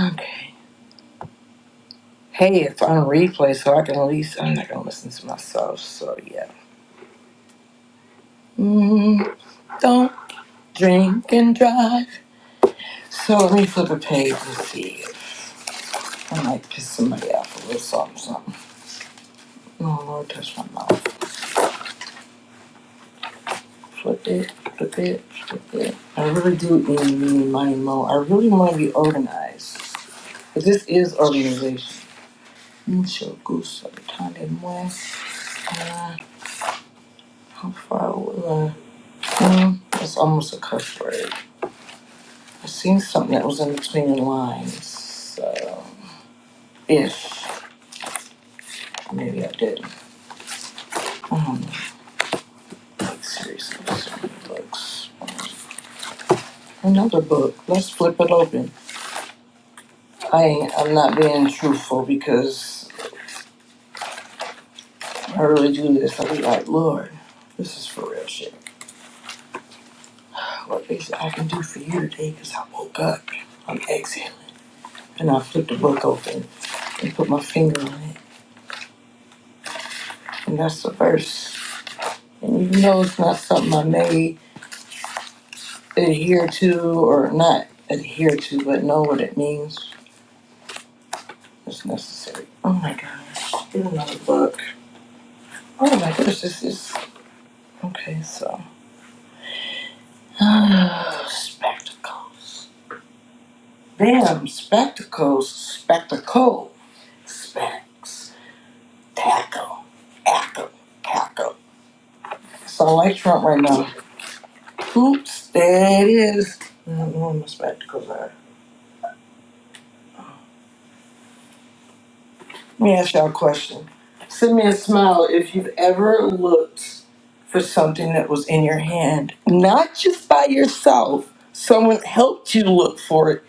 Okay. Hey, it's on replay, so I can at least I'm not gonna listen to myself. So yeah. Mm, don't drink and drive. So let me flip a page and see. I might piss somebody off a little something, something. Oh Lord, touch my mouth. Flip it, flip it, flip it. I really do need me money mo. I really want to be organized. But this is organization. Mucho gusto, Tande Mue. Uh, How far will I? Hmm, That's almost a cuss word. I seen something that was in between the lines. So, if maybe I did. I don't know. Like, seriously, so many books. Another book. Let's flip it open. I ain't, I'm not being truthful because I really do this. I be like, Lord, this is for real shit. What is it I can do for you today? Because I woke up. I'm exhaling. And I flipped the book open and put my finger on it. And that's the verse. And you know it's not something I may adhere to or not adhere to, but know what it means. It's necessary. Oh my gosh. Here's another book. Oh my gosh, this is okay. So. spectacles. Them spectacles, spectacle, specs, tackle, ackle, tackle. So I like trump right now. Oops, there it is. I don't know where my spectacles are. Let me ask y'all a question. Send me a smile if you've ever looked for something that was in your hand, not just by yourself. Someone helped you look for it.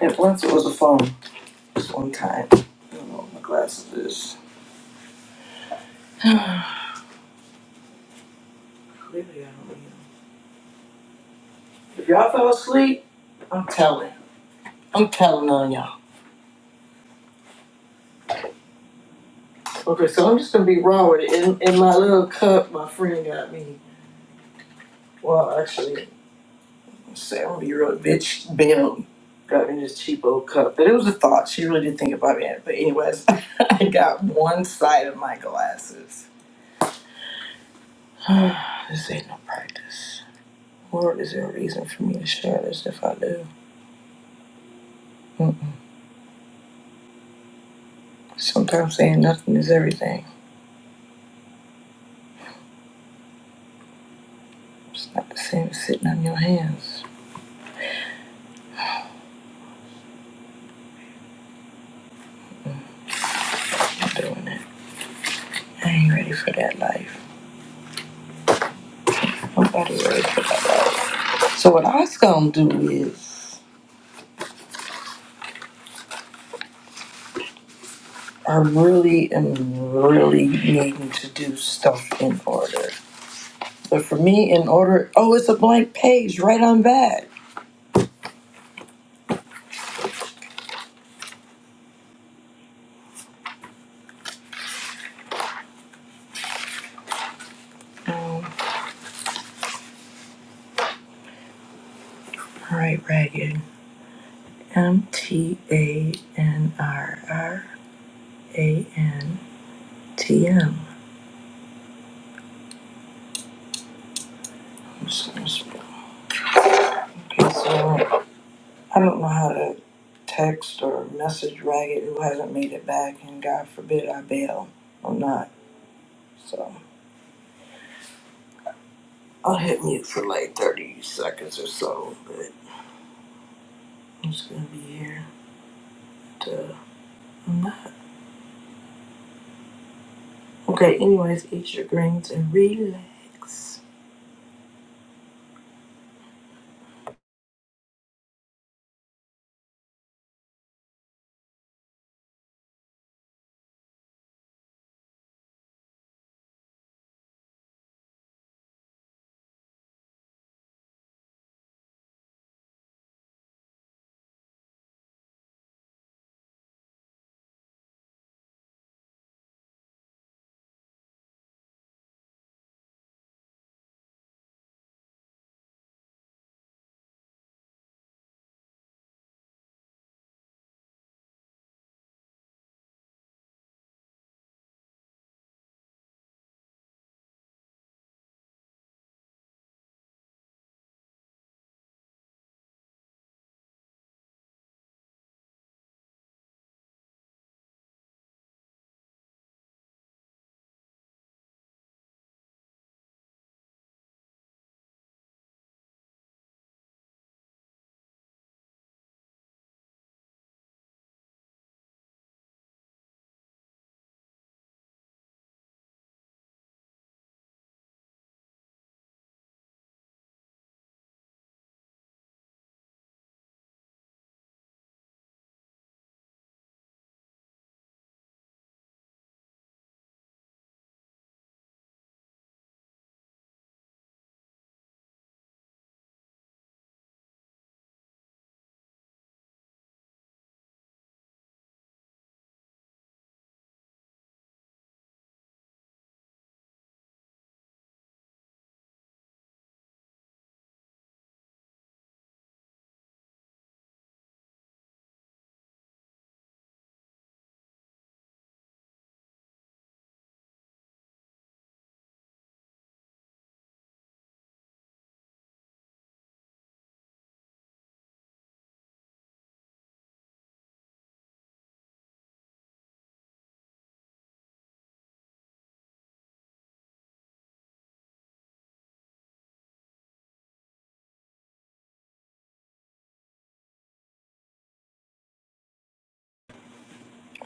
And once it was a phone, this one time. I don't know what my glasses is. Clearly, I don't know. If y'all fell asleep, I'm telling. I'm telling on y'all. Okay, so I'm just gonna be raw with it. In, in my little cup, my friend got me. Well, actually, I'm saying I'm gonna be real bitch Bill got me this cheap old cup. But it was a thought. She really did think about me. But anyways, I got one side of my glasses. this ain't no practice. Or is there a reason for me to share this if I do? Mm-mm. Sometimes saying nothing is everything. It's not the same as sitting on your hands. I'm doing it. I ain't ready for that life. Nobody ready for that life. So what I was gonna do is I really am really needing to do stuff in order. But for me in order oh it's a blank page right on back. Um all right ragged. M T A N R R A N T M. Okay, so I don't know how to text or message Ragged who hasn't made it back, and God forbid I bail. or not. So I'll hit mute for like 30 seconds or so, but I'm just gonna be here. To, I'm not. Okay, anyways, eat your greens and relax.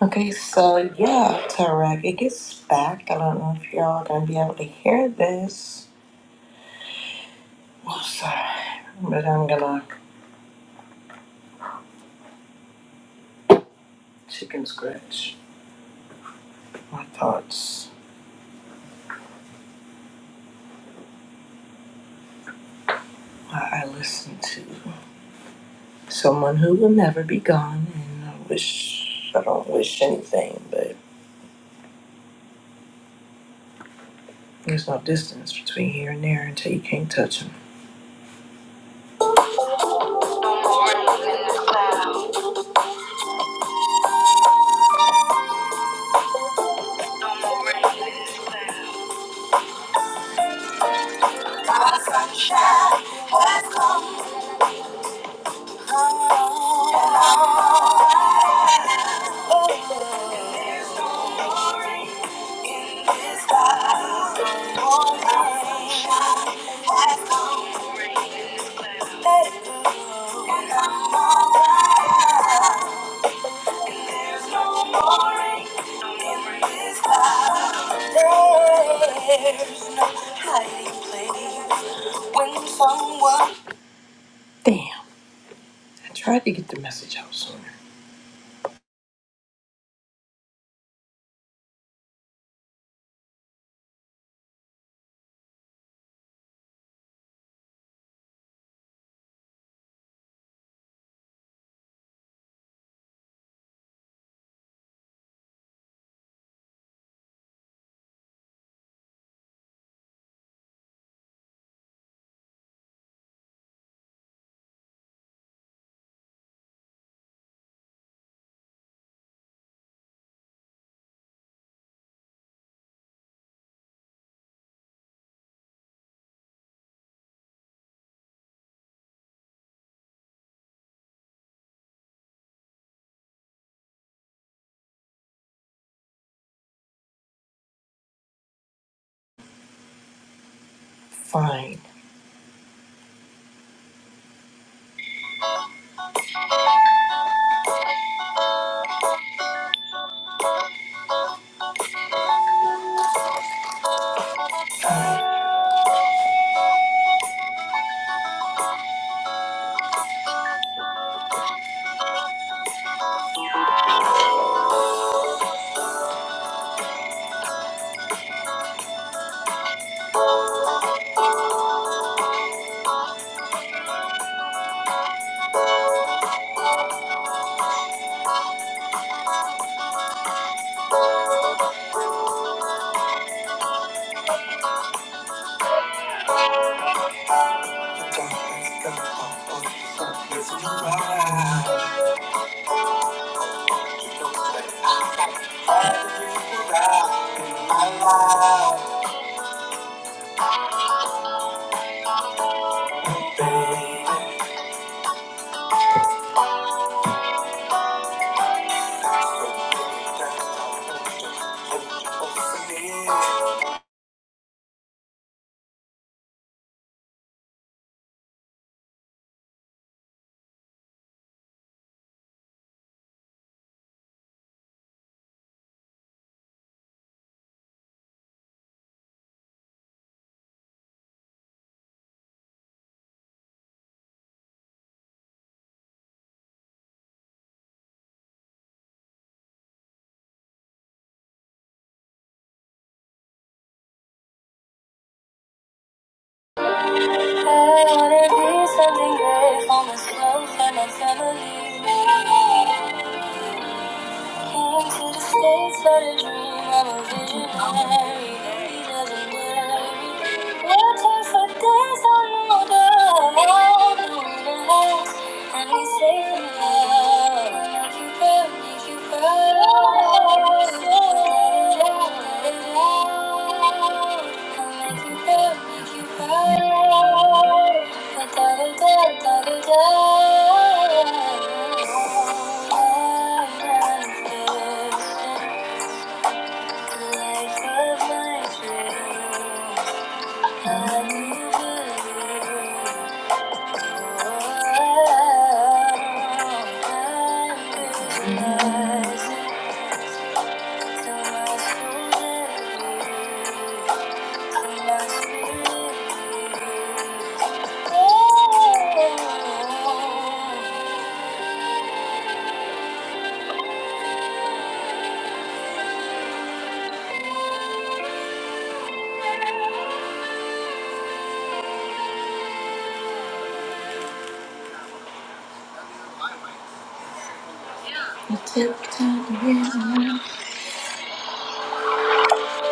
Okay, so yeah, Tarek, it gets back. I don't know if y'all are gonna be able to hear this. Oh, sorry, but I'm gonna chicken scratch my thoughts while I listen to. someone who will never be gone. And I wish, I don't wish anything, but there's no distance between here and there until you can't touch them. No more rain in this cloud. No more rain in this cloud. My sunshine has come. Oh, oh, oh, oh. Damn. I tried to get the message out sooner. Fine. I wanna be something great for myself and my family. Came to the States for the dream, I'm a visionary. He doesn't worry. Working for days on order, all the way to house. And we say, for love, make you proud, make you proud. Thank you. Tiptoed in I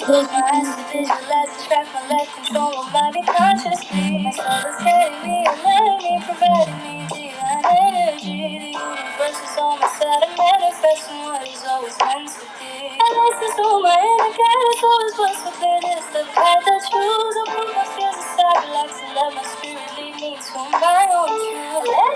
Close my eyes to visualize, distract my life, control my mind be consciously. My soul is guiding me, alerting me, providing me divine energy. The universe is on my side, I'm manifesting what is always meant to be. I listen to my inner guidance, always was so clear. This the path I choose. I put my fears aside, relax, and let my spirit lead me to my own truth. Let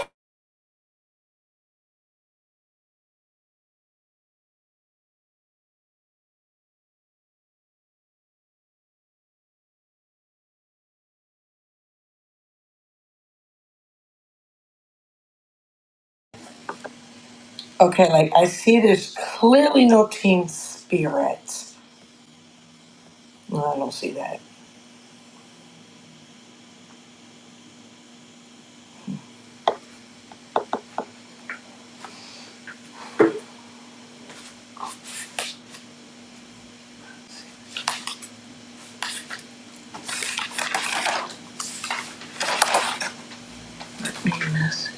Okay, like I see there's clearly no team spirit. No, I don't see that. Meanness.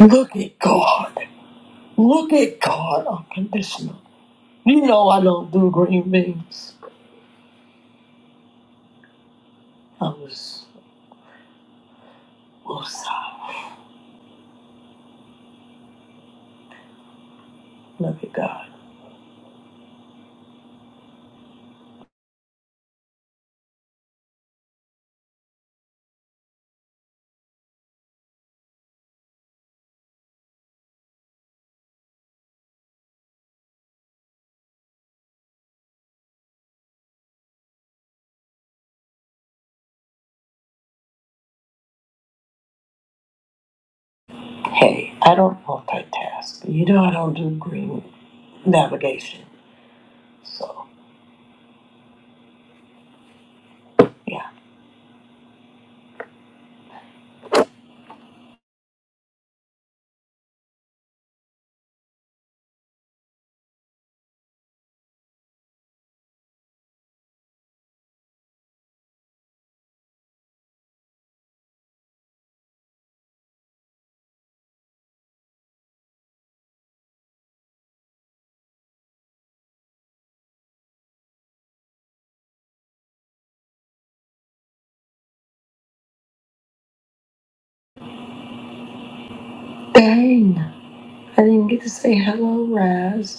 Look at God. Look at God unconditional. You know I don't do green beans. I was woosah. Look at God. Hey, I don't multitask. You know I don't do green navigation. So yeah. Dang. I didn't get to say hello, Raz.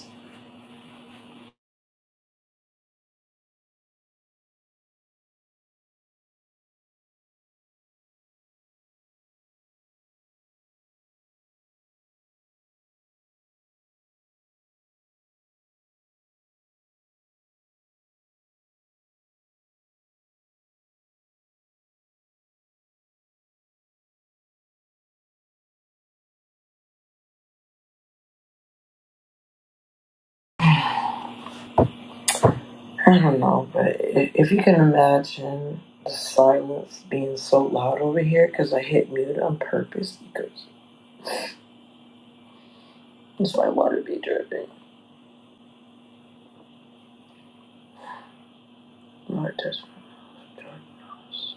I don't know, but i- if you can imagine the silence being so loud over here because I hit mute on purpose because that's my water be dripping. Lord, touch my nose,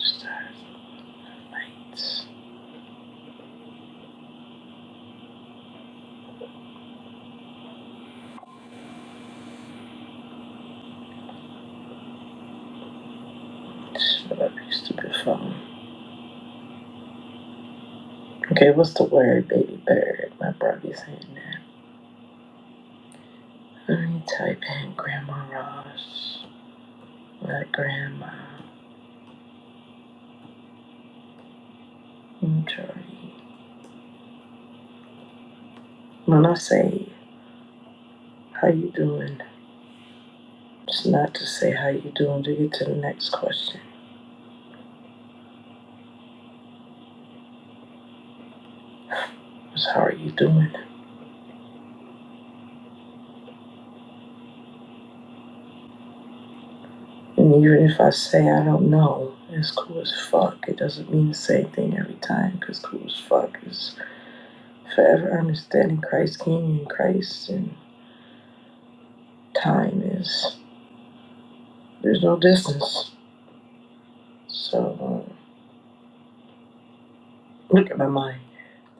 stars, lights. Shut up, you stupid phone. Okay, what's the word, baby bird? My brother's hitting that. Let me type in Grandma Ross, my grandma, Jordy. When I say, how you doing? It's not to say how you doing to get to the next question. It's how are you doing? And even if I say I don't know, it's cool as fuck. It doesn't mean the same thing every time because cool as fuck is forever understanding Christ King and Christ and time is there's no distance. So uh, look at my mind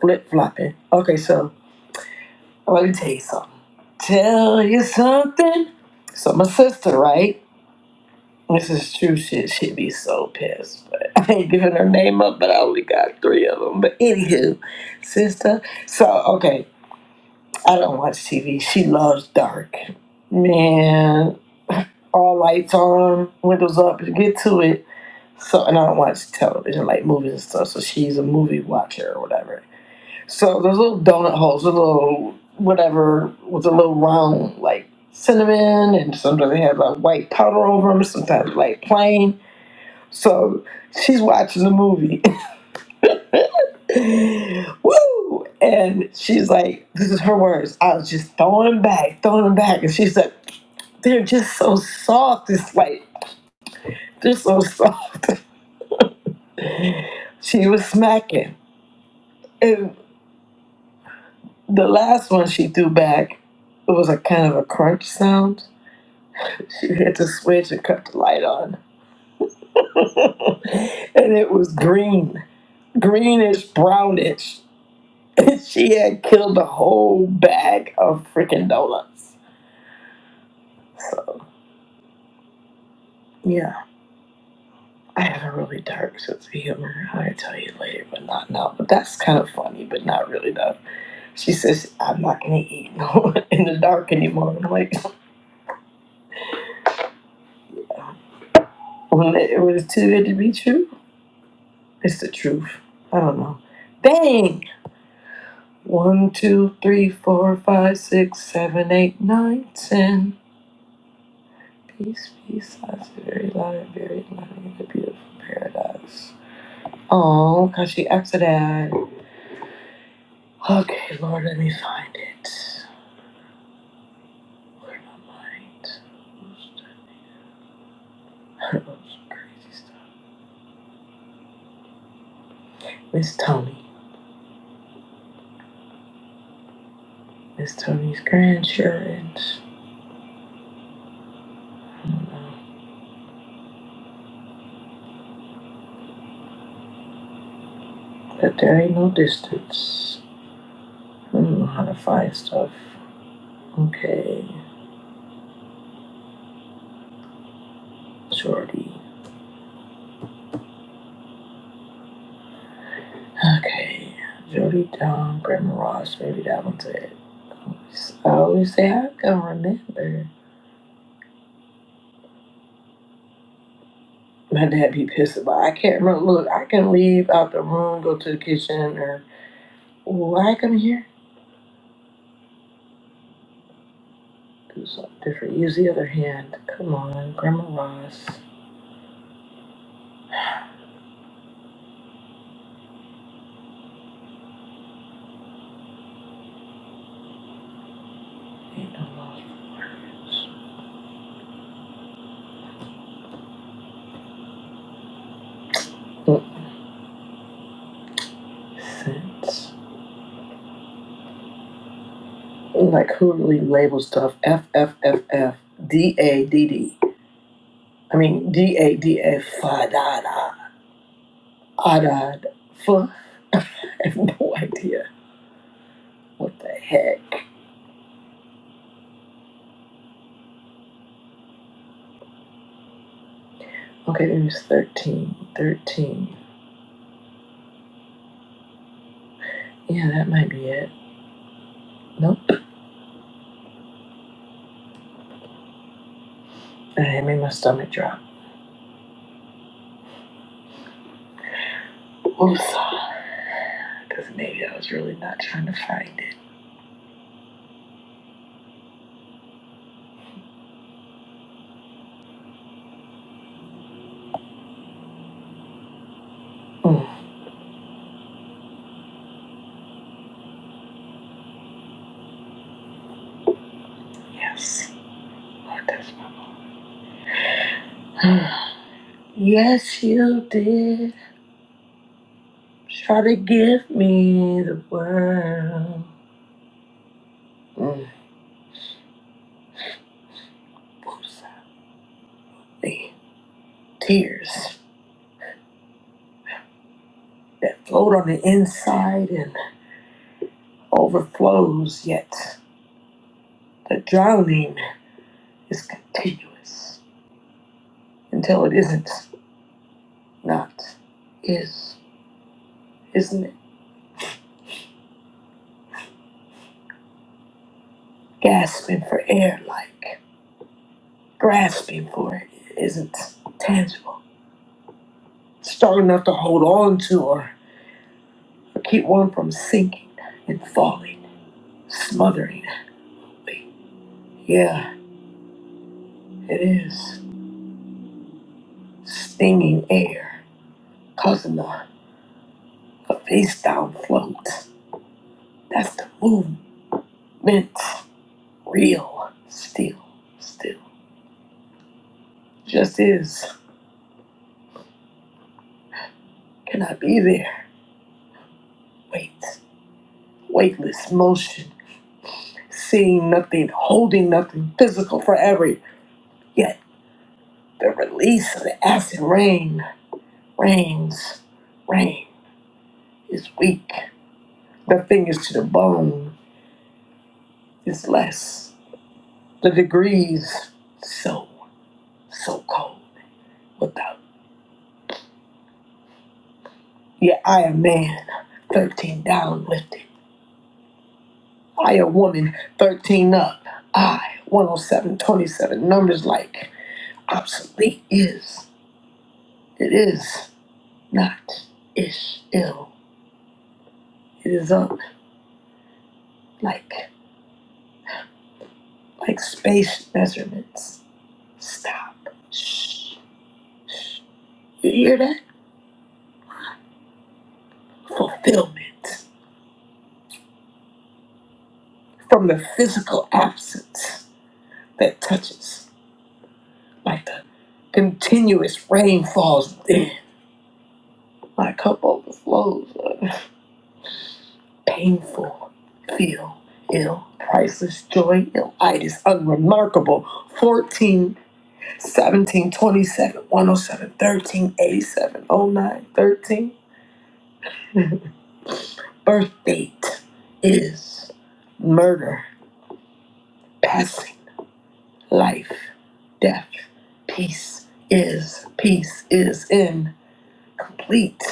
flip flopping. Okay, so let me tell you something. Tell you something. So my sister, right? This is True shit, she'd be so pissed. But I ain't giving her name up, but I only got three of them. But anywho, sister. So, okay, I don't watch TV. She loves dark. Man, all lights on, windows up, and get to it. So, and I don't watch television, like movies and stuff. So she's a movie watcher or whatever. So there's little donut holes, a little whatever with a little round, like cinnamon, and sometimes they have like white powder over them, sometimes like plain. So she's watching the movie. Woo! And she's like, this is her words. I was just throwing them back, throwing them back. And she's like, they're just so soft. It's like, they're so soft. she was smacking. And the last one she threw back, it was a kind of a crunch sound. She hit the switch and cut the light on. And it was green, greenish, brownish. And she had killed the whole bag of freaking donuts. Yeah, I have a really dark sense of humor. I'll tell you later, but not now. But that's kind of funny, but not really though. She says, "I'm not gonna eat no in the dark anymore." And I'm like, when it it was too good to be true, it's the truth. I don't know. Bang! One, two, three, four, five, six, seven, eight, nine, ten. Peace, peace. That's a very loud and very loud in the beautiful paradise. Oh, cause she asked that. Okay, Lord, let me find it. Miss Tony. Miss Tony's grandchildren. But there ain't no distance. I don't know how to find stuff. Okay. Jordy. Okay. Jordy Don, Grandma Ross. Maybe that one's it. I always say I can remember. My dad be pissed about it. I can't remember. Look, I can leave out the room, go to the kitchen, or, oh, I come here. do something different. Use the other hand. Come on, Grandma Ross. Ain't no love for words. Mm. Sense. Like who really labels stuff? F F F F D A D D. I mean D A D A fa da da ah, da da fa. I have no idea what the heck. Okay, it was thirteen. Thirteen. Yeah, that might be it. Nope. I made my stomach drop. Oops. Because maybe I was really not trying to find it. Mm, yes. Yes, you did. Try to give me the world. Mm. Oops. The tears that float on the inside and overflows, yet the drowning is continuous until it isn't. Not is. Isn't it? Gasping for air, like grasping for it, isn't tangible. Strong enough to hold on to, or. Keep one from sinking and falling, smothering. Yeah, it is. Stinging air, causing the, the face down float. That's the movement. Real, still, still. Just is. Can I be there? Wait. Weightless motion. Seeing nothing, holding nothing, physical forever. Yet the release of the acid rain, rains, rain is weak. The fingers to the bone is less. The degrees so, so cold without. Yet I a man, 13 down lifted. I a woman, 13 up. I, one o seven twenty seven numbers like obsolete is. It is not ish ill. It is up like, like space measurements. Stop. Shh, shh. You hear that? Fulfillment. from the physical absence that touches, like the continuous rain falls, then my cup overflows. uh, Painful, feel ill, priceless joy, ill illitis, unremarkable, Fourteen, seventeen, twenty-seven, one o seven, thirteen, eighty-seven, o nine, thirteen. Birth date is murder, passing, life, death, peace is, peace is in. complete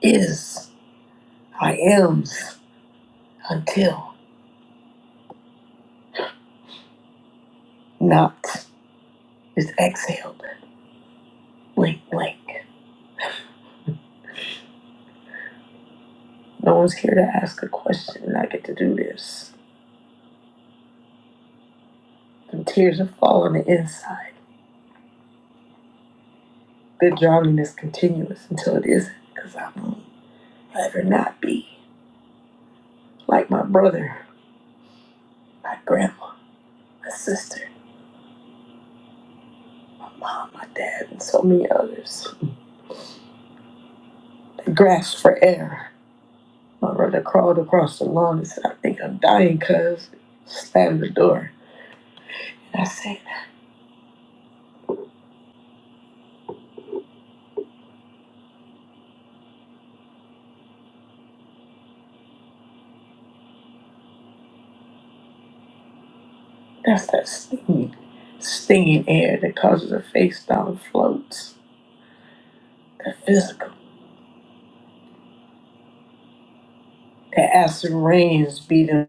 is I am's until not is exhaled. Blank, blank. No one's here to ask a question, and I get to do this. The tears are falling on the inside. The drowning is continuous until it isn't, because I won't ever not be like my brother, my grandma, my sister, my mom, my dad, and so many others. I grasped for air. My brother crawled across the lawn and said, I think I'm dying, cuz. Slammed the door. And I said, That's that stinging, stinging air that causes a face down and floats. That physical. That acid rains beating